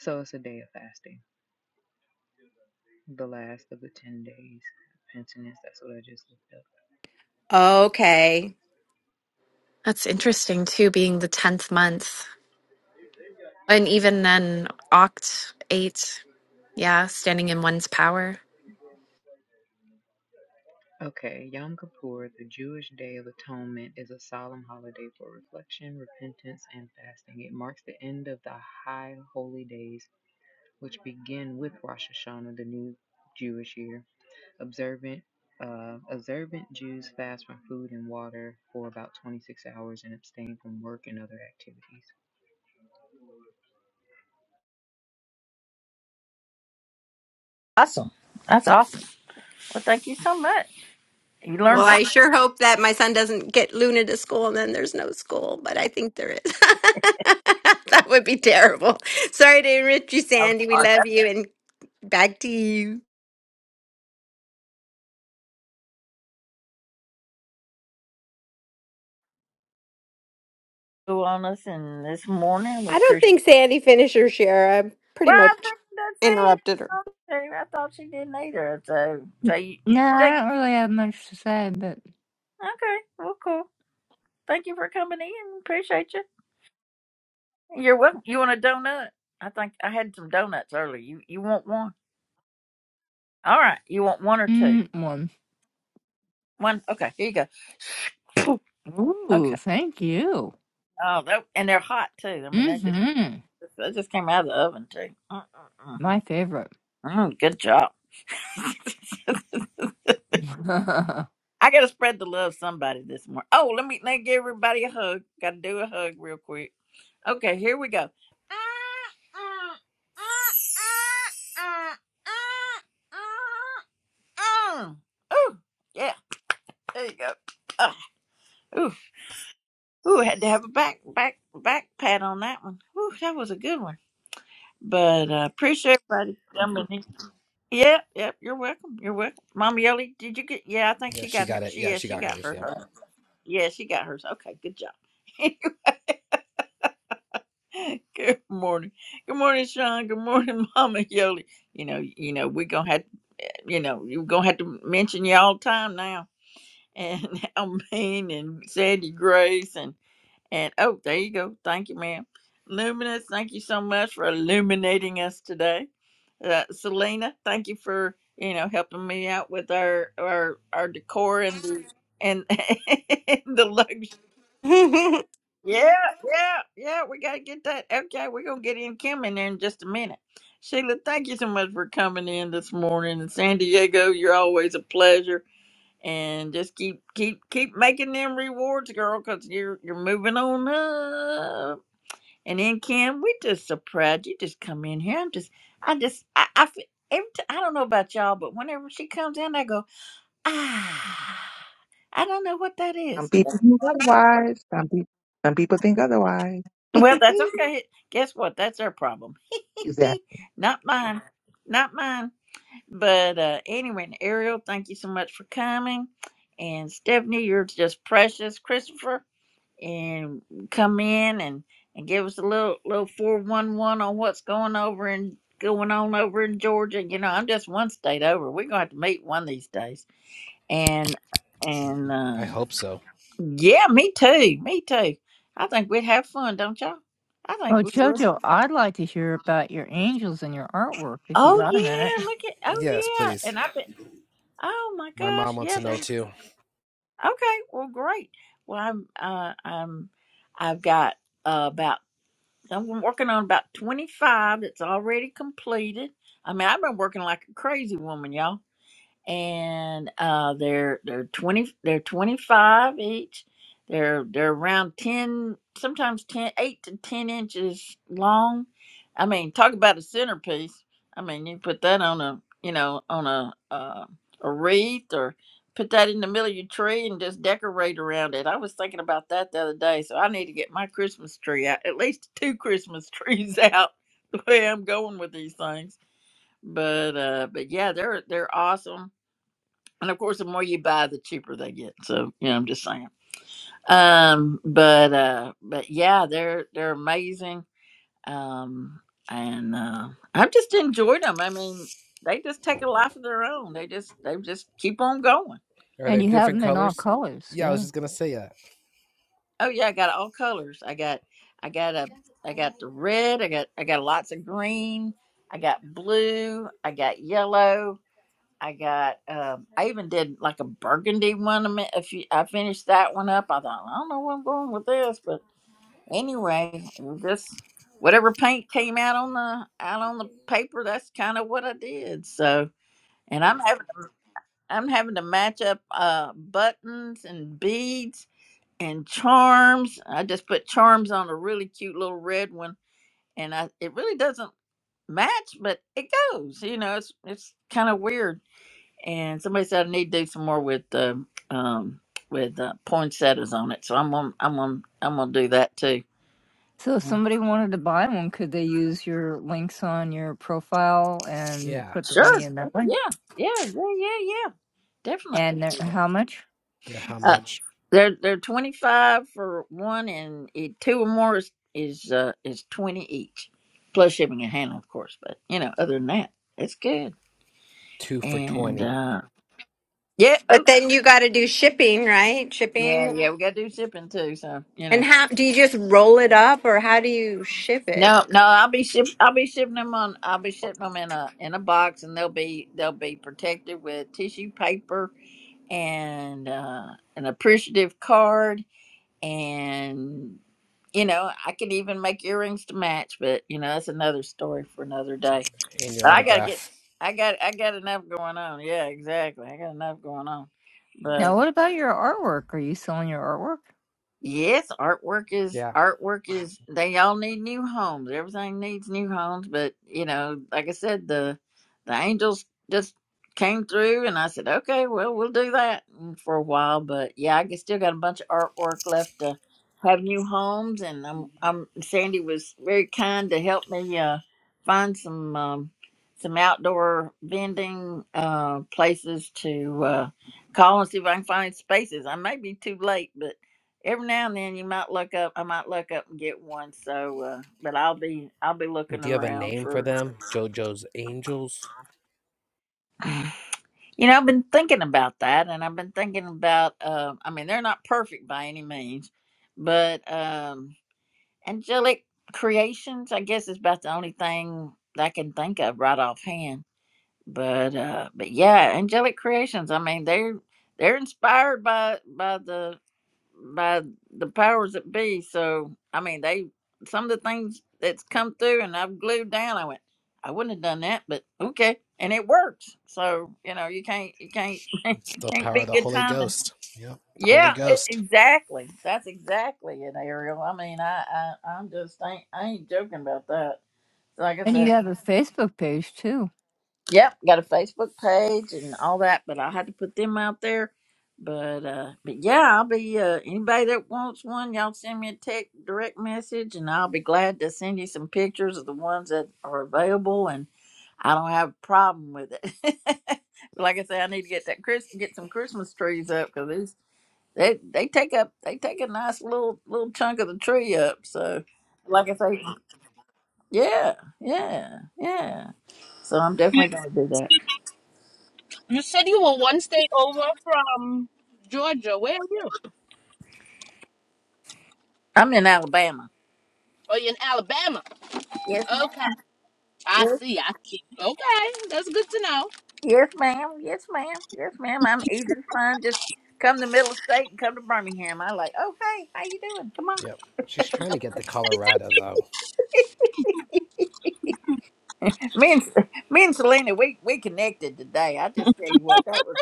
S9: So it's a day of fasting, the last of the 10 days of penitence. That's what I just looked up.
S6: okay.
S13: That's interesting too, being the tenth month. And even then, Oct eight. Yeah, standing in one's power.
S9: Okay, Yom Kippur, the Jewish Day of Atonement, is a solemn holiday for reflection, repentance, and fasting. It marks the end of the high holy days, which begin with Rosh Hashanah, the new Jewish year. Observant uh, observant Jews fast from food and water for about 26 hours and abstain from work and other activities.
S1: Awesome. That's awesome. Well, thank you so much. You
S6: Well,
S1: learned something
S6: I sure hope that my son doesn't get Luna to school and then there's no school, but I think there is. that would be terrible. Sorry to enrich you,
S1: a
S6: Sandy. We
S1: lot
S6: love you and back to you.
S1: on us, and this morning we
S6: I don't
S1: appreciate.
S6: think Sandy finished her share. I pretty
S1: Well, I
S6: much
S1: didn't
S6: interrupted her.
S1: see it. I thought she didn't either. So, so you
S14: No, I
S1: think,
S14: don't really have much to say, but
S1: okay, well, cool. Thank you for coming in. Appreciate you. You're welcome. You want a donut? I think I had some donuts earlier. You you want one? All right. You want one or two?
S14: mm, one.
S1: One. Okay. Here you go. Poof. Okay.
S14: Ooh, thank you.
S1: Oh, that, and they're hot too. I mean, they just
S14: Mm-hmm.
S1: they just came out of the oven too. Mm, mm, mm.
S14: My favorite.
S1: Mm, good job.
S14: oh,
S1: I gotta spread the love somebody this morning. Oh, let me let me give everybody a hug. Gotta do a hug real quick. Okay, here we go. Ooh, yeah, there you go. Ah, ooh, ooh, had to have a back back back pat on that one. Ooh, that was a good one. But uh, appreciate everybody jumping in. Yep, yep. You're welcome. You're welcome. Mama Yoli, did you get? Yeah, I think she got her. She yeah, she got her. Yeah, she got hers. Okay, good job. good morning. Good morning, Sean. Good morning, Mama Yoli. You know, you know, we're gonna have you know, you're gonna have to mention you all the time now. And Almaine and Sandy Grace and and oh, there you go. Thank you, ma'am. Luminous, thank you so much for illuminating us today. Uh, Selena, thank you for you know helping me out with our our our decor and the and, and the luxury. Yeah, yeah, yeah. We gotta get that. Okay, we're gonna get in Kim in there in just a minute. Sheila, thank you so much for coming in this morning. And San Diego, you're always a pleasure. And just keep keep keep making them rewards, girl, because you're you're moving on up. And then Kim, we just so proud you just come in here. I'm just I just I, I feel every t- I don't know about y'all, but whenever she comes in, I go ah. I don't know what that
S15: Some
S1: is.
S15: people think otherwise. Some people, some people think otherwise.
S1: Well, that's okay. Guess what? That's our problem.
S15: Exactly.
S1: Not mine. Not mine. But uh, anyway, and Ariel, thank you so much for coming. And Stephanie, you're just precious, Christopher. And come in and, and give us a little little four one one on what's going over and going on over in Georgia. You know, I'm just one state over. We're gonna have to meet one of these days. And and uh, yeah, me too. Me too. I think we'd have fun, don't y'all? I think we would.
S14: Jojo, I'd like to hear about your angels and your artwork if you
S1: Oh
S14: got a minute.
S1: yeah, look at oh yeah, and I bet. Oh my gosh. Yeah, they okay, well great. Well I'm uh I'm I've got uh, about I'm working on about twenty five that's already completed. I mean I've been working like a crazy woman, y'all and uh, they're they're twenty they're twenty five each. They're they're around ten, sometimes 10 8 to ten inches long. I mean, talk about a centerpiece. I mean, you put that on a you know on a uh, a wreath or put that in the middle of your tree and just decorate around it. I was thinking about that the other day, so I need to get my Christmas tree out, at least two Christmas trees out. The way I'm going with these things, but uh, but yeah, they're they're awesome and of course, the more you buy, the cheaper they get. So, you know, I'm just saying. Um, but uh, but yeah, they're they're amazing. Um, and uh, I've just enjoyed them. I mean, they just take a life of their own. They just they just keep on going.
S14: And you have them in all colors, yeah.
S1: Oh yeah, I got all colors. I got I got a I got the red. I got I got lots of green. I got blue. I got yellow. I got. Um, I even did like a burgundy one. A, mi- a few, I finished that one up. I thought I don't know where I'm going with this, but anyway, this whatever paint came out on the out on the paper, that's kind of what I did. So, and I'm having to, I'm having to match up uh, buttons and beads and charms. I just put charms on a really cute little red one, and I it really doesn't match, but it goes. You know, it's it's kind of weird and somebody said I need to do some more with um um, with uh, poinsettias on it. So I'm gonna I'm gonna I'm gonna do that too.
S14: So if somebody wanted to buy one, could they use your links on your profile and put the
S1: Sure.
S14: money in that
S1: Yeah.
S14: one?
S1: Yeah. Yeah. Yeah. Yeah.
S14: And they're-
S1: Definitely.
S14: how much?
S12: how
S1: Uh,
S12: much?
S1: they're they're twenty five for one, and it, two or more is is uh, is twenty each, plus shipping and handling, of course. But you know, other than that, it's good. And uh, yeah. Oh,
S6: but then you got to do shipping, right?
S1: yeah.
S6: Shipping.
S1: Yeah. We got to do shipping too. So you know.
S6: And how do you just roll it up or how do you ship it?
S1: No, no, I'll be ship. I'll be shipping them on. I'll be shipping them in a in a box, and they'll be they'll be protected with tissue paper and uh, an appreciative card, and you know I could even make earrings to match. But you know that's another story for another day.
S12: And your
S1: But I
S12: auto.
S1: gotta get. I got I got enough going on. Yeah, exactly. I got enough going on.
S14: Now,
S1: But.
S14: what about your artwork? Are you selling your artwork?
S1: Yes, artwork is
S12: Yeah,
S1: artwork is they all need new homes. Everything needs new homes, but you know, like I said, the the angels just came through and I said, Okay, well we'll do that mm, for a while. But yeah, I g- still got a bunch of artwork left to have new homes and I'm I'm Sandy was very kind to help me uh find some um some outdoor vending uh places to uh call and see if I can find spaces. I may be too late, but every now and then you might look up i might look up and get one so uh, but i'll be i'll be looking around for you know i've been thinking about that and i've been thinking about um i mean they're not perfect by any means but um angelic creations i guess is about the only thing that i can think of right offhand but uh but yeah angelic creations i mean they're they're inspired by by the by the powers that be. So I mean, they some of the things that's come through, and I've glued down. I went, I wouldn't have done that, but okay, and it works. So you know, you can't, you can't,
S12: the
S1: can't
S12: power.
S1: be good timing.
S12: Yep, the
S1: Yeah, it,
S12: host.
S1: exactly. That's exactly it, Ariel. I mean, I, I, I'm just ain't, I ain't joking about that. So Like I
S14: And
S1: said.
S14: you have a Facebook page too.
S1: Yep, got a Facebook page and all that, but I had to put them out there. But uh but yeah, I'll be uh anybody that wants one, y'all send me a text direct message and I'll be glad to send you some pictures of the ones that are available and I don't have a problem with it. But like I say, I need to get that Chris get some Christmas trees up because these they they take up they take a nice little little chunk of the tree up. So like I say, yeah, yeah, yeah. So I'm definitely gonna do that.
S2: You said you were one state over from Georgia. Where are you?
S1: I'm in Alabama.
S2: Oh, you're in Alabama.
S1: Yes,
S2: Okay.
S1: ma'am.
S2: I
S1: Yes,
S2: see. I see. Okay. That's good to know.
S1: yes, ma'am. Yes, ma'am. Yes, ma'am. I'm easy to find. Just come to middle of state and come to Birmingham. I like, oh hey, how you doing? Come on. Me and me and Selena, we we connected today. I just tell you what, that was.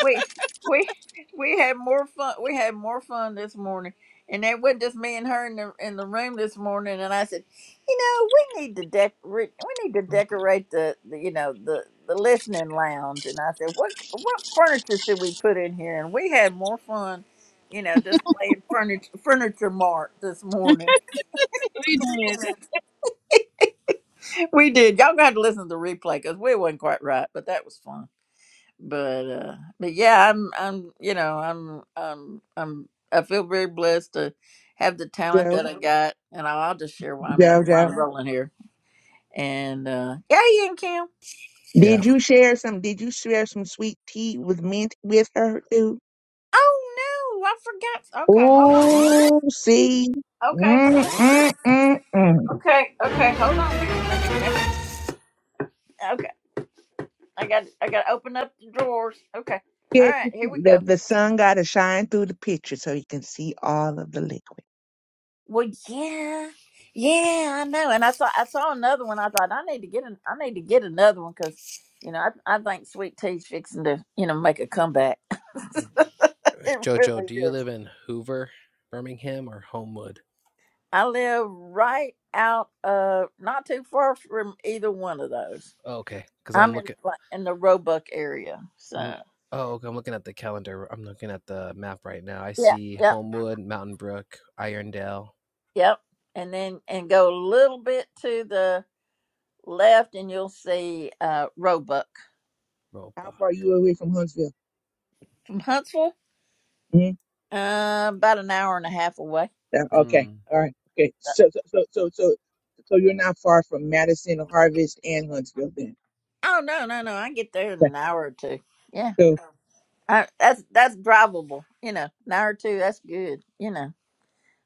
S1: we we we had more fun we had more fun this morning and it wasn't just me and her in the in the room this morning and i said you know we need to dec re- we need to decorate the, the you know the the listening lounge and i said what what furniture should we put in here and we had more fun you know just playing furniture furniture mart this morning
S2: What are you doing
S1: we did y'all got to listen to the replay because we wasn't quite right but that was fun but uh but yeah i'm i'm you know i'm i'm i'm i feel very blessed to have the talent
S15: Joe,
S1: that i Mhm. got and i'll, I'll just share why i'm
S15: Joe,
S1: why
S15: Joe.
S1: i'm rolling here and uh yeah you and kim
S15: Did you share some? Did you share some sweet tea with mint with her too?
S1: oh no i forgot okay hold on a minute
S15: Oh, see,
S1: okay
S15: mm,
S1: hold-
S15: mm, mm, mm.
S1: okay okay hold on a minute let me let me okay i got i got to open up the drawers okay all
S15: Get
S1: right here we go
S15: the, the sun got to shine through the picture so you can see all of the liquid.
S1: Well, yeah, yeah, I know. And I saw I saw another one. I thought I need to get an I need to get another one because you know I I think Sweet Tea's fixing to you know make a comeback. It really is. I live right out of not too far from either one of those. I'm in like, in the Roebuck area, so yeah, yep, yep. And then and go a little bit to the left, and you'll see uh Roebuck
S15: How far are you away from Huntsville?
S1: from Huntsville,
S15: Mm,
S1: uh, about an hour and a half away.
S15: that- Okay, all right, okay. So, so, so, so, so, so you're not far from Madison, Harvest, and Huntsville then.
S1: Oh no, no, no! I get there in an hour or two. Yeah,
S15: Okay,
S1: I, that's that's drivable. You know, an hour or two. That's good. You know,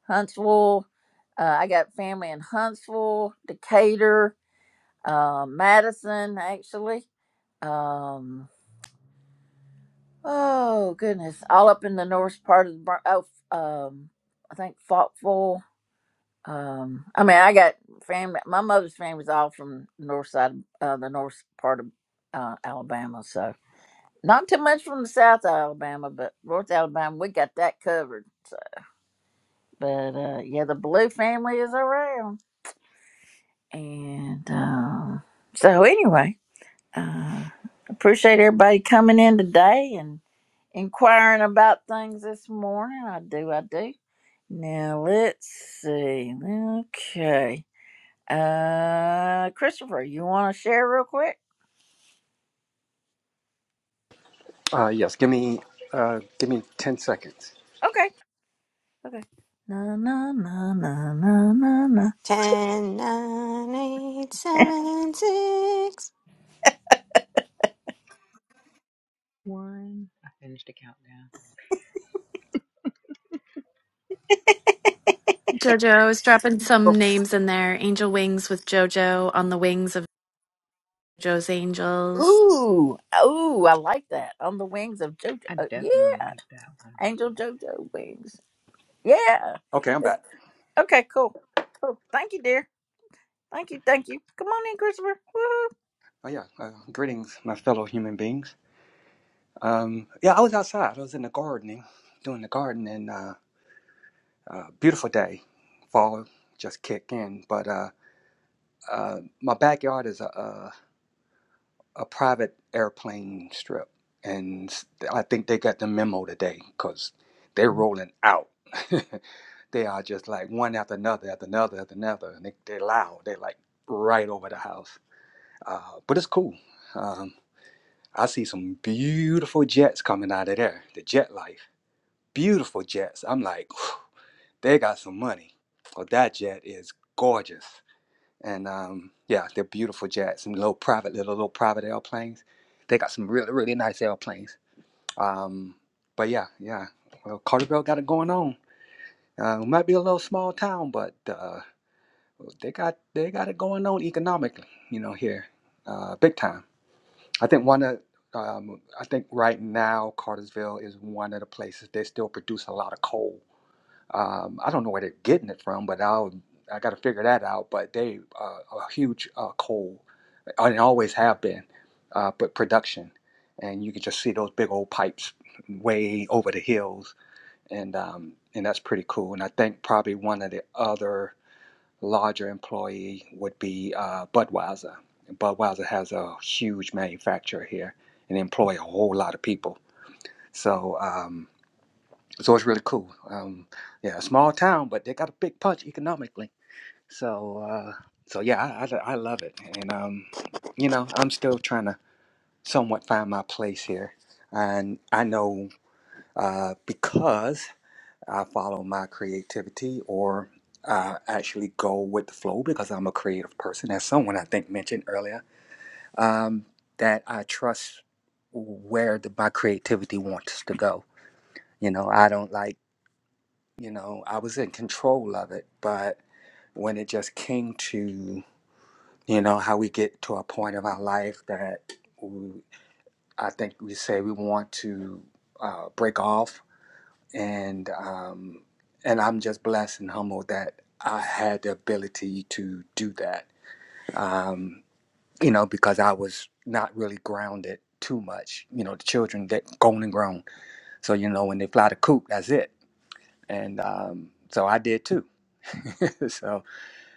S1: Huntsville. Uh, I got family in Huntsville, Decatur, uh, Madison, actually. Um, oh goodness, all up in the north part of the Bron- oh, f- um, I think Faultville. Um, I mean, I got family. My mother's family's all from the north side, of, uh, the north part of uh, Alabama. So, Not too much from the South Alabama, but North Alabama, we got that covered. But uh, yeah, the Blue family is around. And uh, so, anyway, uh, appreciate everybody coming in today and inquiring about things this morning. I do, I do. Now, let's see. Okay. Uh, Christopher, you want to share real quick?
S5: Uh, yes, give me uh, give me ten seconds.
S1: Okay. Okay. Na na na na na na
S6: 10, 9, eight,
S1: na.
S6: seven, 6.
S9: One, I finished the countdown.
S13: JoJo is dropping some names in there. Angel Wings with JoJo on the wings of JoJo's Angels.
S1: Ooh, ooh, I like that. On the wings of JoJo.
S9: I
S1: uh,
S9: definitely
S1: Yeah,
S9: like that one.
S1: Angel JoJo wings. Yeah.
S5: Okay, I'm
S1: It's-
S5: back.
S1: Okay, cool. Cool. Thank you, dear. Thank you, thank you. Come on in, Christopher. Woo.
S5: Oh yeah, uh, greetings, my fellow human beings. Um, yeah, I was outside. I was in the gardening, doing the garden, and uh, uh, beautiful day. Fall just kicked in, but uh, uh, my backyard is a, a a private airplane strip, and I think they got the memo today because they're rolling out. They are just like one after another, after another, after another. And they, they're loud. They're like right over the house. Uh, but it's cool. Um, I see some beautiful jets coming out of there. The jet life. Beautiful jets. I'm like, they got some money. Well, that jet is gorgeous. And um, yeah, they're beautiful jets. Some little private, little, little private airplanes. They got some really, really nice airplanes. Um, but yeah, yeah. Well, Carterville got it going on. Uh, it might be a little small town, but uh, They got they got it going on economically, you know, here, uh, big time. I think one of um, I think right now Cartersville is one of the places they still produce a lot of coal. Um, I don't know where they're getting it from, but I'll I got to figure that out. But they uh, a huge uh, coal uh, and always have been, uh, but production, and you can just see those big old pipes way over the hills, and um, and that's pretty cool. And I think probably one of the other larger employee would be uh, Budweiser. Budweiser has a huge manufacturer here and employ a whole lot of people. So, um, so it's really cool. Um, yeah, a small town, but they got a big punch economically. So, uh, so yeah, I, I, I love it. And, um, you know, I'm still trying to somewhat find my place here. And I know uh, because I follow my creativity or I actually go with the flow because I'm a creative person, as someone I think mentioned earlier, um, that I trust where the, my creativity wants to go. You know, I don't like, you know, I was in control of it, but when it just came to, you know, how we get to a point of our life that we, I think we say we want to uh, break off and um, and I'm just blessed and humbled that I had the ability to do that. Um, you know, because I was not really grounded too much. You know, the children get grown and grown. So you know, when they fly the coop, that's it. And um, so I did too. so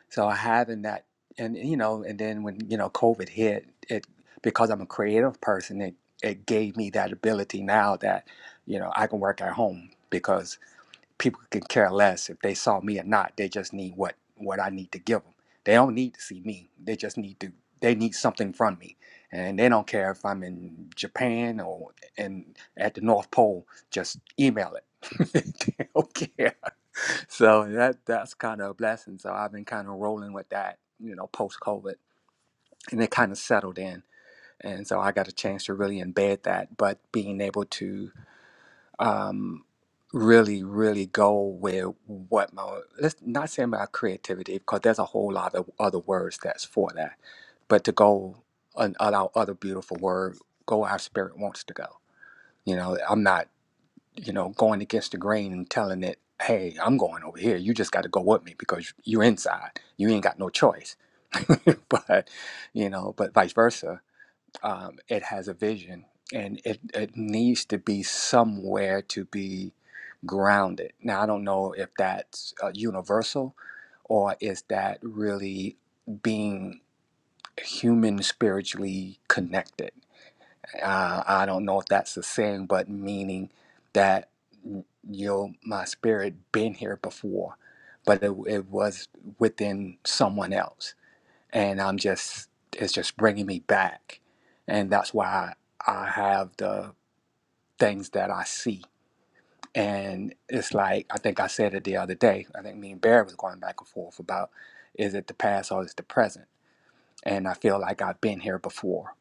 S5: so having that, and you know, and then when you know COVID hit, it because I'm a creative person, it it gave me that ability now that you know I can work at home because people can care less if they saw me or not. They just need what what I need to give them. They don't need to see me. They just need to. They need something from me, and they don't care if I'm in Japan or in at the North Pole. Just email it. they don't care. So that that's kind of a blessing. So I've been kind of rolling with that, you know, post COVID, and it kind of settled in. And so I got a chance to really embed that, but being able to um, really, really go with what my let's not say about creativity because there's a whole lot of other words that's for that, but to go and allow other beautiful word go where our spirit wants to go. You know, I'm not you know going against the grain and telling it, hey, I'm going over here. You just got to go with me because you're inside. You ain't got no choice. but you know, but vice versa um, it has a vision and it, it needs to be somewhere to be grounded. Now, I don't know if that's uh, universal or is that really being human spiritually connected. Uh, I don't know if that's the saying, but meaning that you know, my spirit been here before, but it, it was within someone else and I'm just it's just bringing me back, and that's why I have the things that I see, and it's like I think I said it the other day. I think me and Barry was going back and forth about is it the past or is it the present, and I feel like I've been here before,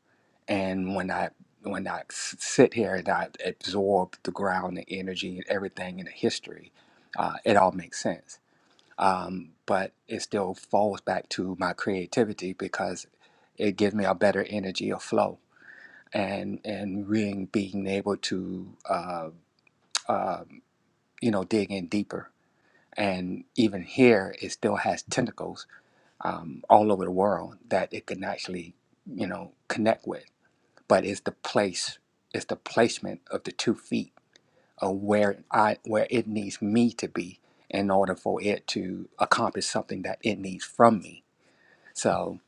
S5: and when I when I s- sit here and I absorb the ground, the energy, and everything in the history, uh, it all makes sense um, but it still falls back to my creativity because it gives me a better energy of flow and and really being able to uh, uh, you know dig in deeper and even here it still has tentacles um, all over the world that it can actually you know connect with but it's the place it's the placement of the two feet of where I where it needs me to be in order for it to accomplish something that it needs from me So,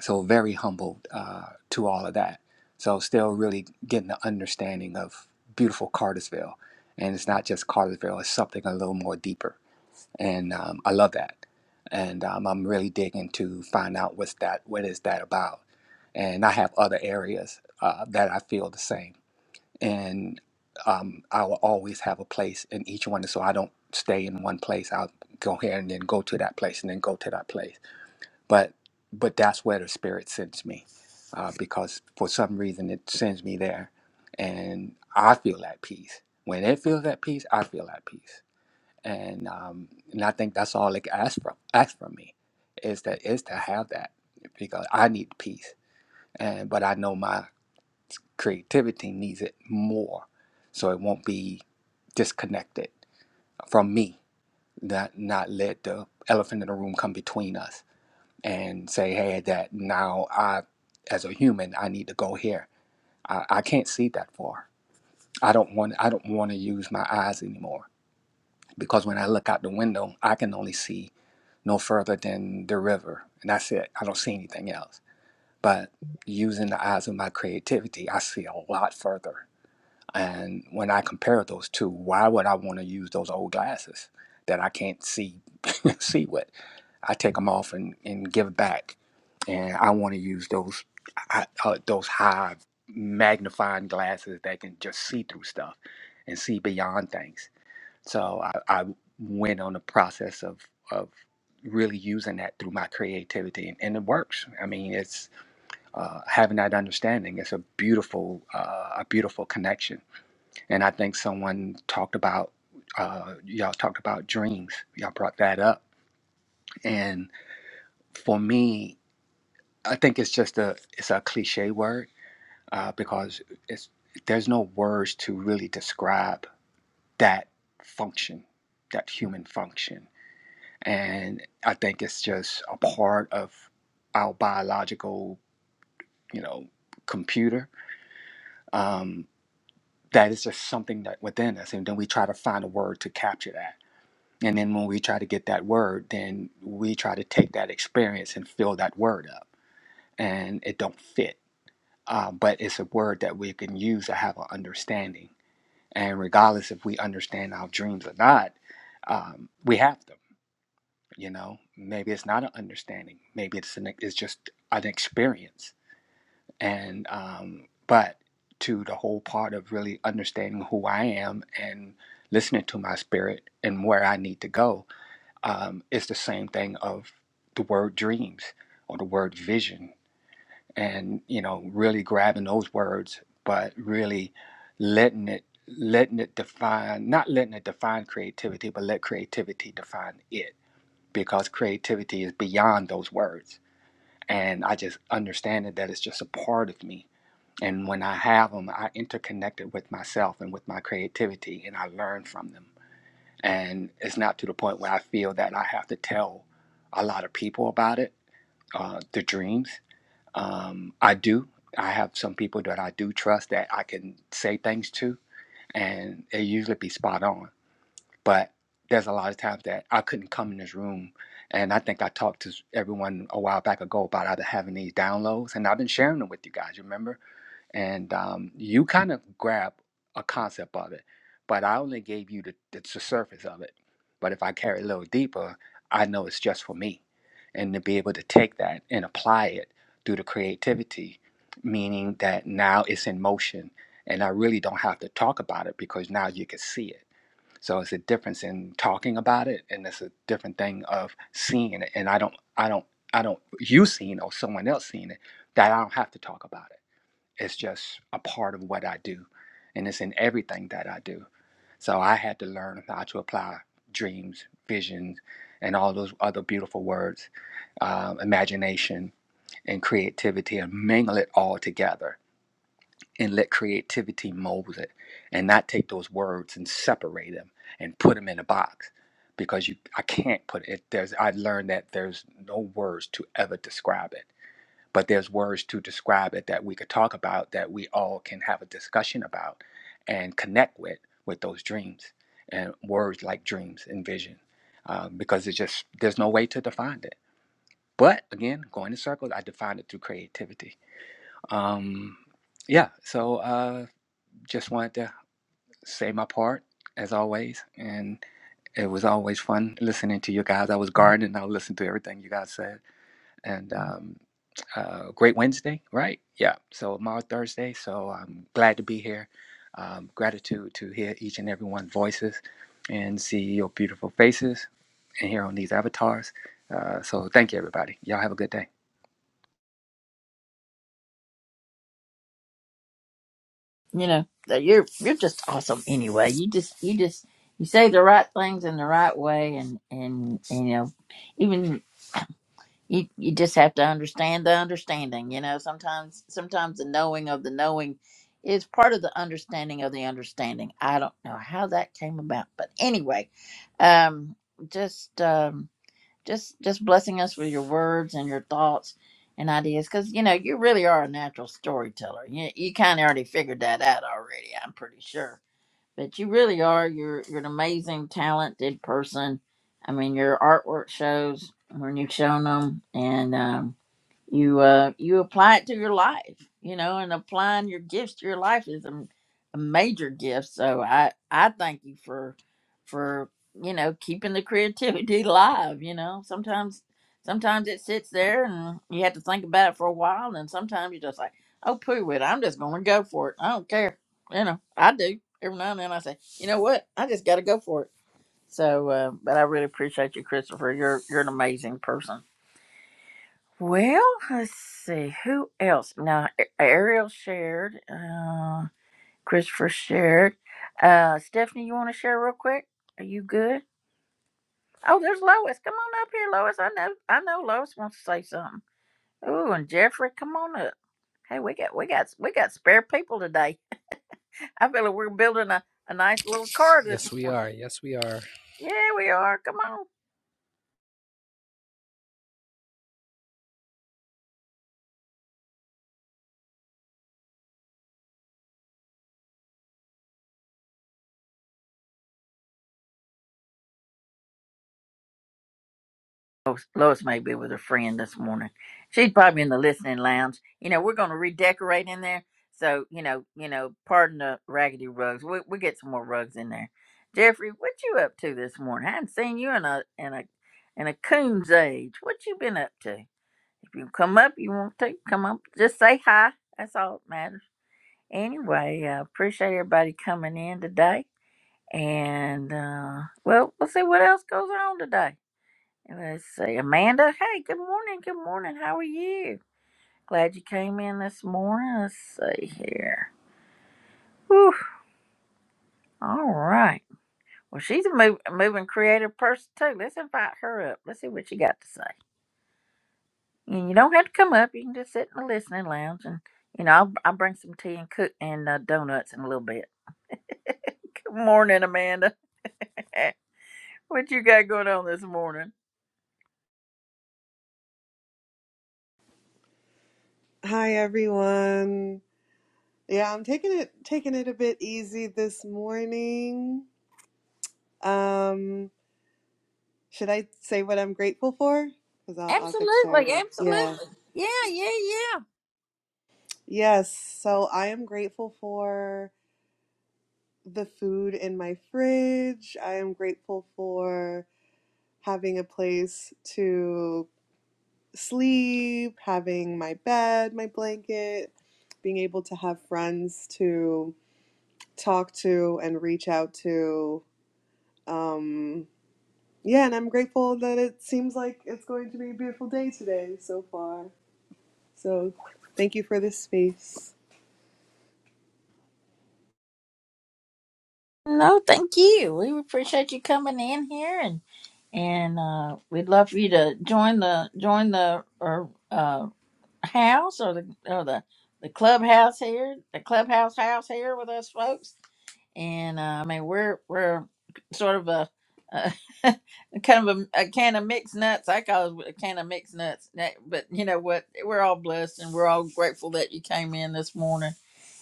S5: so very humbled uh, to all of that. So, still really getting the understanding of beautiful Cartersville, and it's not just Cartersville; it's something a little more deeper. And um, I love that, and um, I'm really digging to find out what's that, what is that about. And I have other areas uh, that I feel the same, and um, I will always have a place in each one, so I don't stay in one place. I'll go here and then go to that place, and then go to that place but but that's where the spirit sends me uh, because for some reason it sends me there and i feel at peace when it feels at peace i feel at peace and um, and i think that's all it asks from asks from me is that is to have that because i need peace and but i know my creativity needs it more so it won't be disconnected from me not not let the elephant in the room come between us and say, hey, that now I, as a human, I need to go here. I, I can't see that far. I don't want. I don't want to use my eyes anymore because when I look out the window, I can only see no further than the river, and that's it. I don't see anything else. But using the eyes of my creativity, I see a lot further. And when I compare those two, why would I want to use those old glasses that I can't see see with? I take them off and, and give back. And I want to use those I, uh, those high magnifying glasses that can just see through stuff and see beyond things. So I, I went on the process of of really using that through my creativity, and, and it works. I mean, it's uh, having that understanding. It's a beautiful uh, a beautiful connection. And I think someone talked about uh, y'all talked about dreams. Y'all brought that up, and for me I think it's just a it's a cliche word uh, because it's there's no words to really describe that function, that human function, and I think it's just a part of our biological, you know, computer. Um, that is just something that within us, and then we try to find a word to capture that. And then when we try to get that word, then we try to take that experience and fill that word up, and it don't fit uh, but it's a word that we can use to have an understanding. And regardless if we understand our dreams or not, um, we have them. You know, maybe it's not an understanding. Maybe it's an it's just an experience. And um, but to the whole part of really understanding who I am and listening to my spirit and where I need to go, um, it's the same thing of the word dreams or the word vision and you know really grabbing those words but really letting it letting it define not letting it define creativity but let creativity define it because creativity is beyond those words and i just understand it that it's just a part of me and when i have them i interconnect it with myself and with my creativity and i learn from them and it's not to the point where i feel that i have to tell a lot of people about it uh, the dreams um, I do. I have some people that I do trust that I can say things to, and it usually be spot on. But there's a lot of times that I couldn't come in this room, and I think I talked to everyone a while back ago about either having these downloads, and I've been sharing them with you guys. You remember? and um, you kind of grab a concept of it but i only gave you the, the, the surface of it but if i carry it a little deeper i know it's just for me and to be able to take that and apply it through the creativity meaning that now it's in motion and i really don't have to talk about it because now you can see it so it's a difference in talking about it and it's a different thing of seeing it and i don't i don't i don't you seeing or someone else seeing it that i don't have to talk about it it's just a part of what I do, and it's in everything that I do. So I had to learn how to apply dreams, visions, and all those other beautiful words, um, imagination and creativity, and mingle it all together and let creativity mold it, and not take those words and separate them and put them in a box because you I can't put it. There's I learned that there's no words to ever describe it but there's words to describe it that we could talk about that we all can have a discussion about and connect with with those dreams and words like dreams and vision um, because it's just there's no way to define it but again going in circles i define it through creativity um, yeah so uh, just wanted to say my part as always and it was always fun listening to you guys i was gardening i listened to everything you guys said and um, uh, Great Wednesday, right? Yeah. So tomorrow Thursday. So I'm glad to be here. Um, gratitude to hear each and every one's voices and see your beautiful faces and hear on these avatars. Uh, so thank you, everybody. Y'all have a good day.
S1: You know, that you're you're just awesome anyway. You just you just you say the right things in the right way and and and you know, you you just have to understand the understanding you know sometimes sometimes the knowing of the knowing is part of the understanding of the understanding i don't know how that came about but anyway um just um just just blessing us with your words and your thoughts and ideas because you know you really are a natural storyteller you, you kind of already figured that out already i'm pretty sure but you really are. You're you're an amazing, talented person. I mean, your artwork shows when you've shown them, and um, you uh you apply it to your life you know and applying your gifts to your life is a a major gift so i i thank you for for you know keeping the creativity alive you know sometimes sometimes it sits there and you have to think about it for a while and sometimes you're just like oh poo it i'm just gonna go for it i don't care you know i do every now and then i say you know what i just gotta go for it so uh, but i really appreciate you christopher you're you're an amazing person well, let's see who else. Now, A- Ariel shared, uh, Christopher shared. Uh, Stephanie, you want to share real quick? Are you good? Oh, there's Lois. Come on up here, Lois. I know, I know, Lois wants to say something. Ooh, and Jeffrey, come on up. Hey, we got, we got, we got spare people today. I feel like we're building a, a nice little car this morning. Yeah, we are. Come on. Lois, Lois may be with her friend this morning. She's probably in the listening lounge. You know, we're going to redecorate in there. So, you know, you know, pardon the raggedy rugs. We we get some more rugs in there. Jeffrey, what you up to this morning? I haven't seen you in a in a in a coon's age. What you been up to? If you come up, you want to come up. Just say hi. That's all that matters. Anyway, I appreciate everybody coming in today. And uh, well, we'll see what else goes on today. And Let's see, Amanda. Hey, good morning. Good morning. How are you? Glad you came in this morning. Let's see here. Whew. All right. Well, she's a, move, a moving creative person too. Let's invite her up. Let's see what she got to say. And you don't have to come up. You can just sit in the listening lounge, and you know I'll, I'll bring some tea and cook and uh, donuts in a little bit. good morning, Amanda. what you got going on this morning?
S16: Hi everyone. Yeah, I'm taking it taking it a bit easy this morning. Um, should I say what I'm grateful for? Because I'll, I'll get
S1: Absolutely,
S16: started. Yeah.
S1: absolutely. Yeah, yeah,
S16: Yes. So I am grateful for the food in my fridge. I am grateful for having a place to sleep, having my bed, my blanket, being able to have friends to talk to and reach out to Um, yeah, and I'm grateful that it seems like it's going to be a beautiful day today so far. So thank you for this space.
S1: No, thank you. We appreciate you coming in here, and and uh, we'd love for you to join the join the or uh, house or the or the the clubhouse here, the clubhouse house here with us folks. And uh, I mean, we're we're sort of a, a kind of a, a can of mixed nuts. I call it a can of mixed nuts. That- But you know what? We're all blessed, and we're all grateful that you came in this morning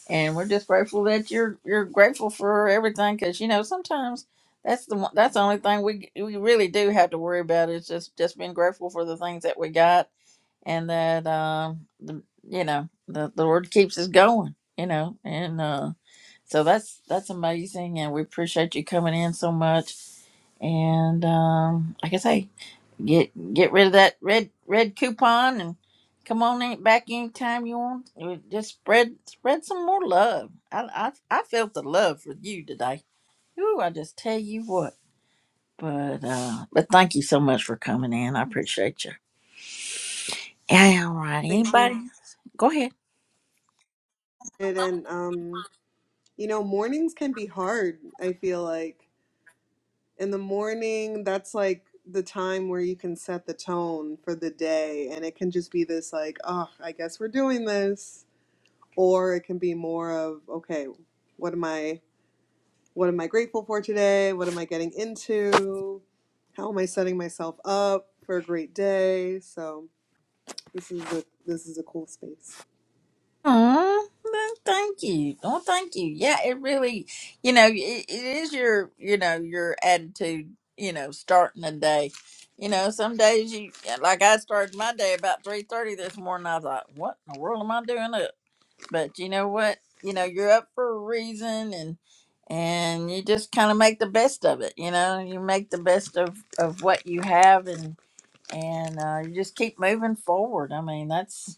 S1: and we're just grateful that you're you're grateful for everything because you know sometimes that's the one that's the only thing we we really do have to worry about is just just being grateful for the things that we got and that um the, you know the, the Lord keeps us going you know and uh so that's that's amazing and we appreciate you coming in so much and um like I say Get get rid of that red red coupon and come on in, back anytime you want. Uh, Just spread spread some more love. I I I felt the love for you today. Ooh, I just tell you what. But uh but thank you so much for coming in. I appreciate you. Yeah, all right.
S16: Thank you.
S1: Anybody? Go ahead.
S16: And, and um, you know, mornings can be hard, I feel like. In the morning, that's like the time where you can set the tone for the day. And it can just be this, like, oh, I guess we're doing this. Or it can be more of, okay, what am I? What am I grateful for today? What am I getting into? How am I setting myself up for a great day? So this is a this is a cool space.
S1: Oh, thank you. Oh, thank you. Yeah, it really, you know, it, it is your, you know, your attitude, you know, starting the day. You know, some days you, yeah, like I started my day about 3.30 this morning. I thought, what in the world am I doing up? But you know what? You know, you're up for a reason and, and you just kind of make the best of it. You know, you make the best of, of what you have and, and uh, you just keep moving forward. I mean, that's,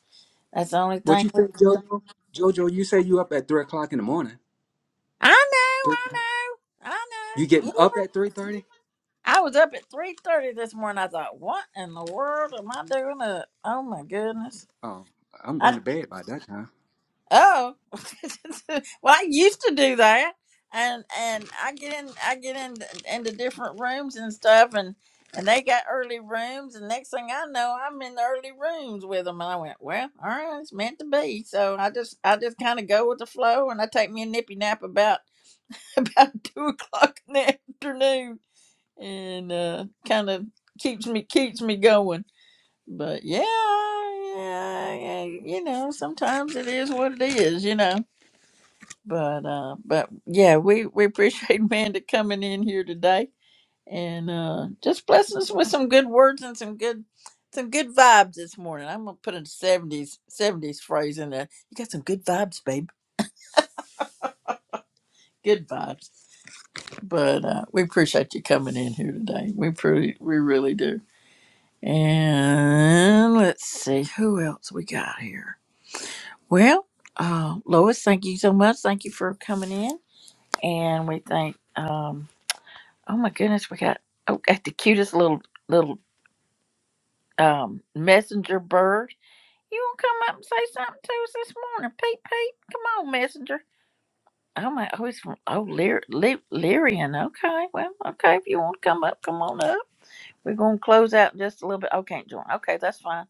S1: that's the only
S5: What
S1: thing
S5: you
S1: we
S5: say,
S1: can do.
S5: Jojo? Jojo, you say you up at three o'clock in the morning.
S1: I
S5: Three,
S1: know, I know, I know.
S5: you getting
S1: You,
S5: up at three thirty?
S1: I was up at three thirty this morning. I thought, what in the world am I doing up? Oh my goodness!
S5: Oh, I'm going
S1: I
S5: to bed by that time.
S1: oh, well, I used to do that, and and I get in, I get in into different rooms and stuff, and and they got early rooms, and next thing I know, I'm in the early rooms with them, and I went, well, all right, it's meant to be. So I just, I just kind of go with the flow, and I take me a nippy nap about about two o'clock in the afternoon and uh, kind of keeps me keeps me going. But yeah, yeah, yeah, you know, sometimes it is what it is, you know. But uh, but yeah, we we appreciate Amanda coming in here today and uh, just blessing us with some good words and some good some good vibes this morning. I'm gonna put a seventies seventies phrase in there. You got some good vibes, babe. Good vibes. But uh, we appreciate you coming in here today. We pretty we really do. And let's see who else we got here. Well, uh, Lois, thank you so much. Thank you for coming in. And we thank, um, oh my goodness, we got oh, got the cutest little little um, messenger bird. You want to come up and say something to us this morning, peep peep. come on, messenger. Oh my, oh he's from oh Lear, Le, Lyrian. Okay, well, okay. If you want to come up, come on up. We're gonna close out in just a little bit. Oh, can't join. Okay, that's fine.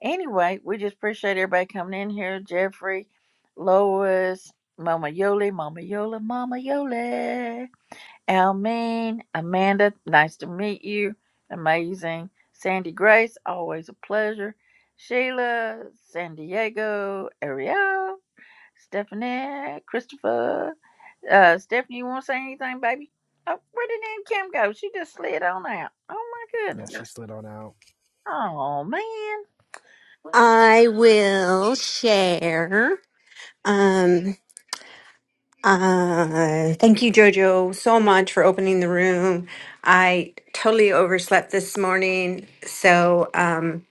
S1: Anyway, we just appreciate everybody coming in here. Jeffrey, Lois, Mama Yoli, Mama Yola, Mama Yoli, Almeen, Amanda, nice to meet you. Amazing. Sandy Grace, always a pleasure. Sheila, San Diego, Ariel, Stephanie, Christopher. Uh, Stephanie, you want to say anything, baby? Oh, where did Aunt Kim go? She just slid on out. Oh, my goodness. Oh, man.
S6: I will share. Um, uh, thank you, Jojo, so much for opening the room. I totally overslept this morning, so um,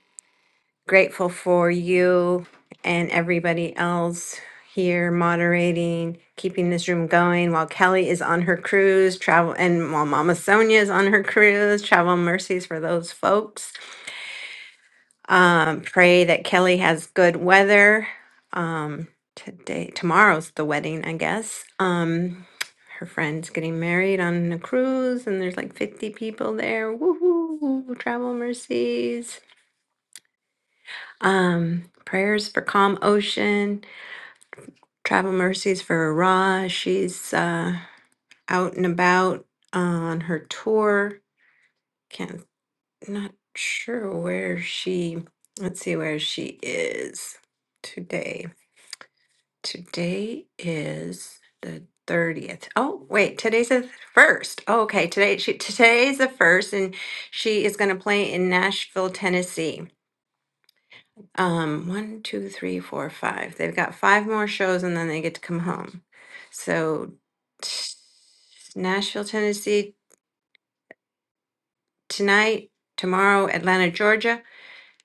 S6: grateful for you and everybody else here moderating, keeping this room going while Kelly is on her cruise travel, and while Mama Sonia is on her cruise. Travel mercies for those folks. Um, pray that Kelly has good weather. Um, today, tomorrow's the wedding, I guess. Um, her friend's getting married on a cruise, and there's like 50 people there. Woohoo! Travel mercies. Um, prayers for calm ocean. Travel mercies for Ra. She's uh, out and about uh, on her tour. Can't not sure where she. Let's see where she is today. Today is the 30th. Oh, wait, today's the first. Oh, okay, today she today is the first, and she is gonna play in Nashville, Tennessee. Um, one, two, three, four, five. They've got five more shows and then they get to come home. So t- Nashville, Tennessee tonight, tomorrow, Atlanta, Georgia,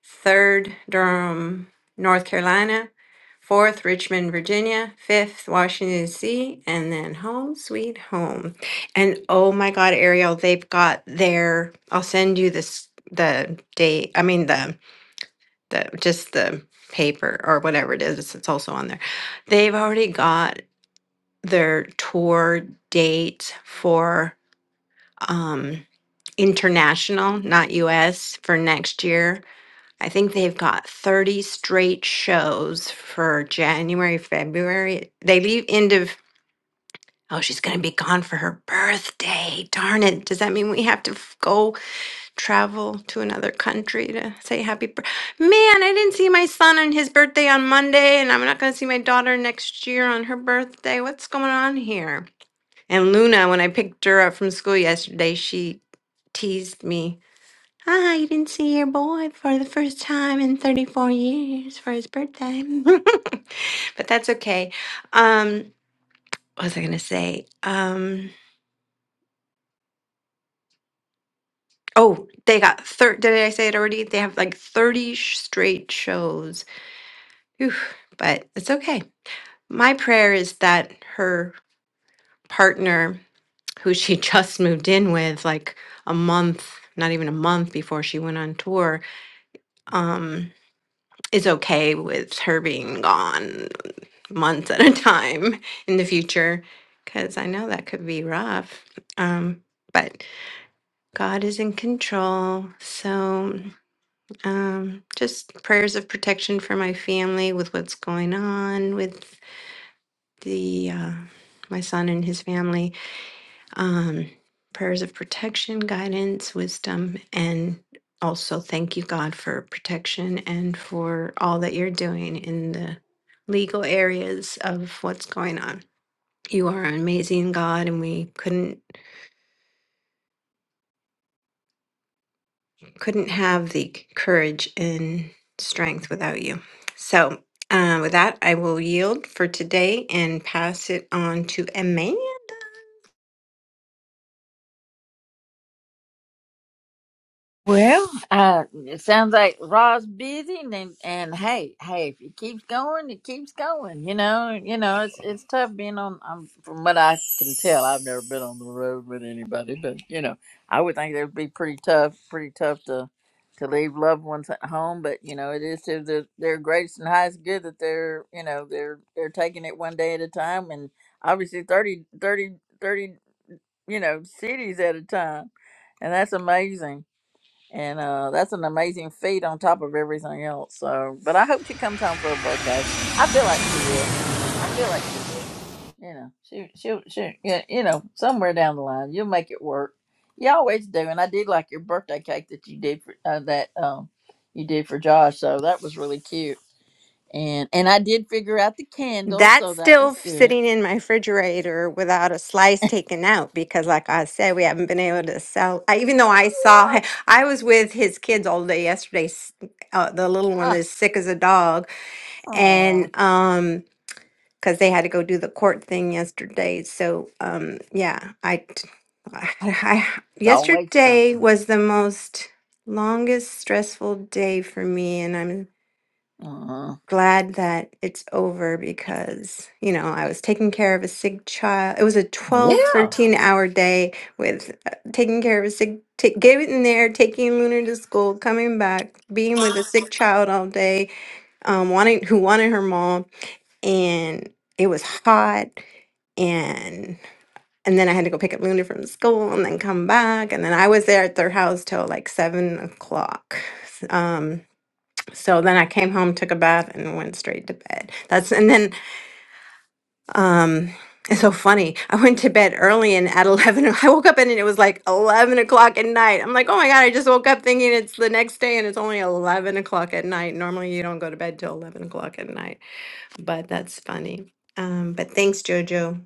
S6: third Durham, North Carolina, fourth Richmond, Virginia, fifth Washington D.C., and then home sweet home. And oh my God, Ariel, they've got their. I'll send you this the date. I mean the the just the paper or whatever it is. It's also on there. They've already got their tour date for um international, not U.S. for next year I think they've got 30 straight shows for January, February. They leave end of, oh, she's going to be gone for her birthday. Darn it. Does that mean we have to f- go travel to another country to say happy birthday? Man, I didn't see my son on his birthday on Monday, and I'm not going to see my daughter next year on her birthday. What's going on here? And Luna, when I picked her up from school yesterday, she teased me I didn't see your boy for the first time in 34 years for his birthday. but that's okay. Um, what was I going to say? Um, oh, they got thirty. Did I say it already? They have like 30 sh- straight shows. Oof, but it's okay. My prayer is that her partner, who she just moved in with like a month, not even a month before she went on tour, um, is okay with her being gone months at a time in the future because I know that could be rough. Um, but God is in control. So um, just prayers of protection for my family with what's going on with the uh, my son and his family. Um, prayers of protection, guidance, wisdom, and also thank you God for protection and for all that you're doing in the legal areas of what's going on. You are an amazing God, and we couldn't couldn't have the courage and strength without you. So, uh, with that, I will yield for today and pass it on to Amanda.
S1: Well, uh, it sounds like Ra's busy, and and and hey, hey, if it keeps going, it keeps going. You know, you know, it's it's tough being on. Um, from what I can tell, I've never been on the road with anybody, but you know, I would think it would be pretty tough, pretty tough to to leave loved ones at home. But you know, it is to the, their greatest and highest good that they're you know they're they're taking it one day at a time, and obviously 30 30 30, you know cities at a time, and that's amazing and uh, that's an amazing feat on top of everything else. So, but I hope she comes home for her birthday. I feel like she will. I feel like she will. You know, she she she. Yeah, you know, somewhere down the line, you'll make it work. You always do, and I did like your birthday cake that you did for uh, that um you did for Josh. So that was really cute. And and I did figure out the candles,
S6: That's
S1: so that was
S6: still
S1: good.
S6: sitting in my refrigerator without a slice taken out because, like I said, we haven't been able to sell. I, even though I saw,
S1: What?
S6: hi- I was with his kids all day yesterday. s- Uh, the little one
S1: Uh,
S6: is sick as a dog,
S1: aw,
S6: and um. because they had to go do the court thing yesterday. So, um, yeah, I, t- I, I-
S1: it's always something.
S6: yesterday was the most longest stressful day for me, and I'm
S1: Uh,
S6: glad that it's over because you know I was taking care of a sick child. It was a twelve,
S1: yeah.
S6: 13 hour day with uh, taking care of a sick. ta- getting there, taking Lunar to school, coming back, being with a sick child all day, um, wanting who wanted her mom, and it was hot and and then I had to go pick up Luna from school and then come back and then I was there at their house till like seven o'clock. S- Um, so then I came home, took a bath, and went straight to bed. That's and then um, it's so funny. I went to bed early and at eleven o- I woke up and it was like eleven o'clock at night. I'm like, oh my god, I just woke up thinking it's the next day and it's only eleven o'clock at night. Normally you don't go to bed till eleven o'clock at night, but that's funny. Um, but thanks, Jojo.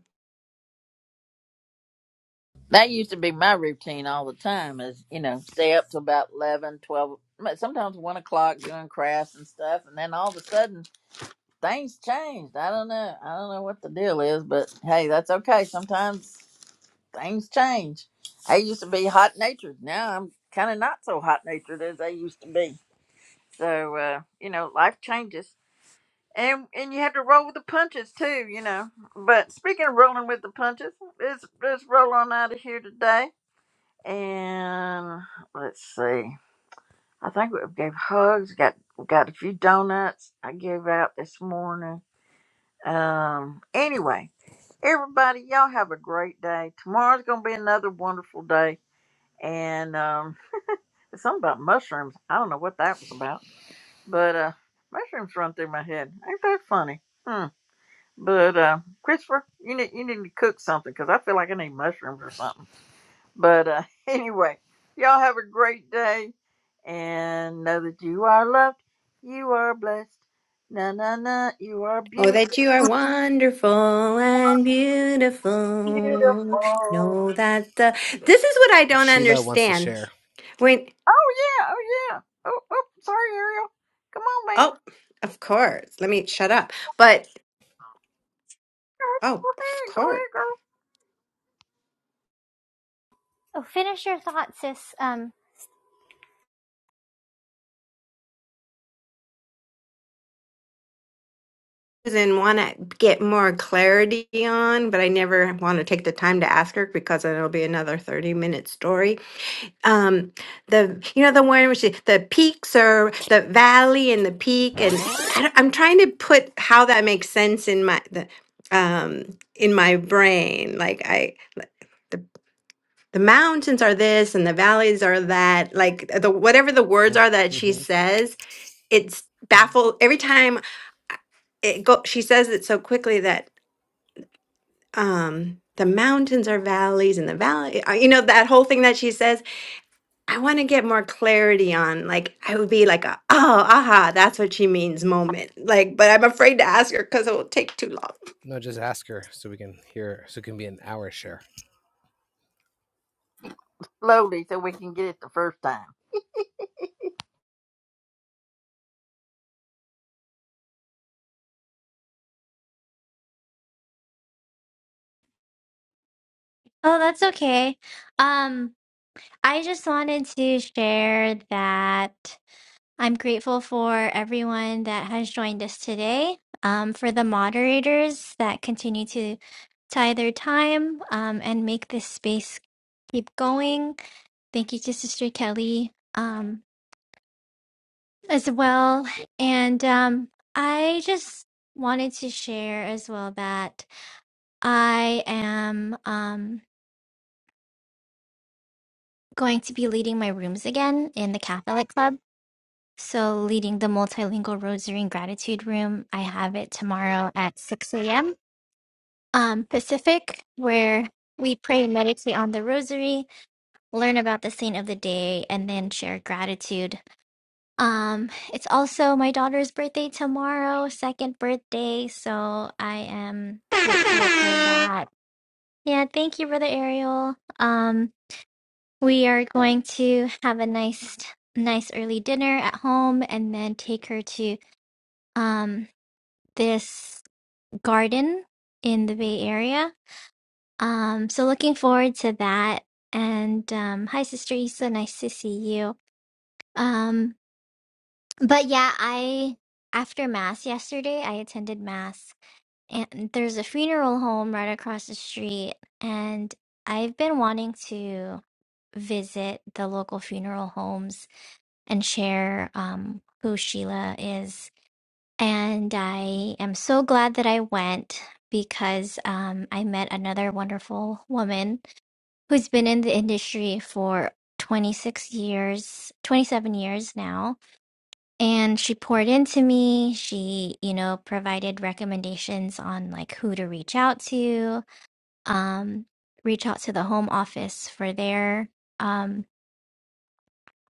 S1: That used to be my routine all the time is, you know, stay up till about 11, 12, but sometimes 1 o'clock doing crafts and stuff. And then all of a sudden, things changed. I don't know. I don't know what the deal is, but hey, that's okay. Sometimes things change. I used to be hot natured. Now I'm kind of not so hot natured as I used to be. So, uh, you know, life changes. And, and you have to roll with the punches too, you know. But speaking of rolling with the punches, let's, let's roll on out of here today and let's see. I think we gave hugs. Got got a few donuts. I gave out this morning. Um. Anyway, everybody, y'all have a great day. Tomorrow's gonna be another wonderful day. And um, it's something about mushrooms. I don't know what that was about, but uh, mushrooms run through my head. Ain't that funny? Hmm. But uh, Christopher, you need you need to cook something because I feel like I need mushrooms or something. But uh, anyway, y'all have a great day and know that you are loved. You are blessed. Na na na. You are
S6: Oh,
S1: beautiful.
S6: that you are wonderful and
S1: Beautiful.
S6: beautiful.
S1: Oh
S6: Know that the. This is what I don't understand. When.
S1: yeah. Oh yeah. Oh, oh sorry, Ariel. Come on, man.
S6: Oh, of course. Let me shut up. But,
S1: Go
S6: oh, of
S1: ahead. Go
S6: course.
S1: ahead, girl.
S6: And want to get more clarity on, but I never want to take the time to ask her because it'll be another 30 minute story. um the you know the one which is the peaks or the valley and the peak and I, don't- i'm trying to put how that makes sense in my the um in my brain like i like, the, the mountains are this and the valleys are that like the whatever the words are that she says it's baffled every time I- it go she says it so quickly that um the mountains are valleys and the valley uh, you know that whole thing that she says I want to get more clarity on like I would be like a oh aha that's what she means moment like but I'm afraid to ask her because it will take too long.
S1: Slowly, so we can get it the first time.
S11: Oh, that's okay. Um, I just wanted to share that. I'm grateful for everyone that has joined us today, um, for the moderators that continue to tie their time um, and make this space keep going. Thank you to Sister Kelly um, as well. And um, I just wanted to share as well that I am um, going to be leading my rooms again in the Catholic Club. So, leading the multilingual rosary and gratitude room, I have it tomorrow at 6 a.m. Um, Pacific, where we pray and meditate on the rosary, learn about the saint of the day, and then share gratitude. Um, it's also my daughter's birthday tomorrow, second birthday. So, I am grateful for
S12: Yeah.
S11: that. Yeah, thank you, Brother Ariel. Um, we are going to have a nice, nice early dinner at home and then take her to. Um, this garden in the Bay Area. Um, so looking forward to that. And um, hi, Sister Issa, nice to see you. Um, but yeah, I after Mass yesterday, I attended Mass, and there's a funeral home right across the street, and I've been wanting to visit the local funeral homes and share um, who Sheila is And I am so glad that I went because um, I met another wonderful woman who's been in the industry for 26 years, 27 years now. And she poured into me. She, you know, provided recommendations on like who to reach out to, um, reach out to the home office for their, um,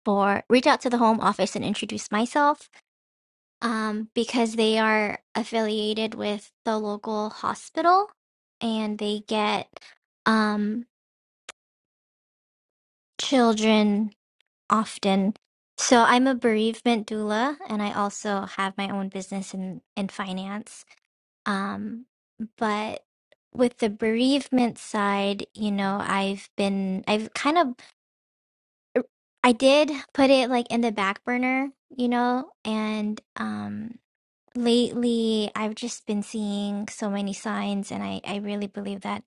S11: for reach out to the home office and introduce myself um, because they are affiliated with the local hospital and they get um, children often. So I'm a bereavement doula and I also have my own business in, in finance. Um, but with the bereavement side, you know, I've been, I've kind of, er, I did put it like in the back burner, you know, and, um. Lately, I've just been seeing so many signs, and I, I really believe that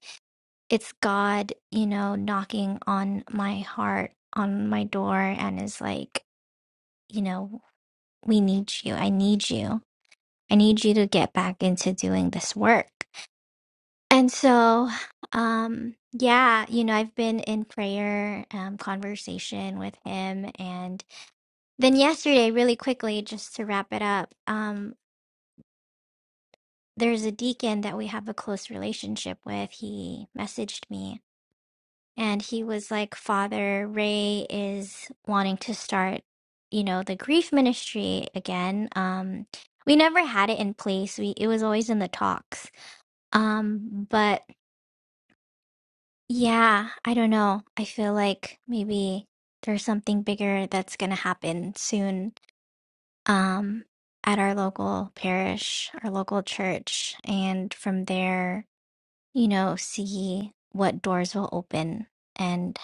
S11: it's God, you know, knocking on my heart, on my door, and is like, you know, we need you. I need you. I need you to get back into doing this work. And so, um, yeah, you know, I've been in prayer, um, conversation with him, and then yesterday, really quickly, just to wrap it up, um, there's a deacon that we have a close relationship with. He messaged me and he was like, Father Ray is wanting to start, you know, the grief ministry again. Um, we never had it in place. We it was always in the talks. Um, but yeah, I don't know. I feel like maybe there's something bigger that's gonna happen soon. Um, at our local parish, our local church, and from there you know, see what doors will open. And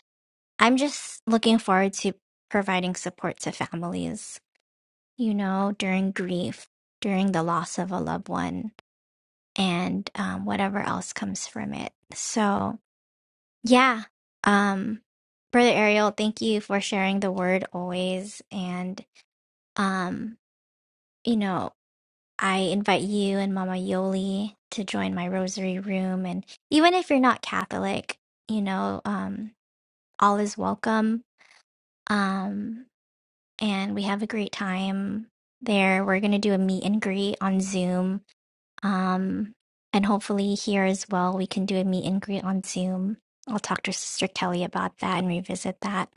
S11: I'm just looking forward to providing support to families, you know, during grief, during the loss of a loved one, and um, whatever else comes from it. So, yeah. Um, Brother Ariel, thank you for sharing the word always. And, um, you know, I invite you and Mama Yoli to join my rosary room. And even if you're not Catholic, you know, um, all is welcome. Um, and we have a great time there. We're going to do a meet and greet on Zoom. Um, and hopefully, here as well, we can do a meet and greet on Zoom. I'll talk to Sister Kelly about that and revisit that.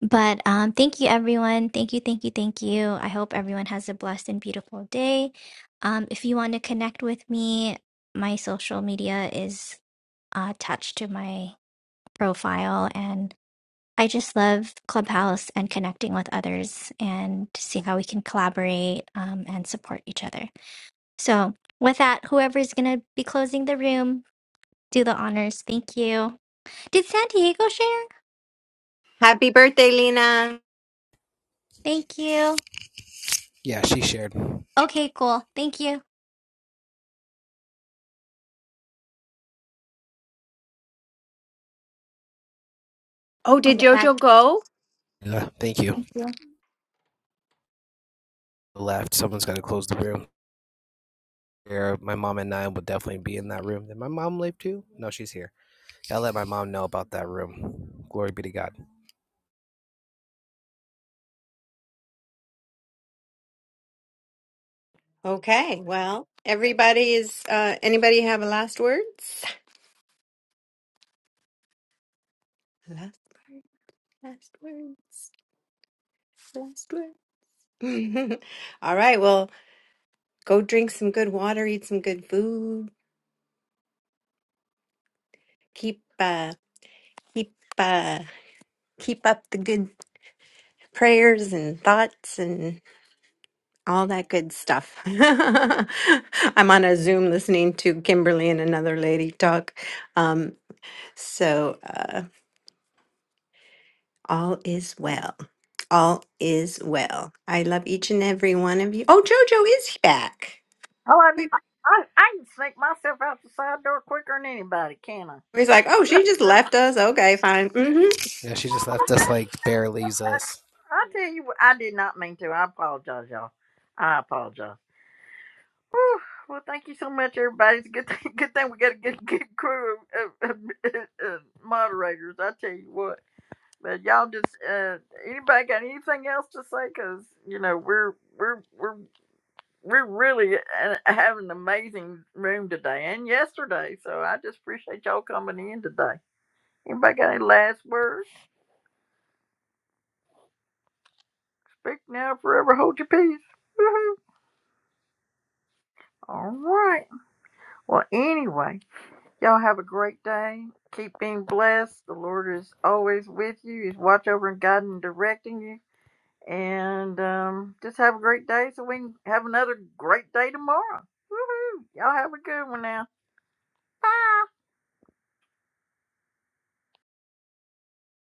S11: But um, thank you, everyone. Thank you, thank you, thank you. I hope everyone has a blessed and beautiful day. Um, if you want to connect with me, my social media is uh, attached to my profile, and I just love Clubhouse and connecting with others and to see how we can collaborate um, and support each other. So, with that, whoever's going to be closing the room, do the honors. Thank you. Did San Diego share?
S6: Happy birthday, Lena.
S11: Thank you. Okay, cool. Thank you.
S6: Oh,
S11: I'll
S6: did
S11: get back.
S6: Jojo go?
S11: Thank you.
S6: Okay, well everybody is uh anybody have a last words? Last word, last words, last word. All right, well go drink some good water, eat some good food, keep uh keep uh keep up the good prayers and thoughts and. All that good stuff. I'm on a Zoom listening to Kimberly and another lady talk. Um, so uh, all is well. All is well. I love each and every one of you. Oh, JoJo is back.
S1: Oh, I,
S6: We,
S1: I, I I can sneak myself out the side door quicker than anybody, can I?
S6: we was like, oh, she just left us. Okay, fine. Mm-hmm.
S1: So, I tell you what, I did not mean to. I apologize, y'all. I apologize. Whew. Well, thank you so much, everybody. It's a good thing, good thing we got a good, good crew of, of, of, uh, uh, moderators. I tell you what, but y'all just uh, anybody got anything else to say? Because you know we're we're we're we're really uh, having an amazing room today and yesterday. So I just appreciate y'all coming in today. Anybody got any last words? Speak now, forever hold your peace. Woohoo! All right. Well, anyway. Y'all have a great day. Keep being blessed. The Lord is always with you. He's watch over and guiding and directing you. And um, just have a great day so we can have another great day tomorrow. Woohoo! Y'all have a good one now. Bye.